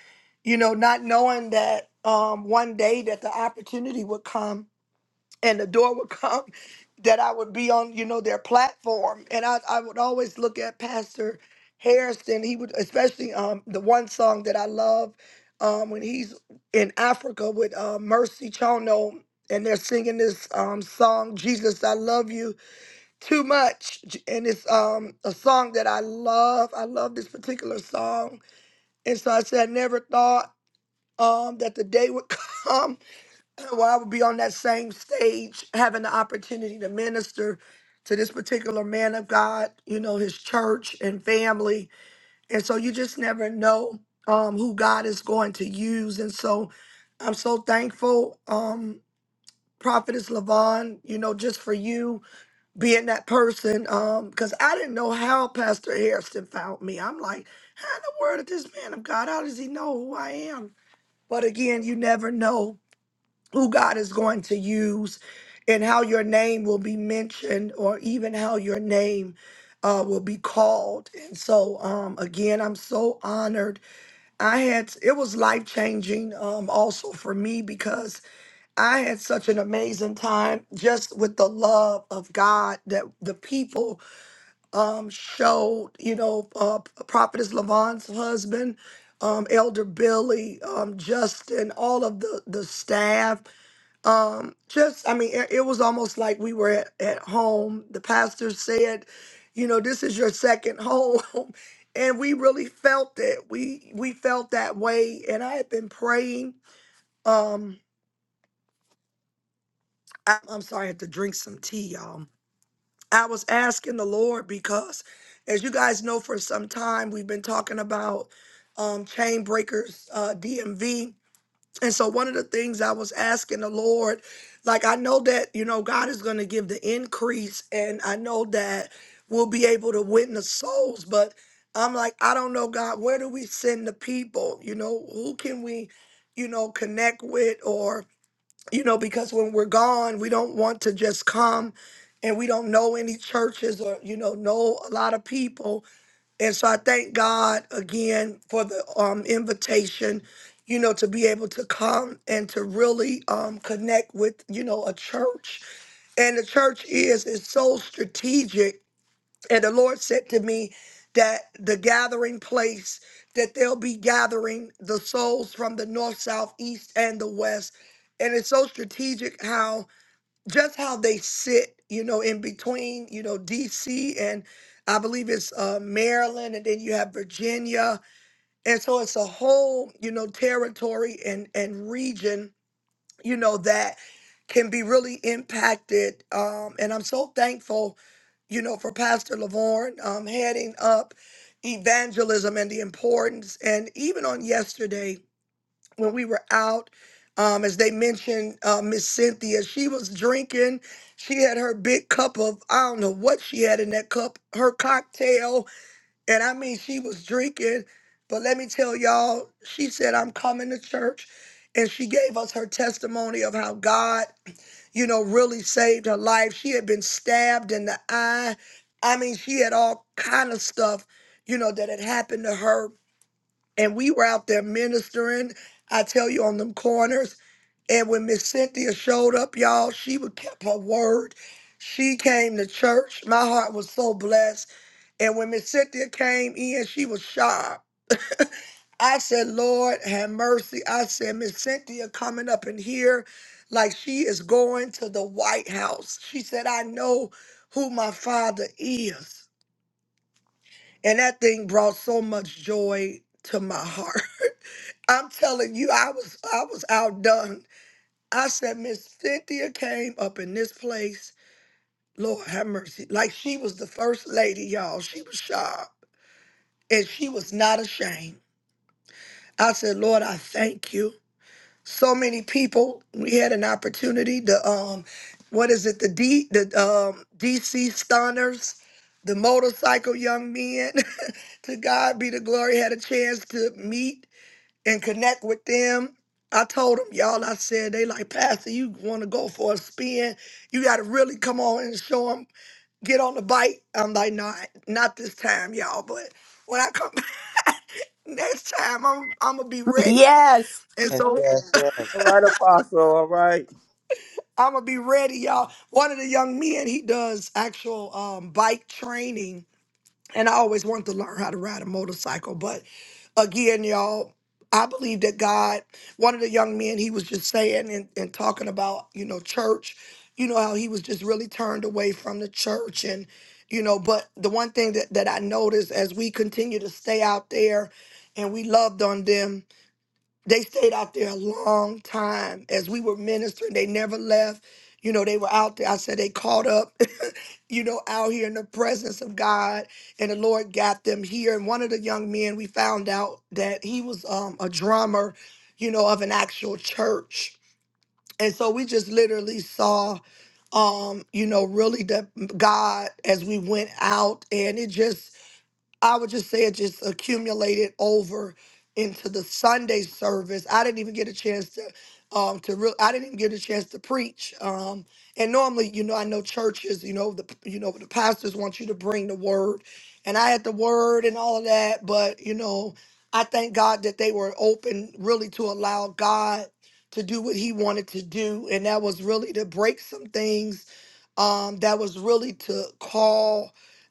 you know, not knowing that um, one day that the opportunity would come and the door would come that I would be on, you know, their platform. And I, I would always look at Pastor Harrison. He would, especially um, the one song that I love um, when he's in Africa with uh, Mercy Chono, and they're singing this um, song, Jesus, I Love You too much, and it's um a song that I love. I love this particular song, and so I said I never thought um that the day would come where I would be on that same stage, having the opportunity to minister to this particular man of God, you know, his church and family, and so you just never know um who God is going to use, and so I'm so thankful, um, Prophetess Lavon, you know, just for you being that person um because i didn't know how pastor harrison found me i'm like how in the world did this man of god how does he know who i am but again you never know who god is going to use and how your name will be mentioned or even how your name uh, will be called and so um, again i'm so honored i had it was life changing um, also for me because I had such an amazing time just with the love of God that the people um, showed, you know, uh, Prophetess Lavon's husband, um, Elder Billy, um, Justin, all of the, the staff. Um, just, I mean, it, it was almost like we were at, at home. The pastor said, you know, this is your second home. And we really felt it. We we felt that way. And I had been praying. Um, I, I'm sorry, I had to drink some tea, y'all. I was asking the Lord because, as you guys know, for some time we've been talking about um, chain breakers, uh, DMV. And so, one of the things I was asking the Lord, like, I know that, you know, God is going to give the increase, and I know that we'll be able to win the souls. But I'm like, I don't know, God, where do we send the people? You know, who can we, you know, connect with or you know, because when we're gone, we don't want to just come and we don't know any churches or, you know, know a lot of people. And so I thank God again for the um, invitation, you know, to be able to come and to really um, connect with, you know, a church. And the church is, is so strategic and the Lord said to me that the gathering place, that they'll be gathering the souls from the north, south, east, and the west. And it's so strategic how just how they sit, you know, in between, you know, DC and I believe it's uh, Maryland, and then you have Virginia, and so it's a whole, you know, territory and and region you know, that can be really impacted. Um, and I'm so thankful, you know, for Pastor Lavorne um, heading up evangelism and the importance. And even on yesterday, when we were out, um, as they mentioned, uh, Miss Cynthia, she was drinking. She had her big cup of, I don't know what she had in that cup, her cocktail and I mean, she was drinking, but let me tell y'all, she said, I'm coming to church. And she gave us her testimony of how God, you know, really saved her life. She had been stabbed in the eye. I mean, she had all kind of stuff, you know, that had happened to her. And we were out there ministering, I tell you, on them corners. And when Miss Cynthia showed up, y'all, she would kept her word. She came to church. My heart was so blessed and when Miss Cynthia came in, she was sharp. I said, Lord, have mercy. I said, Miss Cynthia coming up in here like she is going to the White House. She said, I know who my father is. And that thing brought so much joy to my heart. I'm telling you, I was I was outdone. I said, Miss Cynthia came up in this place. Lord have mercy. Like she was the first lady, y'all. She was sharp. And she was not ashamed. I said, Lord, I thank you. So many people, we had an opportunity to um what is it, the D the um DC stunners, the motorcycle young men. to God be the glory, had a chance to meet and connect with them. I told them, y'all, I said, they like, Pastor, you want to go for a spin. You got to really come on and show them, get on the bike. I'm like, not, not this time, y'all. But when I come back next time, I'm, I'm going to be ready.
Yes.
And
Yes,
so
yes, yes. All right, Apostle. All right.
I'm gonna be ready, y'all. One of the young men, he does actual um, bike training, and I always wanted to learn how to ride a motorcycle. But again, y'all, I believe that God. One of the young men, he was just saying and, and talking about, you know, church. You know how he was just really turned away from the church, and you know. But the one thing that that I noticed as we continue to stay out there, and we loved on them they stayed out there a long time as we were ministering. They never left. You know, they were out there. I said they caught up, you know, out here in the presence of God, and the Lord got them here. And one of the young men, we found out that he was um, a drummer, you know, of an actual church. And so we just literally saw, um, you know, really the God as we went out, and it just I would just say it just accumulated over into the Sunday service. I didn't even get a chance to um to real I didn't even get a chance to preach. Um and normally, you know, I know churches, you know, the you know, the pastors want you to bring the word. And I had the word and all of that, but you know, I thank God that they were open really to allow God to do what he wanted to do and that was really to break some things um that was really to call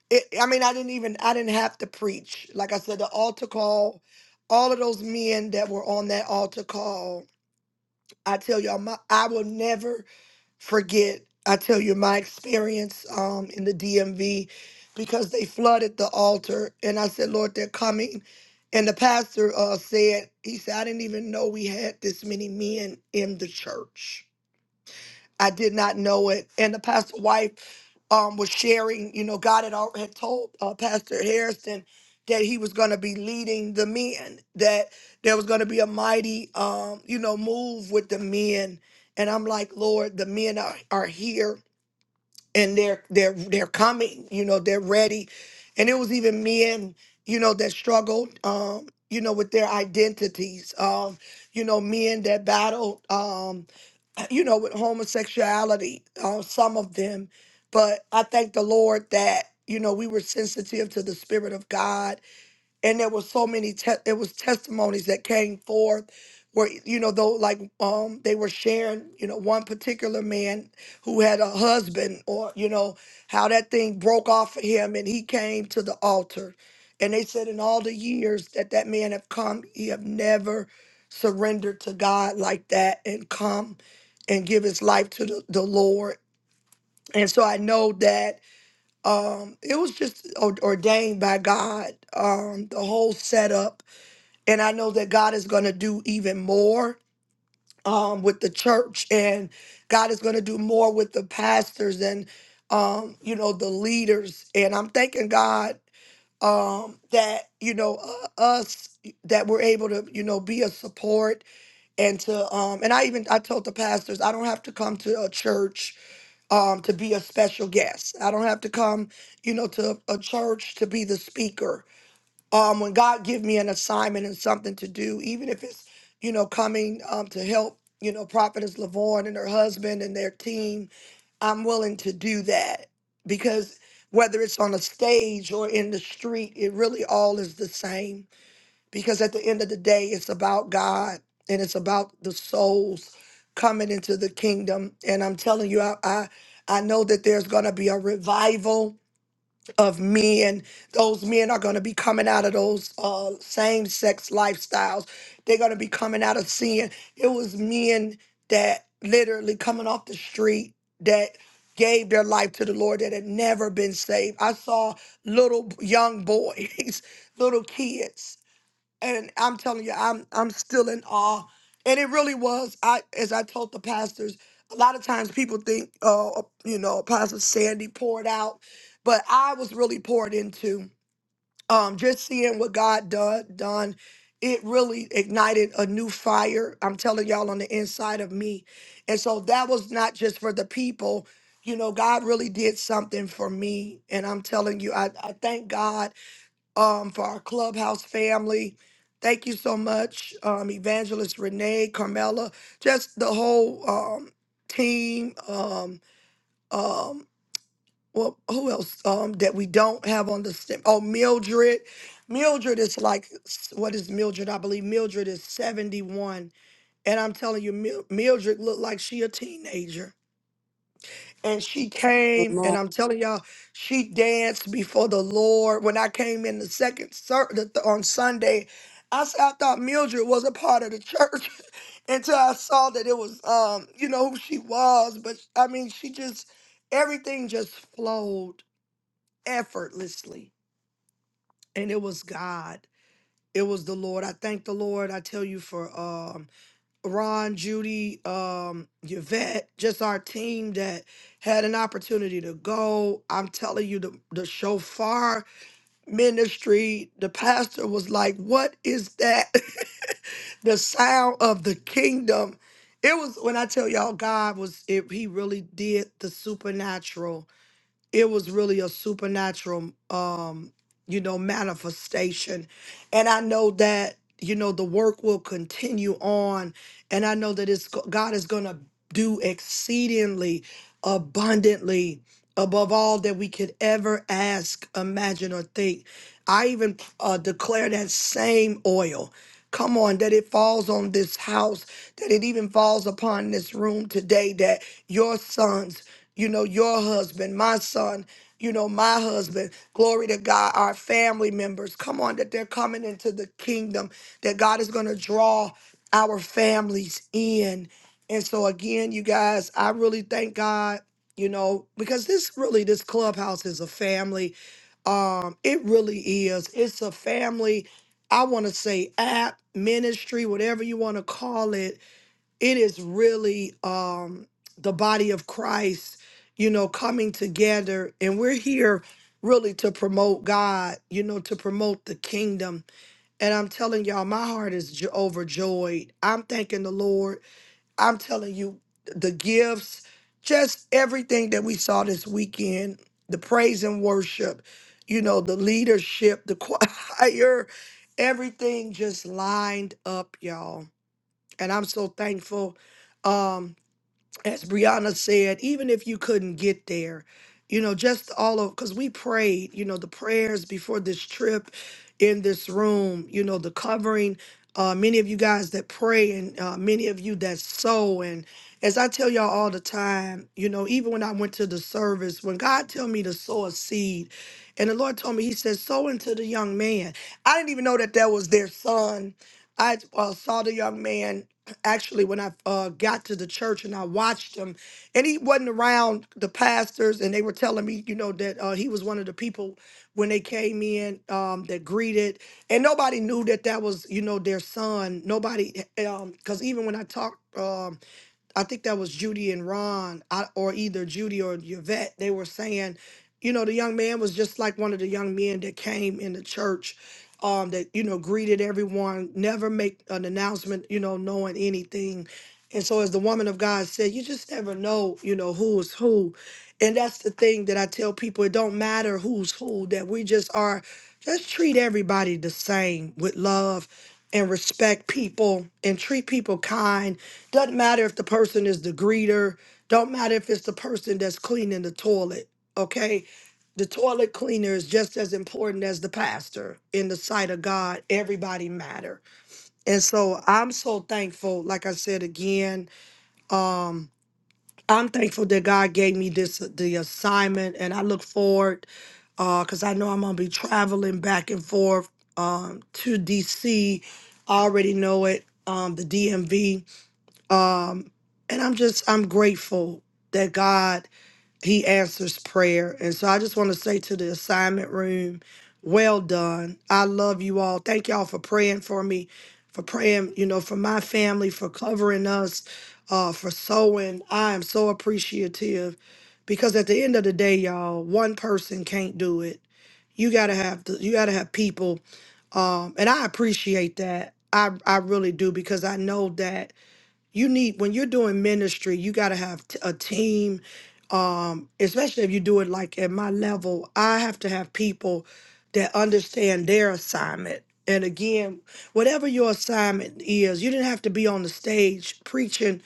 it, I mean, I didn't even, I didn't have to preach. Like I said, the altar call, all of those men that were on that altar call, I tell y'all, my, I will never forget. I tell you my experience um, in the DMV because they flooded the altar, and I said, Lord, they're coming. And the pastor uh, said, he said, I didn't even know we had this many men in the church. I did not know it. And the pastor's wife um, was sharing, you know, God had, al- had told uh, Pastor Harrison that he was going to be leading the men, that there was going to be a mighty, um, you know, move with the men. And I'm like, Lord, the men are, are here and they're they're they're coming you know they're ready and it was even men you know that struggled um you know with their identities um you know men that battled um you know with homosexuality uh, some of them but i thank the lord that you know we were sensitive to the spirit of god and there were so many te- it was testimonies that came forth where you know though like um they were sharing you know one particular man who had a husband or you know how that thing broke off of him and he came to the altar and they said in all the years that that man have come he have never surrendered to god like that and come and give his life to the, the lord and so i know that um it was just o- ordained by god um the whole setup and i know that god is going to do even more um with the church and god is going to do more with the pastors and um you know the leaders and i'm thanking god um that you know uh, us that we're able to you know be a support and to um and i even i told the pastors i don't have to come to a church um, to be a special guest. I don't have to come, you know, to a church to be the speaker. Um, when God give me an assignment and something to do, even if it's, you know, coming um, to help, you know, Prophetess Lavorne and her husband and their team, I'm willing to do that because whether it's on a stage or in the street, it really all is the same because at the end of the day, it's about God and it's about the souls coming into the kingdom. And I'm telling you, I I, I know that there's gonna be a revival of men. Those men are gonna be coming out of those uh, same sex lifestyles. They're gonna be coming out of sin. It was men that literally coming off the street that gave their life to the Lord that had never been saved. I saw little young boys, little kids and I'm telling you, I'm I'm still in awe. And it really was. I as I told the pastors, a lot of times people think, oh, uh, you know, Pastor Sandy poured out, but I was really poured into. Um, just seeing what God done done, it really ignited a new fire. I'm telling y'all on the inside of me, and so that was not just for the people. You know, God really did something for me, and I'm telling you, I, I thank God um, for our clubhouse family. Thank you so much, um, Evangelist Renee, Carmela, just the whole um, team. Um, um, well, who else um, that we don't have on the stem? Oh, Mildred. Mildred is like, what is Mildred? I believe Mildred is 71. And I'm telling you, Mil- Mildred looked like she a teenager and she came
Amen.
and i'm telling y'all she danced before the lord when i came in the second ser- the, th- on sunday i said i thought mildred was a part of the church until i saw that it was um you know who she was but i mean she just everything just flowed effortlessly and it was god it was the lord i thank the lord i tell you for um Ron, Judy, um, Yvette, just our team that had an opportunity to go. I'm telling you, the, the shofar ministry, the pastor was like, What is that? the sound of the kingdom. It was when I tell y'all, God was, it, He really did the supernatural it was really a supernatural um you know manifestation and i know that you know the work will continue on and i know that it's go- god is going to do exceedingly abundantly above all that we could ever ask imagine or think i even uh, declare that same oil Come on, that it falls on this house, that it even falls upon this room today, that your sons, you know, your husband, my son, you know, my husband, glory to God, our family members, come on, that they're coming into the kingdom, that God is going to draw our families in. And so, again, you guys, I really thank God, you know, because this really, this clubhouse is a family. Um, it really is. It's a family I want to say app, ministry, whatever you want to call it, it is really um, the body of Christ, you know, coming together. And we're here really to promote God, you know, to promote the kingdom. And I'm telling y'all, my heart is jo- overjoyed. I'm thanking the Lord I'm telling you, the gifts, just everything that we saw this weekend, the praise and worship, you know, the leadership, the choir, everything just lined up, y'all. And I'm so thankful. Um, as Brianna said, even if you couldn't get there, you know, just all of because we prayed, you know, the prayers before this trip in this room, you know, the covering. Uh, many of you guys that pray and uh, many of you that sow and as I tell y'all all the time, you know, even when I went to the service, when God tell me to sow a seed, and the Lord told me, He said, sow into the young man. I didn't even know that that was their son. I uh, saw the young man actually when I uh, got to the church and I watched him, and he wasn't around the pastors, and they were telling me, you know, that uh, he was one of the people when they came in um, that greeted, and nobody knew that that was, you know, their son. Nobody, because even when I talked. Um, I think that was Judy and Ron, I, or either Judy or Yvette. They were saying, you know, the young man was just like one of the young men that came in the church, um, that you know greeted everyone, never make an announcement, you know, knowing anything. And so, as the woman of God said, you just never know, you know, who is who. And that's the thing that I tell people it don't matter who's who, that we just are, just treat everybody the same with love and respect people and treat people kind. Doesn't matter if the person is the greeter, don't matter if it's the person that's cleaning the toilet, okay? The toilet cleaner is just as important as the pastor in the sight of God. Everybody matter. And so I'm so thankful, like I said again. um, I'm thankful that God gave me this the assignment, and I look forward because I know I'm gonna be traveling back and forth um, to DC. already know it, um, the DMV, um, and I'm just I'm grateful that God he answers prayer. And so I just want to say to the assignment room, well done. I love you all. Thank y'all for praying for me, for praying, you know, for my family, for covering us, uh, for sowing. I am so appreciative because at the end of the day, y'all, one person can't do it. You gotta have the, you gotta have people, um, and I appreciate that. I I really do because I know that you need when you're doing ministry you got to have t- a team um especially if you do it like at my level i have to have people that understand their assignment and again whatever your assignment is you didn't have to be on the stage preaching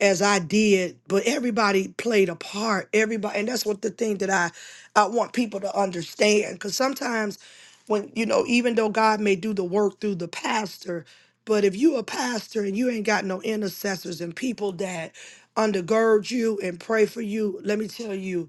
as i did but everybody played a part everybody and that's what the thing that i i want people to understand because sometimes when you know even though god may do the work through the pastor but if you a pastor and you ain't got no intercessors and people that undergird you and pray for you, let me tell you,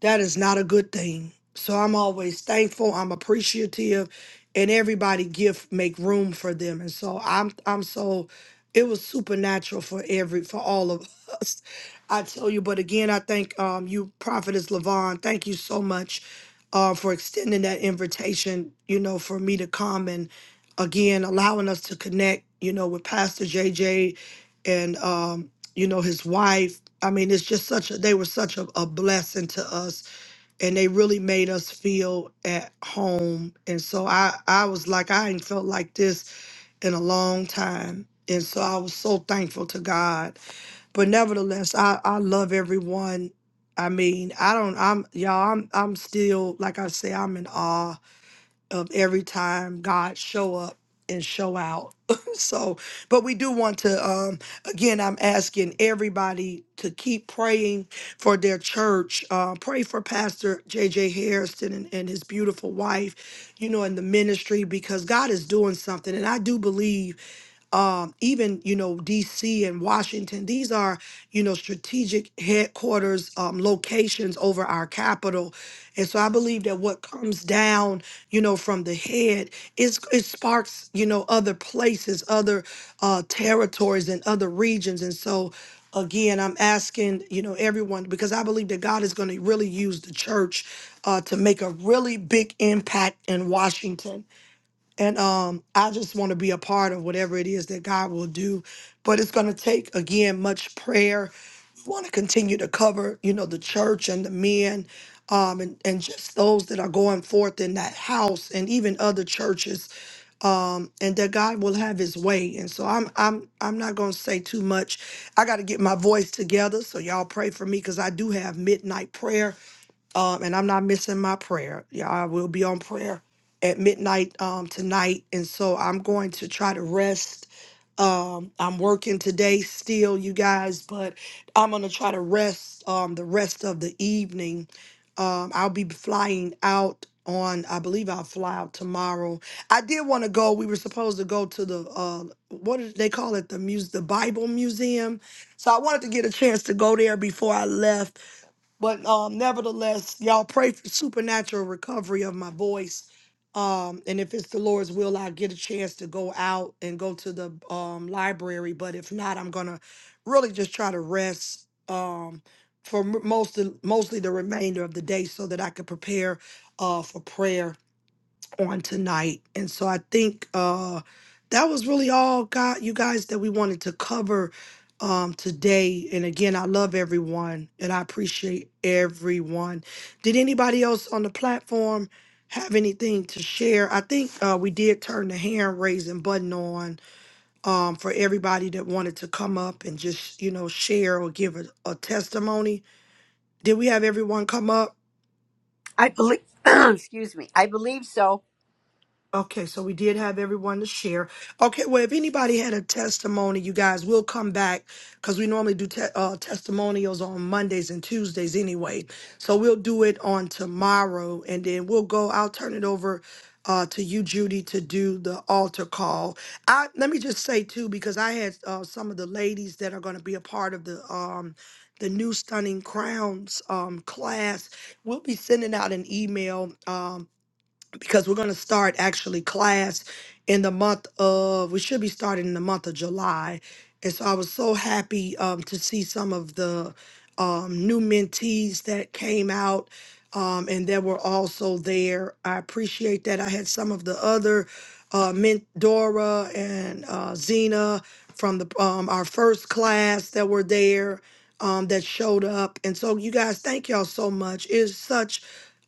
that is not a good thing. So I'm always thankful. I'm appreciative, and everybody give make room for them. And so I'm I'm so it was supernatural for every for all of us. I tell you. But again, I thank um you, Prophetess Levon. Thank you so much uh, for extending that invitation. You know, for me to come and again allowing us to connect. You know, with Pastor JJ and um you know his wife i mean it's just such a they were such a, a blessing to us and they really made us feel at home and so i i was like i ain't felt like this in a long time and so i was so thankful to god but nevertheless i i love everyone i mean i don't i'm y'all i'm i'm still like i say i'm in awe of every time God show up and show out. so, but we do want to um again I'm asking everybody to keep praying for their church. Uh pray for Pastor J J. Harrison and, and his beautiful wife, you know, in the ministry because God is doing something and I do believe um, even you know DC and Washington. These are you know strategic headquarters um, locations over our capital, and so I believe that what comes down you know from the head is it sparks you know other places, other uh, territories, and other regions, and so. Again, I'm asking, you know, everyone because I believe that God is going to really use the church uh, to make a really big impact in Washington and um, I just want to be a part of whatever it is that God will do. But it's going to take, again, much prayer. We want to continue to cover, you know, the church and the men um, and, and just those that are going forth in that house and even other churches. Um, and that God will have his way. And so I'm I'm I'm not gonna say too much. I gotta get my voice together. So y'all pray for me because I do have midnight prayer um, and I'm not missing my prayer. Yeah, I will be on prayer at midnight um, tonight. And so I'm going to try to rest. Um, I'm working today still, you guys, but I'm going to try to rest um, the rest of the evening. Um, I'll be flying out on, I believe I'll fly out tomorrow. I did want to go. We were supposed to go to the, uh, what did they call it? The muse, the Bible Museum. So I wanted to get a chance to go there before I left but um, nevertheless, y'all pray for supernatural recovery of my voice. Um, and if it's the Lord's will, I'll get a chance to go out and go to the um, library. But if not, I'm gonna really just try to rest um, for m- most of, mostly the remainder of the day so that I can prepare uh, for prayer on tonight. And so I think uh that was really all God you guys that we wanted to cover um today. And again, I love everyone and I appreciate everyone. Did anybody else on the platform have anything to share? I think uh we did turn the hand raising button on um for everybody that wanted to come up and just, you know, share or give a, a testimony. Did we have everyone come up?
I believe, excuse me, I believe so.
Okay, so we did have everyone to share. Okay, well, if anybody had a testimony, you guys will come back because we normally do te- uh, testimonials on Mondays and Tuesdays anyway. So we'll do it on tomorrow and then we'll go. I'll turn it over uh, to you, Judy, to do the altar call. I Let me just say, too, because I had uh, some of the ladies that are going to be a part of the. Um, the new stunning crowns um, class we'll be sending out an email Um, because we're going to start actually class in the month of we should be starting in the month of july and so i was so happy um, to see some of the um, new mentees that came out um, and that were also there i appreciate that i had some of the other uh, mint dora and uh, zena from the um, our first class that were there um, that showed up and so you guys thank y'all so much it's such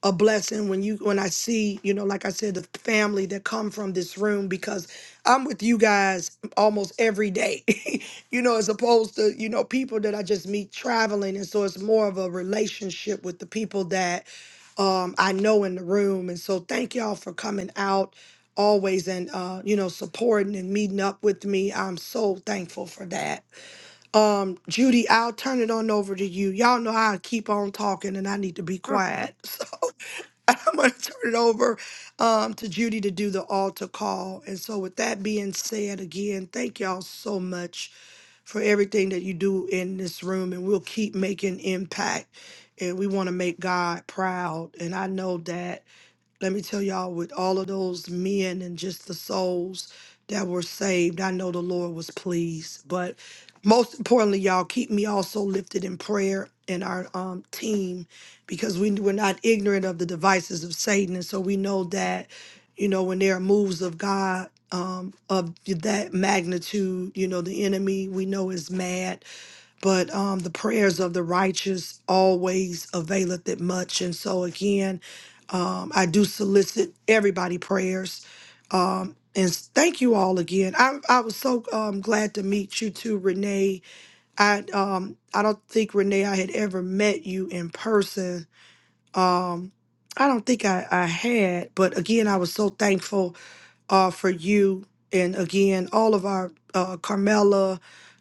a blessing when you when I see, you know, like I said, the family that come from this room because I'm with you guys almost every day. you know, as opposed to, you know, people that I just meet traveling. And so it's more of a relationship with the people that um I know in the room. And so thank y'all for coming out always and uh, you know, supporting and meeting up with me. I'm so thankful for that. Um, Judy, I'll turn it on over to you. Y'all know I keep on talking and I need to be quiet. I'm going to turn it over um, to Judy to do the altar call. And so, with that being said, again, thank y'all so much for everything that you do in this room. And we'll keep making impact. And we want to make God proud. And I know that let me tell y'all, with all of those men and just the souls that were saved, I know the Lord was pleased. But most importantly, y'all, keep me also lifted in prayer and our um, team because we, we're not ignorant of the devices of Satan. And so we know that, you know, when there are moves of God um, of that magnitude, you know, the enemy we know is mad but um, the prayers of the righteous always availeth it much. And so again, um, I do solicit everybody prayers. Um, and s- thank you all again. I, I was so um, glad to meet you too, Renee. I um, I don't think Renee I had ever met you in person. Um, I don't think I, I had, but again, I was so thankful uh, for you. And again, all of our uh, Carmela,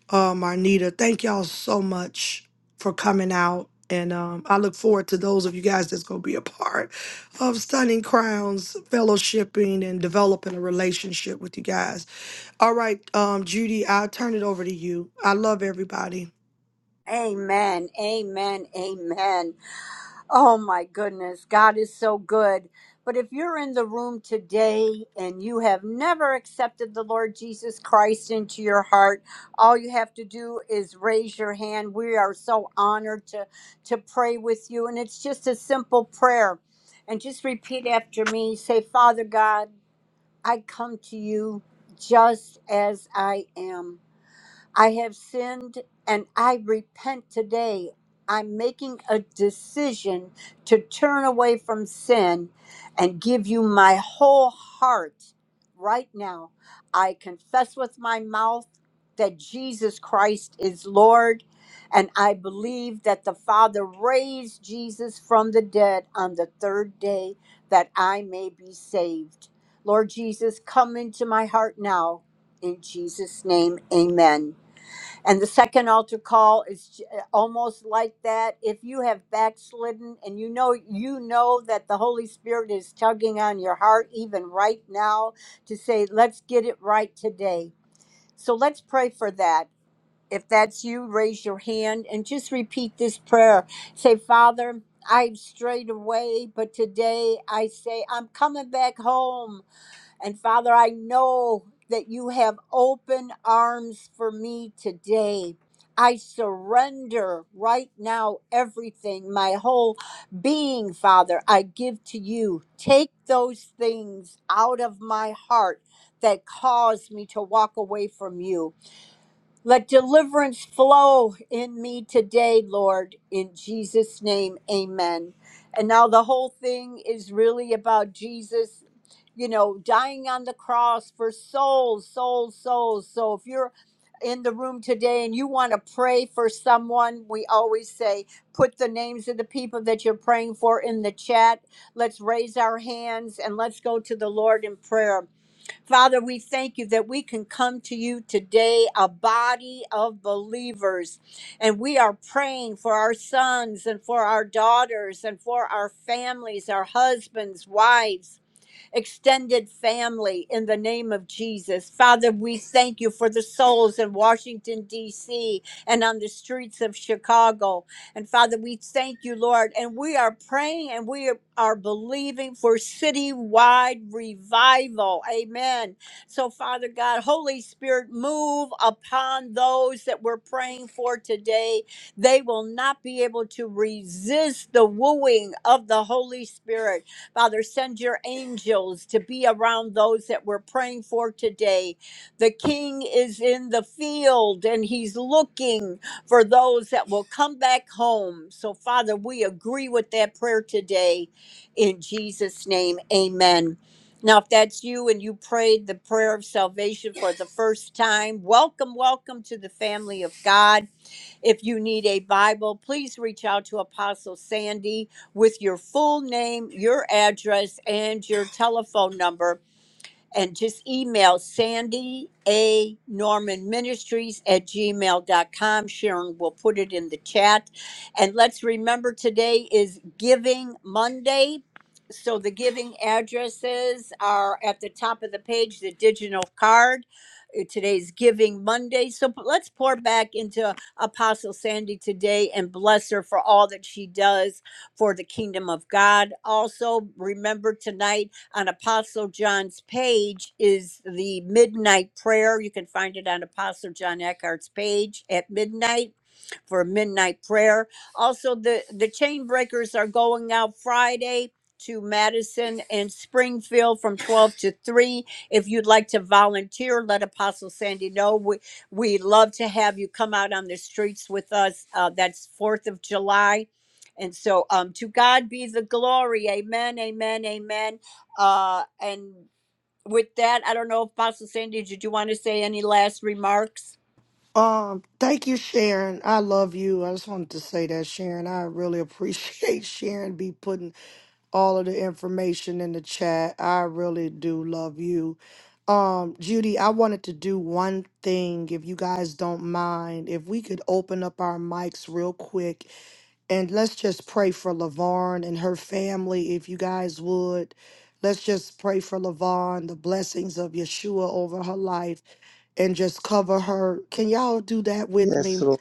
uh, Marnita, thank y'all so much for coming out. And um, I look forward to those of you guys that's going to be a part of Stunning Crowns, fellowshipping, and developing a relationship with you guys. All right, um, Judy, I'll turn it over to you. I love everybody.
Amen. Amen. Amen. Oh my goodness. God is so good. But if you're in the room today and you have never accepted the Lord Jesus Christ into your heart, all you have to do is raise your hand. We are so honored to to pray with you and it's just a simple prayer. And just repeat after me. Say, "Father God, I come to you just as I am. I have sinned and I repent today. I'm making a decision to turn away from sin and give you my whole heart right now. I confess with my mouth that Jesus Christ is Lord, and I believe that the Father raised Jesus from the dead on the third day that I may be saved. Lord Jesus, come into my heart now. In Jesus' name, amen. And the second altar call is j- uh, almost like that. If you have backslidden and you know you know that the Holy Spirit is tugging on your heart even right now to say, "Let's get it right today." So let's pray for that. If that's you, raise your hand and just repeat this prayer. Say, "Father, I've strayed away, but today I say I'm coming back home. And Father, I know that you have open arms for me today. I surrender right now everything, my whole being, Father, I give to you. Take those things out of my heart that cause me to walk away from you. Let deliverance flow in me today, Lord, in Jesus' name, amen. And now the whole thing is really about Jesus, you know, dying on the cross for souls, souls, souls. So if you're in the room today and you want to pray for someone, we always say, put the names of the people that you're praying for in the chat. Let's raise our hands and let's go to the Lord in prayer. Father, we thank you that we can come to you today, a body of believers, and we are praying for our sons and for our daughters and for our families, our husbands, wives extended family in the name of Jesus. Father, we thank you for the souls in Washington, D.C. and on the streets of Chicago. And Father, we thank you, Lord. And we are praying and we are are believing for citywide revival. Amen. So, Father God, Holy Spirit, move upon those that we're praying for today they will not be able to resist the wooing of the Holy Spirit. Father, send your angels to be around those that we're praying for today. The king is in the field and he's looking for those that will come back home. So, Father, we agree with that prayer today. In Jesus' name, amen. Now, if that's you and you prayed the prayer of salvation for the first time, welcome, welcome to the family of God. If you need a Bible, please reach out to Apostle Sandy with your full name, your address, and your telephone number and just email Sandy A. Norman Ministries at gmail dot com. Sharon will put it in the chat. And let's remember today is Giving Monday. So the giving addresses are at the top of the page, the digital card. Uh, Today's Giving Monday. So p- let's pour back into Apostle Sandy today and bless her for all that she does for the kingdom of God. Also, remember tonight on Apostle John's page is the midnight prayer. You can find it on Apostle John Eckhart's page at midnight for midnight prayer. Also, the the chain breakers are going out Friday to Madison and Springfield from 12 to 3. If you'd like to volunteer, let Apostle Sandy know. We we love to have you come out on the streets with us. Uh, that's 4th of July. And so um to God be the glory. Amen. Amen. Amen. Uh and with that, I don't know if Apostle Sandy, did you want to say any last remarks?
Um, thank you, Sharon. I love you. I just wanted to say that, Sharon. I really appreciate Sharon be putting all of the information in the chat. I really do love you. Um, Judy, I wanted to do one thing, if you guys don't mind, if we could open up our mics real quick and let's just pray for LaVarn and her family, if you guys would. Let's just pray for LaVarn, the blessings of Yeshua over her life, and just cover her. Can y'all do that with
Yes,
me?
Lord.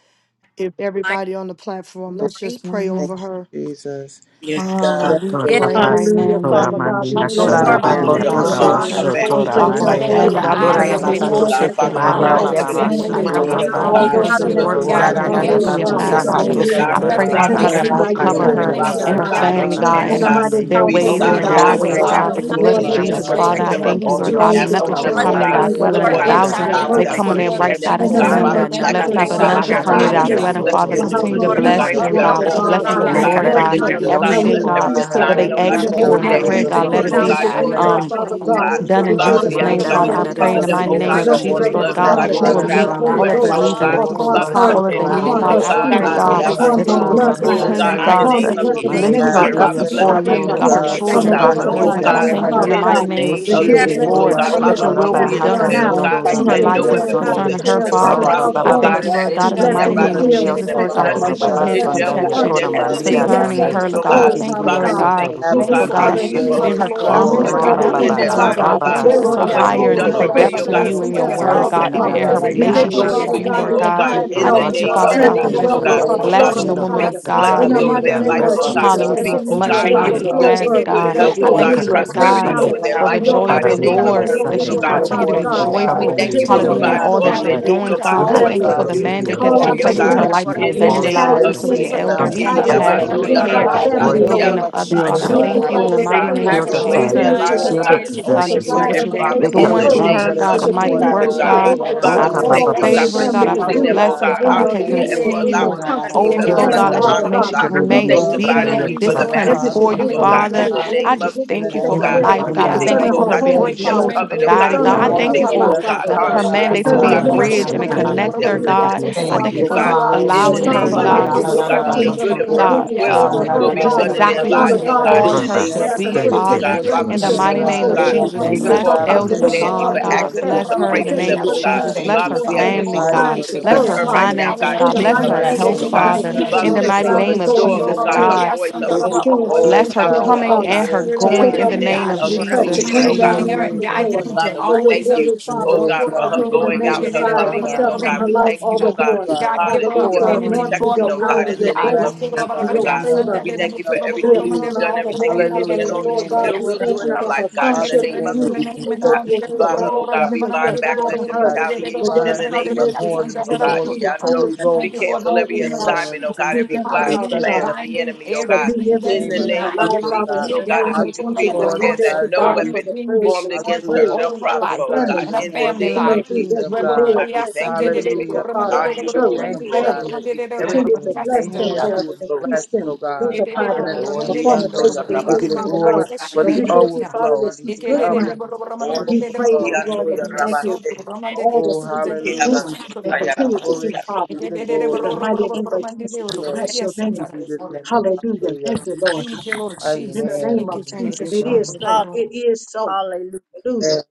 If
I
everybody on the platform, let's
agree.
just pray
Thank
over her.
you, Jesus.
Yes,
Father,
God.
Thank
we
Yeah,
pray
you,
right
Shotorabasi
now
Hallelujah,
in the
Lord.
Father
name of
God, we
Toramandeya
Jesus
Two
bless
Bless
for
Hallelujah,
you
Father,
and
we
ranaba
Father,
we
them,
we
ka
lift
LaVon,
Shandeya
O
thank
up
bring
God.
you,
God.
Baba
We
tose,
Levon and
Levon
Lord.
her
pray,
Father,
Bless
before
We
family
you.
to
the
God,
you
praise
We
for
marriage,
her
your
O
right
thank
Shotoramandeya
now
you,
God.
holy,
family.
in the
the
God,
name
mighty
we
two
of
eyes
pray
you are
a
of
name,
Bless
the
and
ranaba
Jesus,
hedge
we
of
ka
so
oh
Komamasiki
lift
God.
Lord
Jesus.
tose
up
protection,
ke
her
a
Father,
Lord.
ba,
you know
God,
bond
firewall
go
aaj
of
her
whatever
to
ki
Rabababa
they
with
and
di
protection
fro
the
family,
in
aaj
stand in
the
around
glory,
need
her,
of,
O
earth.
now
samosa,
oh
And
Father,
all
we
God.
God.
Shokoramandeya
according
those
how
thank
to
the
Strength,
you,
your
But
word
Lord
connected
in
blessing
four
loving.
unto
God.
Father,
God, in the
her,
we
Thank
Zechariah
ranaba
Sandarodia
together.
With
know
name
you
Lord
the
you
3
ka
of
so
to
and
cast
God,
much.
Father
be
that
tosa
5,
God,
Jesus,
God.
you
that
ba
would
Father.
you
head.
Jehovah
you,
Shandeya
will
tose
move
Cover
cover
Jireh,
I
ke,
them,
her
pray,
oh
nothing
God.
God.
Father
Kanarabaha
family,
We
God,
know
God.
that
continuously
I
you
four
you
missing.
to
will
The
by
thank
be
your
you,
cover
God,
Jehovah
We
spirit
children,
that
her
O
you
Eridia
thank
upon
Rapha,
you,
their
and
God.
her
oh
Lord
started
God.
lives.
God,
We
family,
that
know
Father,
something
you
in
you,
Sotorababa
God,
the
do
In
oh
the
and
name
new.
God,
of,
not
mighty,
see.
to
their
be
You
Shandeya
powerful
the
Oh
ways
see
and
name
it
God,
Lord
their
of
oh
God, and
all.
I
God,
oh
So,
who's
pray,
byways,
Jesus,
able
Father,
God,
God,
So,
God,
but
that
the
Kamamasekis
to
we
you
oh
do
will
Father,
blood of
thank
Lord,
Rabbi
you
cover
let
exceeding and
them,
this
your
Jesus,
day
Orababaya
Shana.
Father,
in
protect
the
blessings
abundantly
I
them, I
above
thank
name
you,
all
of
Lord,
that
speak
Lord
Tedidio
they
you
God.
Jesus.
overflow,
know
peace
ask
We
your
our
or
Nothing
over
cover
her
should
think,
heart's
bless the
oh
come
continual
her
near
Shotorababa
God,
mind.
thy
favor,
desire,
with
your
dwelling.
Lord
A
God.
the
siki
according
and
Father,
to
grace,
the
thousand
your
overtake
silence
power
God,
may
Rabababa
that
anti-venomous
every
come on
mercy.
their
worketh
blood
enemy,
Sete
right
of
in
protect
every
side
them,
In
and
oh
the
God.
ten
Jesus.
them,
the
foe.
on
name
protect
We
Manda
life
Father,
their
of
we
thank
Father,
ask
you,
I
that
left
Jesus,
side,
you
Lord
nakobo
thank
but
you,
them.
of
bless
Father,
Lord
none
God,
them,
we
in
should
God,
oh
the
shikiri
come
In
that
the
near
God
thank
mighty
the
she
thy
name
bibia
of
has
that
you
you
name
dwelling,
of
bless
Father.
them
sotore
for
broken
in
Jesus
Jesus,
the
how
for
Continue to
you
through.
we
bibia
Lord
And
ministry,
I
oh
building
loose
use
for
her
bless
God,
pray,
your
this
shanda
that
up.
them,
you
Lord
have
woman
God,
We
God,
of
Elder
that
with the
thank
she
blessings
called
will
you,
them
God,
blessings
to,
Lord
upon.
how
continue
of
to
Levon.
oh
the
me
you
God,
God,
see
Lord,
bless
The
karare
every
God.
di
that
Release
breakthrough
di
life
you,
her,
need
di
your
oh
after
God,
met.
how
osho
peace
Everything,
bless
you
breakthrough.
kora
God,
every
upon
increase
them.
I
her.
that
Every
pray,
bahata.
they
assignment, oh
Lord
need
In
God,
God,
ask
that
the
you
Release
they
that
your
for
Ye
put
name
in
their
family
of
supplied,
glory
we
prayer,
karare
hands
members,
Jesus,
di
to
the
God,
thank
di
you,
let
upon
do,
poured
things
di
it
oh
di
them.
that
out,
Lord
continue
be.
God,
she's
to
Father
in the
God.
In
It
do
the
name of
name of
God,
will
so,
Um,
been
go
bring
Jesus,
Father
praying
it
oh
on. I
back
for
God.
Jesus,
God.
will
the
go
done
We
in
to
years,
the
pray
Father,
out
Father,
the
Monday
Jesus'
we
that
ask,
to
that
the
name,
oh
you
she
Manda
God,
blessings
will,
will
Father.
that
Monday.
of
I
you
the
cold.
begin
We
yanara
pray
are
in
cover
to
hallelujah,
the
Father,
them,
sent
mighty
see,
to
oh
ridiya
the
name
the
My,
God,
continue
of
Father.
to
Monday
under
shande
to
So
the
blessings
the
my,
order
Jesus,
of
thank
the
their
Lord
blood,
you
yokoro
oh
for
God,
steps
Son,
all
God,
the
that
as
you
Monday.
that
they
right
you
will
ridiya
blessings
are
of
meet
the
now.
travel
doing in
Holy
to
shande.
all
and
her
of
In
their
the
fro,
life
Ghost
oh
needs
and
name
and
God.
her
of
that
hallelujah,
you
Roko
upon
family's
Father,
life.
supply
Jesus,
her,
all
touch
of
their
their
basoko
needs,
upon
continue
children,
to
robo
her
Father.
oh
I
walk
God,
and
God,
pray,
seed,
shoto
and
continue
the
to
We
cover
God,
are
give
roba
them,
her
oh
upon
sent to
that
her
the
you
apostle.
Monday.
God.
will
soko
vision.
We are
Continue
sent to
bloodline,
In
to
rababa
Oh
ranaba
the
give
the
continue,
her
God,
name
in
of
the
eyes
God,
seke.
to
upon the
name
to
see
of
and
Monday.
work
Jesus,
We
of the
Manda
ears
Jesus,
to
oh
lift
ka.
have
ministry
God.
her
hear.
are
your
that
up
Father,
ridiya
you've
way
sent to
bless
the
before
given
with
God,
them
her
let
to
them,
shoto
to
you,
Thank
her
oh
you
God,
for
her
do,
continue
walk
the
ridiya
God.
to
in
do
on
step
the
children,
blessing
shanka
thy
of
God,
with
the
works
God,
her
will,
of
you,
be
Lord
our
oh
husband.
sunday.
being
God,
their
I
Mother.
God.
hands,
And
upon
thank
let
you in
our
shanda.
sword
the
Father
dear
In
life.
the
mighty
God.
listeners
name of
and
name
We
the
That
are
of
sent
wonder
she
Neseke
to
is
real
Jesus,
just
Jesus,
blessed
reward,
oh
begins
Lord,
ridiya
to
God,
coming
God, in
in,
open
that
the
Father,
your
the
soto
we
name
up
she's
and
will
of
to
will
raba
Monday.
decree
blessed
be
the
and
We
done
are
hata
going
word
cons-
declare,
Jesus.
sent
oh
out.
to
on
God,
yonoro
the
to
like
Monday. We are
Father,
She's
her
that
we
the
nothing
sent to the
no
life
ridiya
just
head
and
before in
weapon
and
thank
the
Monday.
not
name
formed
you,
the
we
We
concerning
of
her,
against
thank
tail.
them
you,
Jesus.
shall
She's
So,
God,
Oh
Father.
are
we
Father,
prosper,
above
we
sent to
I
thank
speak
oh
you,
the Monday.
the
thank
God,
rababa
only.
you,
and
we
death
that
thank
Lord
of
you
any
She's
God, in the
tongue
Thank
Jesus
you
seke
blessed
for
that
mighty
in
over
the
what
rise
name
her.
of
you're
up
field.
doing
ridiya
in
She's
against
Jesus,
them
their
in
Lord
blessed
Lord
in
God,
the
God,
soto
for
lives,
no
oh
judgment,
just
city.
your
rababa
She's
weapon
God.
hedge
it
of
blessed
formed,
in
shall
Lord
sanda
the
We
be
God,
thank
protection
you,
and
yakora
country.
condemned in
every
God,
the
for
spirit
new
She's
mandiya
of
name of
death,
blessed
concerning
God,
heights,
wherever
shande.
from
her,
Jesus,
she
oh
this
Lord
oh
God. I
God.
God,
goes,
salvation,
thank you,
Father
we
Nikiridiya
Father,
Lord
bind
we
God.
new
it now
God,
soto
thank
in
you,
You
oh
Jesus'
for
God,
give
avenues,
for
her
the
God
ridiya
new
name.
the
hallelujah,
angels
sunday.
for
of
being
who
the
heathen,
her
doors, oh
Father,
you
and
Lord
I
are,
God,
the
Oh,
an
for
pray,
counselor,
what
Lord
nations
encamping
you're
open
of
God,
God.
Roma
the
I
that
around
doing
you
the
will
in
door,
thank
heathen,
you,
their
Baba,
continue
banner.
Lord
God.
lives,
to
Father,
God,
oh
Roma
open
for
God,
Thank you,
Heaven,
taking
doors to
Lord
to
for
whereon
Basika,
the
her,
God.
what
All
higher
you've
soul
and
of
to
done
her
deeper
Lidia
make
God,
foot
already, oh
depths
keep
divine
in
God,
her,
treads
and
Soto,
you
to
oh
for
and
what
your
step
connections,
you're
and
God.
still
word,
Father,
walk
the
Mesa
God,
yet
thank you
Oh
even
upon.
with
in
Nana
the
her
God,
promises of
right
We
Lidia
thank
continue
God are
you,
to
people,
relationship
oh
going
with
draw
Father
yes
God.
to
Basunda.
and
you,
God,
do,
the
Lord
crown
oh
with
God.
amen.
In
God,
Keep
the
divine
a
your
I
name
in the
of
health,
Thank
Thank
wisdom,
you
thank
you,
watch
you,
and
for
name
the
Jesus,
Father
of
God,
oh
God,
protect
strength,
for
God,
and
Jesus,
the
let
just
me
oh
in
wealth
be
the
the
God.
is her
name
overflow of
of
Karabahata
lighthouse
Father,
to
blessing the
portion,
we
be
Yellow.
woman
Jesus.
speak
filled
of
Father.
Let the
with to
God,
In
be
God
blessings
if
the
glory
in
over
of
the
you
mighty
their
God
name
name
life,
would
of
of
oh
rest
about
on
God.
your
We
Jesus,
Hallelujah.
Jesus.
speak,
Shama,
With
presence
continue
oh
in
Lidia
to
much
the
God,
Thank you
would
Sunday,
needed
for
uh,
hallelujah,
overflow
this
rest,
her
hear
morning.
good
God.
with
Thank
your
health,
you,
I
your
oh
God,
thank
God,
voice,
that
you,
and
Ekara
you are
wisdom,
Lord
your
turning
God.
prosperity
things
Sunday,
over
knowledge,
their
For the
life,
and
around.
your
oh
uh,
I
joy of
God,
the
Ekara
in
thank
the
you,
Pastor
name
God,
understanding
of
for
Lidia
and
Lord,
Jill,
her
your
Jesus,
faith
we
that
Sunday.
you
oh
is
hear
insight,
God.
your
Watch
serve
your
continue to
life.
Father
be
voice,
even
oh
God.
family
more,
Thank you
God,
We
Father.
for
joyful,
I
covering in
thank you
the
Thank
teaching
Continue
you,
for
in
him,
to
the
Lord
name
hallelujah,
of
in
name
leading
bless
God.
providing
of
him,
all
all
that
of
Gavon.
you're
their
guiding
that
Jesus.
You
Jesus.
him
will
needs,
doing,
oh
into
God,
Father.
continue
I
to
Oh
Bless
according
always
thank
do
you
to
love
her.
for
God,
the
Ekara
a
your
the
if
new
truth.
riches
you
They
thing,
mandate
Lidia,
and
We
oh
call
that
shall
you
God,
out
there's
glory,
thank
that
a
her
you,
oh
she
placed on
will
God,
Lord
hear
her
name.
God,
protection
life
for
in
to
the
recognize
in
The
that
the
and
wall
she's
a
of
victory
in a
name
evangelize
entire
new
and
fire
of
to
stranger
with
gen,
they
be an
will
Jesus.
season,
her
elder,
not
around
and even
and
the
Eh,
that
entire
her
she's
life,
at a
pastor,
Lord.
answer,
new
yabando
the
family,
gen
ya
oh
her
level,
Let
care,
white
God.
life,
the
Father,
in
the
in
glory
the
family,
of
the
well
rabasandi
God
ya
name
being
name
Lord.
of
of
of
others,
Jesus.
shield
rabaya.
Father.
Jesus,
But
I
her,
oh
God,
Move
thank
God.
if
you
by
in
you
the
your
Oh
keep them
mighty
God,
Thank
Shandoromadereba.
out of
you,
spirit.
name
Thank
have
of
shield
you
your
her
your
for
Father.
way
your
in
heart,
family,
Thank
their
oh
Continue
you,
Jesus.
to
divine
lives,
Lord
oh
let
God,
shield
in
God,
her
there
God,
the
as
be
protection.
name of
God,
only
that
just
possessions.
you
we
for
multiplied
are
This
what
can,
on
you're
the
Jesus,
Father,
morning,
face
It
standing
in
of
by
the
in
the
cut
her
build
doing
the
my
them
name
earth
through
of
up
hand.
her,
where
name
children.
they've
Jesus.
God,
to
of
the
been
mighty
torn
continue
Jesus,
to
God, in
oh
work,
do
the
down,
the
God.
make
Shandoromadereba.
them
God.
name
work that
of
you
Oh,
Father,
have
I
we
strong
Jesus,
pray
thank
called
you, oh
where
this
God, for
they've
favor, God.
been
family
I
weak,
to
pray
using
oh
do
them, oh
God.
Hallelujah,
blessings,
God,
in
God.
We
I
Father.
your
pray
thank
Thank
hallelujah,
you,
and
you.
Lord,
nation,
for
for
in your
continual
allowing
thinking
them
in the
to
country,
We
be
in
In
head,
the
not
vessels
overflow,
in
land,
Jesus'
the
God.
unto
the
Let
blood.
she,
tail
Father
honor,
may
oh
God.
name.
she
Hey,
God.
baby,
We
remain
dear.
thank
above
you
and
that
Sanctified
not
obedient
Sunday,
and
you
and
meet
praise
caught
for
you,
the
beneath,
up.
to
Lord
disciplined
up,
God.
every
master's
cause
before
it
up.
use,
to
you,
oh
provision
come
you
is
on
God, in
Hallelujah.
Father.
made,
the
top.
and
I
every
name
Hallelujah.
of
just
In
provision
the
thank
is
you
Jesus, oh
for
taken
name
her
Thank
of
God.
you,
care of
life,
Lord
God. I
Jesus,
God.
thank
Continue,
you
God,
concerning
Thank
we
for
oh
you
her
her
for
God,
just
to
being a
thank
home,
keep
you,
them
breakthrough
jewel
Father,
to
God,
in
the
covered, oh
every
for
body,
God.
the
God.
concerning
I
her
area of
thank
anointing
you
her
Continue,
that
for
business,
oh
life.
rests
Father
God.
the,
upon our
God,
her
Hallelujah.
mandate
lives,
to
Oh
are
concerning
be
on
a
the
God,
the
God.
we will
bus.
ministry
bridge
you
that
and
In
a
the
you
continue to
give
name
her
of
keep
to the
connector,
them
business,
Jesus,
lifted
God.
thank you,
I
before
we
you,
thank
Father
Sunday.
you
oh
give
for
you
God.
the
God.
You are the
Father.
glory, we
In
The
the
You
allowing
Thank
give you
strength
come
of
the
on
Psalms
name
her,
her
you,
of
and
life.
God,
praise,
to
91
Jesus,
oh
oh God,
Let
that
God.
your
protection
see,
good
and
Lord.
and
Oh
God,
perfect
provisions
Say,
will
over
you
God,
um,
Ora
her,
will
la
thank
be
la
just
la la
you,
done
Father.
in
la
thank
la
their
exactly
you,
who
Father
lives,
you
costa
oh
God,
cara
God.
they
la
In
Jesus.
called
the
see
la
her
that
name
to
Thank
of
her
la
you,
dash her
be
la
be,
foot
able
Jesus,
Jesus,
oh
against
for
to
the
Father.
God.
what
hear
stone.
the
Father,
You
you're
In
we
the
doing
said
in
the
thank
their
mighty
Sunday?
crystal
angels
you,
Tabla
name
oh
are
lives.
of
God.
hearing
there
tabla
Jesus,
They
from
Thank
Even
to
tabla
you,
bless
for
help
what
get
God,
the
her,
for
tabla
to
Elder
Apostle
will
making
lift
of
tabla
much.
her
the
Sandy
way
up,
Levon,
Lord
for
for
to
tabla
them.
God.
asking
protect.
us
Bless
tabla.
to
Thank
her
you
We
in
pray
for
the
for
thank
being
name
them,
you
of
for
oh
the
is.
God.
Jesus.
provided,
Thank
angelic
Bless
you,
Father,
her
host
we
being a
Thank
that
ask
you
Father.
is
that
family,
for
you
the
would
provider
Glory
God.
be
assigned
for
fresh
even
to
to
them, oh
Bless
God.
touch
her,
her
her
God.
Thank
anointing
right
you,
Father.
now,
Lord.
falling
finances,
God,
In
Thank
in
God.
you,
the
the
upon
name
oh
Bless
her
of
mighty
And we
her
God,
this
that
name
they
ask
Jesus,
of
day
health,
that
oh
will
in the
Jesus,
God
God.
lack
I
Father.
name
put
strength
of
and
them
In
Father,
on
nothing,
the
the
oh
God
that
truth and mother,
you
Jesus.
mighty
sign
would
of
God
Lord,
name
the
of
so
Lord
what
restore,
in
you
the
oh
Jesus,
begin
God,
name
to
up
of
her
God.
voice, her
and we
Jesus.
and
go
vocal
still
Shandorababababiyashandoraba,
forward.
to
cords,
She
her
Bless
Oh
do
her
under
things,
the
Overflow
esophagus,
God,
Lord,
coming
of
oh
the
Father,
and
God
her
oh
Spirit
to
of the
in
going
take
God
God,
in
is
up
the
the
Living
that
name
name
one.
God,
of
of
continue
requests,
For
to
you
teaching
give
Jesus.
Jesus,
a
to
her,
bring
oh
look
down
God.
clear
leading
up
her,
with
Amen.
some
and
answers,
vision
breath
guiding her
in
Lord,
on
the
all of
to
Father,
name
them.
of
for
we
your
always
thank
of
you,
the
glory,
Jesus.
truth.
Father,
oh
Glory be
Oh
God,
to
God,
for
God
her
continue
in
to
your
going out
even
and
eyes.
her
Be
more,
magnify
oh
that
coming in,
our
God,
yourself
oh
in
God.
her
open
We
life
up,
thank
all
you,
the
oh
oh
God,
more.
God, uh,
God, give
Father, let
her
hallelujah,
pour
your
for
out the,
Covering
affinity
anointing,
for
and
protection,
the
your
oh
power,
word
God,
uh,
in
of
the
your
your
God.
keeping
name
grace,
of
blessings,
God.
oh
Jesus,
and
lives.
God,
oh
your
if
God.
you
Lord.
don't
favor
have
We
room
thank you for
enough to
be
everything
upon
you've
receive.
her
done,
all the
everything
more,
you're doing,
Father,
and
and
Hallelujah,
all
in the
that
Lord
you
name of
God,
still
we
will do
thank
in
you
our
Jesus.
for
life,
her
Uh,
God, in the
Father,
sonship
in the
name
with
Excellent
name
in
of
of
you.
your
Jesus,
name
We
oh
and
Jesus,
thank
all
God.
you
the
that she
earth.
Father,
thank
oh
you,
abides in
God,
God.
we
you and you
bind
abide
Ask
in
backlash and
her.
to
That
retaliation
purify
there
in
her
is
the
even
name
the
of
covenant
more in
Jesus,
your
oh
relationship
God.
soul,
between the two
Yando,
of
Holy
you
We
Thank you
and
Ghost.
for the
cancel every
In
name
always,
the
of
Father.
name of
assignment, oh God,
Jesus.
We
every
Jesus,
thank you,
plot
God,
and
Father
Hallelujah.
bless
God.
plan
their prayers.
of the
Binding
enemy, oh
So
God,
meet
everything
in
every
the
in
that's
name
the
need
of
in her
not
name of
life,
Jesus,
like
Father,
Jesus,
God.
in
you,
oh
the
God.
God.
name
And
I
of
we decree
Jesus,
and
The
as
Or
implore
we
declare
to
about
works
that
thank you,
God
of
that
no
they
Father,
be,
darkness
for
weapon
the
being
prayers that
formed
she
destroyed
against
from
her
hallelujah,
prayed
shall
all of her
prosper,
oh
life
oh
God,
God,
concerning
and our
even
in the
more
family
the
name
in the
life.
being
of
who
Jesus.
what
kingdom,
Thank
she
God.
lived,
God, we
you,
what she
thank you, we
ministered to
praise
her
Hallelujah,
you, we
Father,
God.
honor
the
you,
have
we
your
church,
give
way.
you
the
Thank you,
glory
God,
family.
in
that
Jesus' name.
I
everything
Continue
feel
to
like
they
the
bless
put their
We
them,
Lord.
are
hands
back.
Lord,
to is
and
So,
increase
blessed, oh
them,
God.
multiply
In the
them
name of
only
upon
I
the
know
face
Jesus,
of
your
we
the
God.
rabbi,
give
earth,
you the
Father
glory
God.
Sataya.
for
And
the
we
We
thank you,
are back.
Father,
overflow,
that she's
the
good
overflow,
ground.
the
And
Only
we praise
overflow.
you,
I know
Lord,
your
and we thank
rabbi,
you
Sataya.
for all the
Oh,
things that
We
you're
are
hallelujah.
back.
doing and
Get the
Sataya,
continue
rabbi,
to
glory.
do,
Sataya.
Father.
Give you the
In
glory.
the mighty
Give you
name of Jesus, we
the
bless
praise.
your name.
In Jesus' name.
Hallelujah.
Hallelujah.
Thank you, Lord.
Lord
In
Jesus.
the name
Amen.
of
Thank
Jesus,
you,
it is
God.
so.
hall-
It is so.
hallelujah,
Hallelujah.
Yes,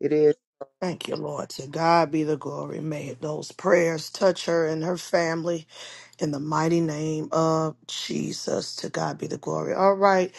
it is.
Thank you, Lord. To God be the glory. May those prayers touch her and her family in the mighty name of Jesus. To God be the glory. All right.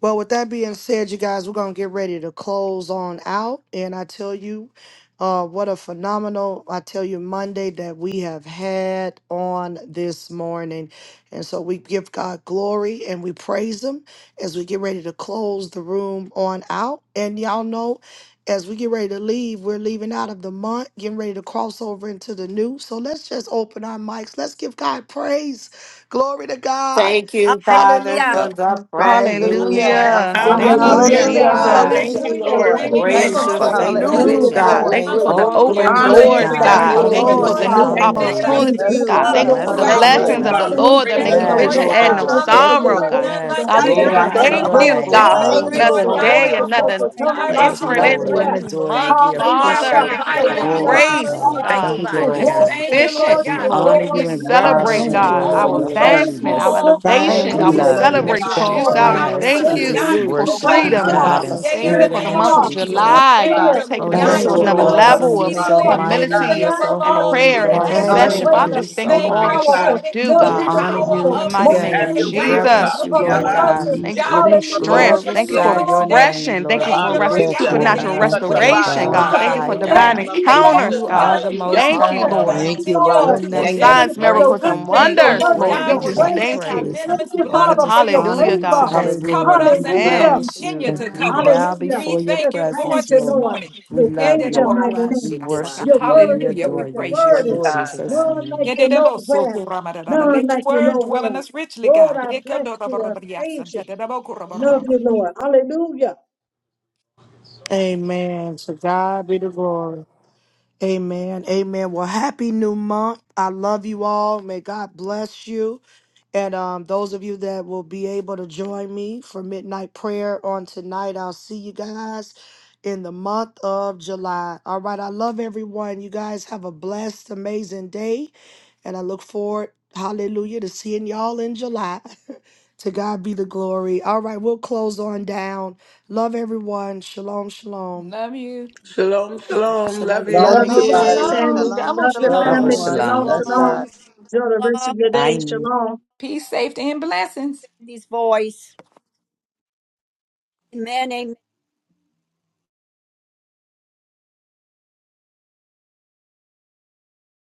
Well, with that being said, you guys, we're gonna get ready to close on out, and I tell you, uh, what a phenomenal I tell you Monday that we have had on this morning, and so we give God glory and we praise Him as we get ready to close the room on out, and y'all know. As we get ready to leave, we're leaving out of the month, getting ready to cross over into the new. So let's just open our mics. Let's give God praise. Glory to God.
Thank you, Father,
Hallelujah.
for the brand new
Hallelujah.
month
Hallelujah.
of
Hallelujah.
Thank you,
Hallelujah.
Hallelujah.
Lord
Hallelujah.
Hallelujah,
God,
Hallelujah.
July.
Jesus.
Hallelujah.
Thank
Thank
bless
you,
you,
your
hallelujah.
Lord.
Lord.
Hallelujah.
mighty
Thank
Great
you,
Thank
Thank
is
you
you
name.
your
Lord,
for
for
of
Hallelujah.
the
the
the
Thank
new.
new
faithfulness,
you,
God.
breakthrough.
Hallelujah.
Lord.
Thank
Yahweh.
you
Glory,
for the
glory,
All
glory,
Hallelujah,
open
glory to
Hallelujah.
doors,
The
hallelujah.
God.
Hallelujah.
Thank
Thank
people
God.
you,
of
you
the
Thank
glory,
for
Thank
you,
you for
Lord.
living
this
Lord,
Hallelujah.
the new
glory.
new
Yes,
Father.
you
Thank
Lord.
month.
led
you,
We
Hallelujah.
us
Thank
opportunities,
Bless
Jesus.
bless
God.
you,
you,
God.
Thank you for
Lord
the
Blessings
throughout
God.
on
this
Hallelujah.
blessings of
Rabasataya.
the
Hallelujah.
month.
blessings.
We
Thank
Lord that
you
make
thank
for
it
Thank
you,
your
you,
rich
Lord
Yes.
and
Lord
add
blessings.
God.
no
God.
Thank you for
Yes,
your
sorrow,
Hallelujah.
God.
Lord.
grace
None
and
Yes,
like
your
God, we
you,
It
just
glory
favor.
God.
up.
to
None
thank
your
like
you,
Lord,
name,
Chandalabaso.
we
you.
God,
Father.
praise
Thank
Thank
for
you,
you,
you
You're
another
Lord
so
My
Lord.
God.
today
day,
God.
wonderful.
because
another
Jehovah
there's no
In the
one
We
like
Yes,
just
Jireh.
you,
name
entering
no
love
of
into
you
a
Lord.
Hallelujah.
and
prayer.
Jesus,
new
oh
adore
God,
you.
month,
Thank
We
you.
bless
You
us, oh
have
Father.
appreciate
Hallelujah,
God.
Thank you
you,
Have
for
provided
your
your
God.
and
hallelujah,
you
Glory
way.
will
hallelujah.
to
hallelujah.
grace,
continue
God.
to
Thank
God.
Thank
you,
Hallelujah.
you,
provide.
Hallelujah,
Lord
That's
Lord.
God.
glory
In
Thank
and
you, Lord
sufficient,
authority
We
God,
is
for
honor
Lord.
your
We
yours.
you
the,
the name of
and
We
the
Jesus.
bless
reverence
celebrate,
you,
you
Thank
Hallelujah.
anointing,
you,
God,
Lord, for
and
our
all
we
your
Lord.
fresh,
praise you
advancement,
for
our
holiness.
all
goodness, for
Thank
Thank
elevation,
We
you
God. We
you.
hallelujah,
for
newness,
love
and
letting
you.
thank
that
us
you're
God.
celebrate
you
you,
cross
Lord,
pouring
God.
Chandalabaso.
We
out
over
for
Yes,
Hallelujah.
upon
into
thank
we
us.
the
you
just
God,
everything that
new.
Deliverance,
for
you
oh
worship
brought
God.
you,
praise you
freedom,
forth
God,
God.
Hallelujah.
this
We
in
The
day in
thank
the
you
prophetic
this
spirit
for
and
the
in
word
name
month
of
for
of
far,
the
truth,
new
Jesus.
Lord.
this
month, oh
July,
God.
Thank
God,
year,
you,
Oh,
Lord
taking us
and
you're
the
In
Thank
the
God.
to
Thank
you,
things
You're
you,
so
that
another
name
you
Lord
of
doing
want
Lord.
to
God.
awesome.
level
Jesus,
bring
You're
of
Yes,
so
Father.
exceedingly
forth.
Lord.
mighty
In
God,
the
and
abundantly
we
humility
you're
and,
latter
above
thank
so
you.
and
part
We
all
of the
that
holy,
prayer
we
praise
and
year,
could
it's
Lord.
you. We
going
We
to
ask
be
or
honor
just
intercession.
Hallelujah.
Thank
you. We
Father,
think.
love
I
you.
greater,
you
just
give you
thank
so
you for
more
Thank
all
glory,
you
that
oh
you're
much.
God.
going
powerful,
to
according
do,
to
more
the
We
In
Thank
God,
the
you,
honor
name of
God.
in
supernatural,
you
the
power of the
mighty
more
Jesus,
name
today.
have
of
Spirit
your
of
We
way,
God
amazing,
oh
that's
God.
reverence
Jesus,
you,
In the
more
working
Yeah,
in
Lord
Lord.
within
God.
us.
Hallelujah.
God.
abundance.
Thank
In
you
Jesus.
the
for
We
God,
new
name
Thank
we
of
you, Lord.
Hallelujah,
strength.
worship
Jesus,
Thank
thank
you
you,
you
for
glorify
Lord.
this
your
Lord.
day. We
name,
refreshing. Thank you
Lord. We
thank
for
you,
rest,
Lord
Yes,
lift
God,
Hallelujah.
you
that it
Lord.
supernatural
up
is
Thank
Touch
you,
our
Lord
well.
body,
restoration,
God.
oh
on
God. Thank
God.
you for
high,
In the
Hallelujah.
Thank
And
divine
name
God.
of
he
For
you,
that hath
encounters,
Jesus.
you
Lord.
God.
are
begun
Thank
the
a
you, Lord. Thank you,
good
Hallelujah.
most
Thank
work
high
you,
Lord.
will
Lord,
Thank
God.
Hallelujah.
Thank
you
you,
continue
Father,
Lord.
Your
Lord.
we
until
for
the
Yes,
thank
name
day
Thank
is
Lord.
of
you.
you
signs,
for
Christ.
great
your
miracles, and
and
goodness,
you
Thank you,
your
are
wonders,
Lord
mercy,
Lord.
God,
We
greatly
your
for
Thank
to
just
your
be
grace.
thank
anti
you.
you,
praised.
Thank
venomous
you,
Lord
And
blood
God.
we
of
Father,
just
for your
honor
Jesus
Hallelujah,
you
favor.
God.
has
today,
covered
Lord.
Hallelujah.
us
We
and will
Hallelujah.
Amen.
reverence you.
continue
Thank
to
you.
We
cover us.
bow
Hallelujah.
We
before your
You're
thank you for
praying
it
presence,
to
this
Lord.
Lord.
morning.
We
You're
love
praying your
you.
mighty
We
name.
worship
Your
you and
word
we
is
Hallelujah. We
adore
Lord. Your
praise
you.
Yes,
word
you.
In
is
Glory be
God.
to
Jesus'
God.
none like
name.
you nowhere.
Yedidabo-soto-ramadadada.
None
Let your
like you
word dwell in
nowhere.
us richly,
Lord,
God.
I bless you. I
Yekodoroborobriasa.
praise you. I love
Yedidabokoroboroba.
you, Lord. Hallelujah.
Amen. To God be the glory. Amen. Amen. Well, happy new month. I love you all. May God bless you. And um, those of you that will be able to join me for midnight prayer on tonight, I'll see you guys in the month of July. All right. I love everyone. You guys have a blessed, amazing day. And I look forward, hallelujah, to seeing y'all in July. to God be the glory. All right. We'll close on down. Love everyone. Shalom, shalom.
Love you.
Shalom, shalom. Love
Shalom,
you.
Love
Love
Love
family.
you,
God
Shalom,
bless.
Apostle
everybody.
you.
shalom.
Samuel.
Shalom,
Double
Love your
Love
Double
shalom.
family.
Shalom,
shalom.
everyone.
Shalom,
shalom.
Love
Bless God.
you.
shalom. Enjoy the rest
shalom,
of your day.
Bye.
Shalom.
Peace, safety, and blessings.
in this voice. Amen, amen.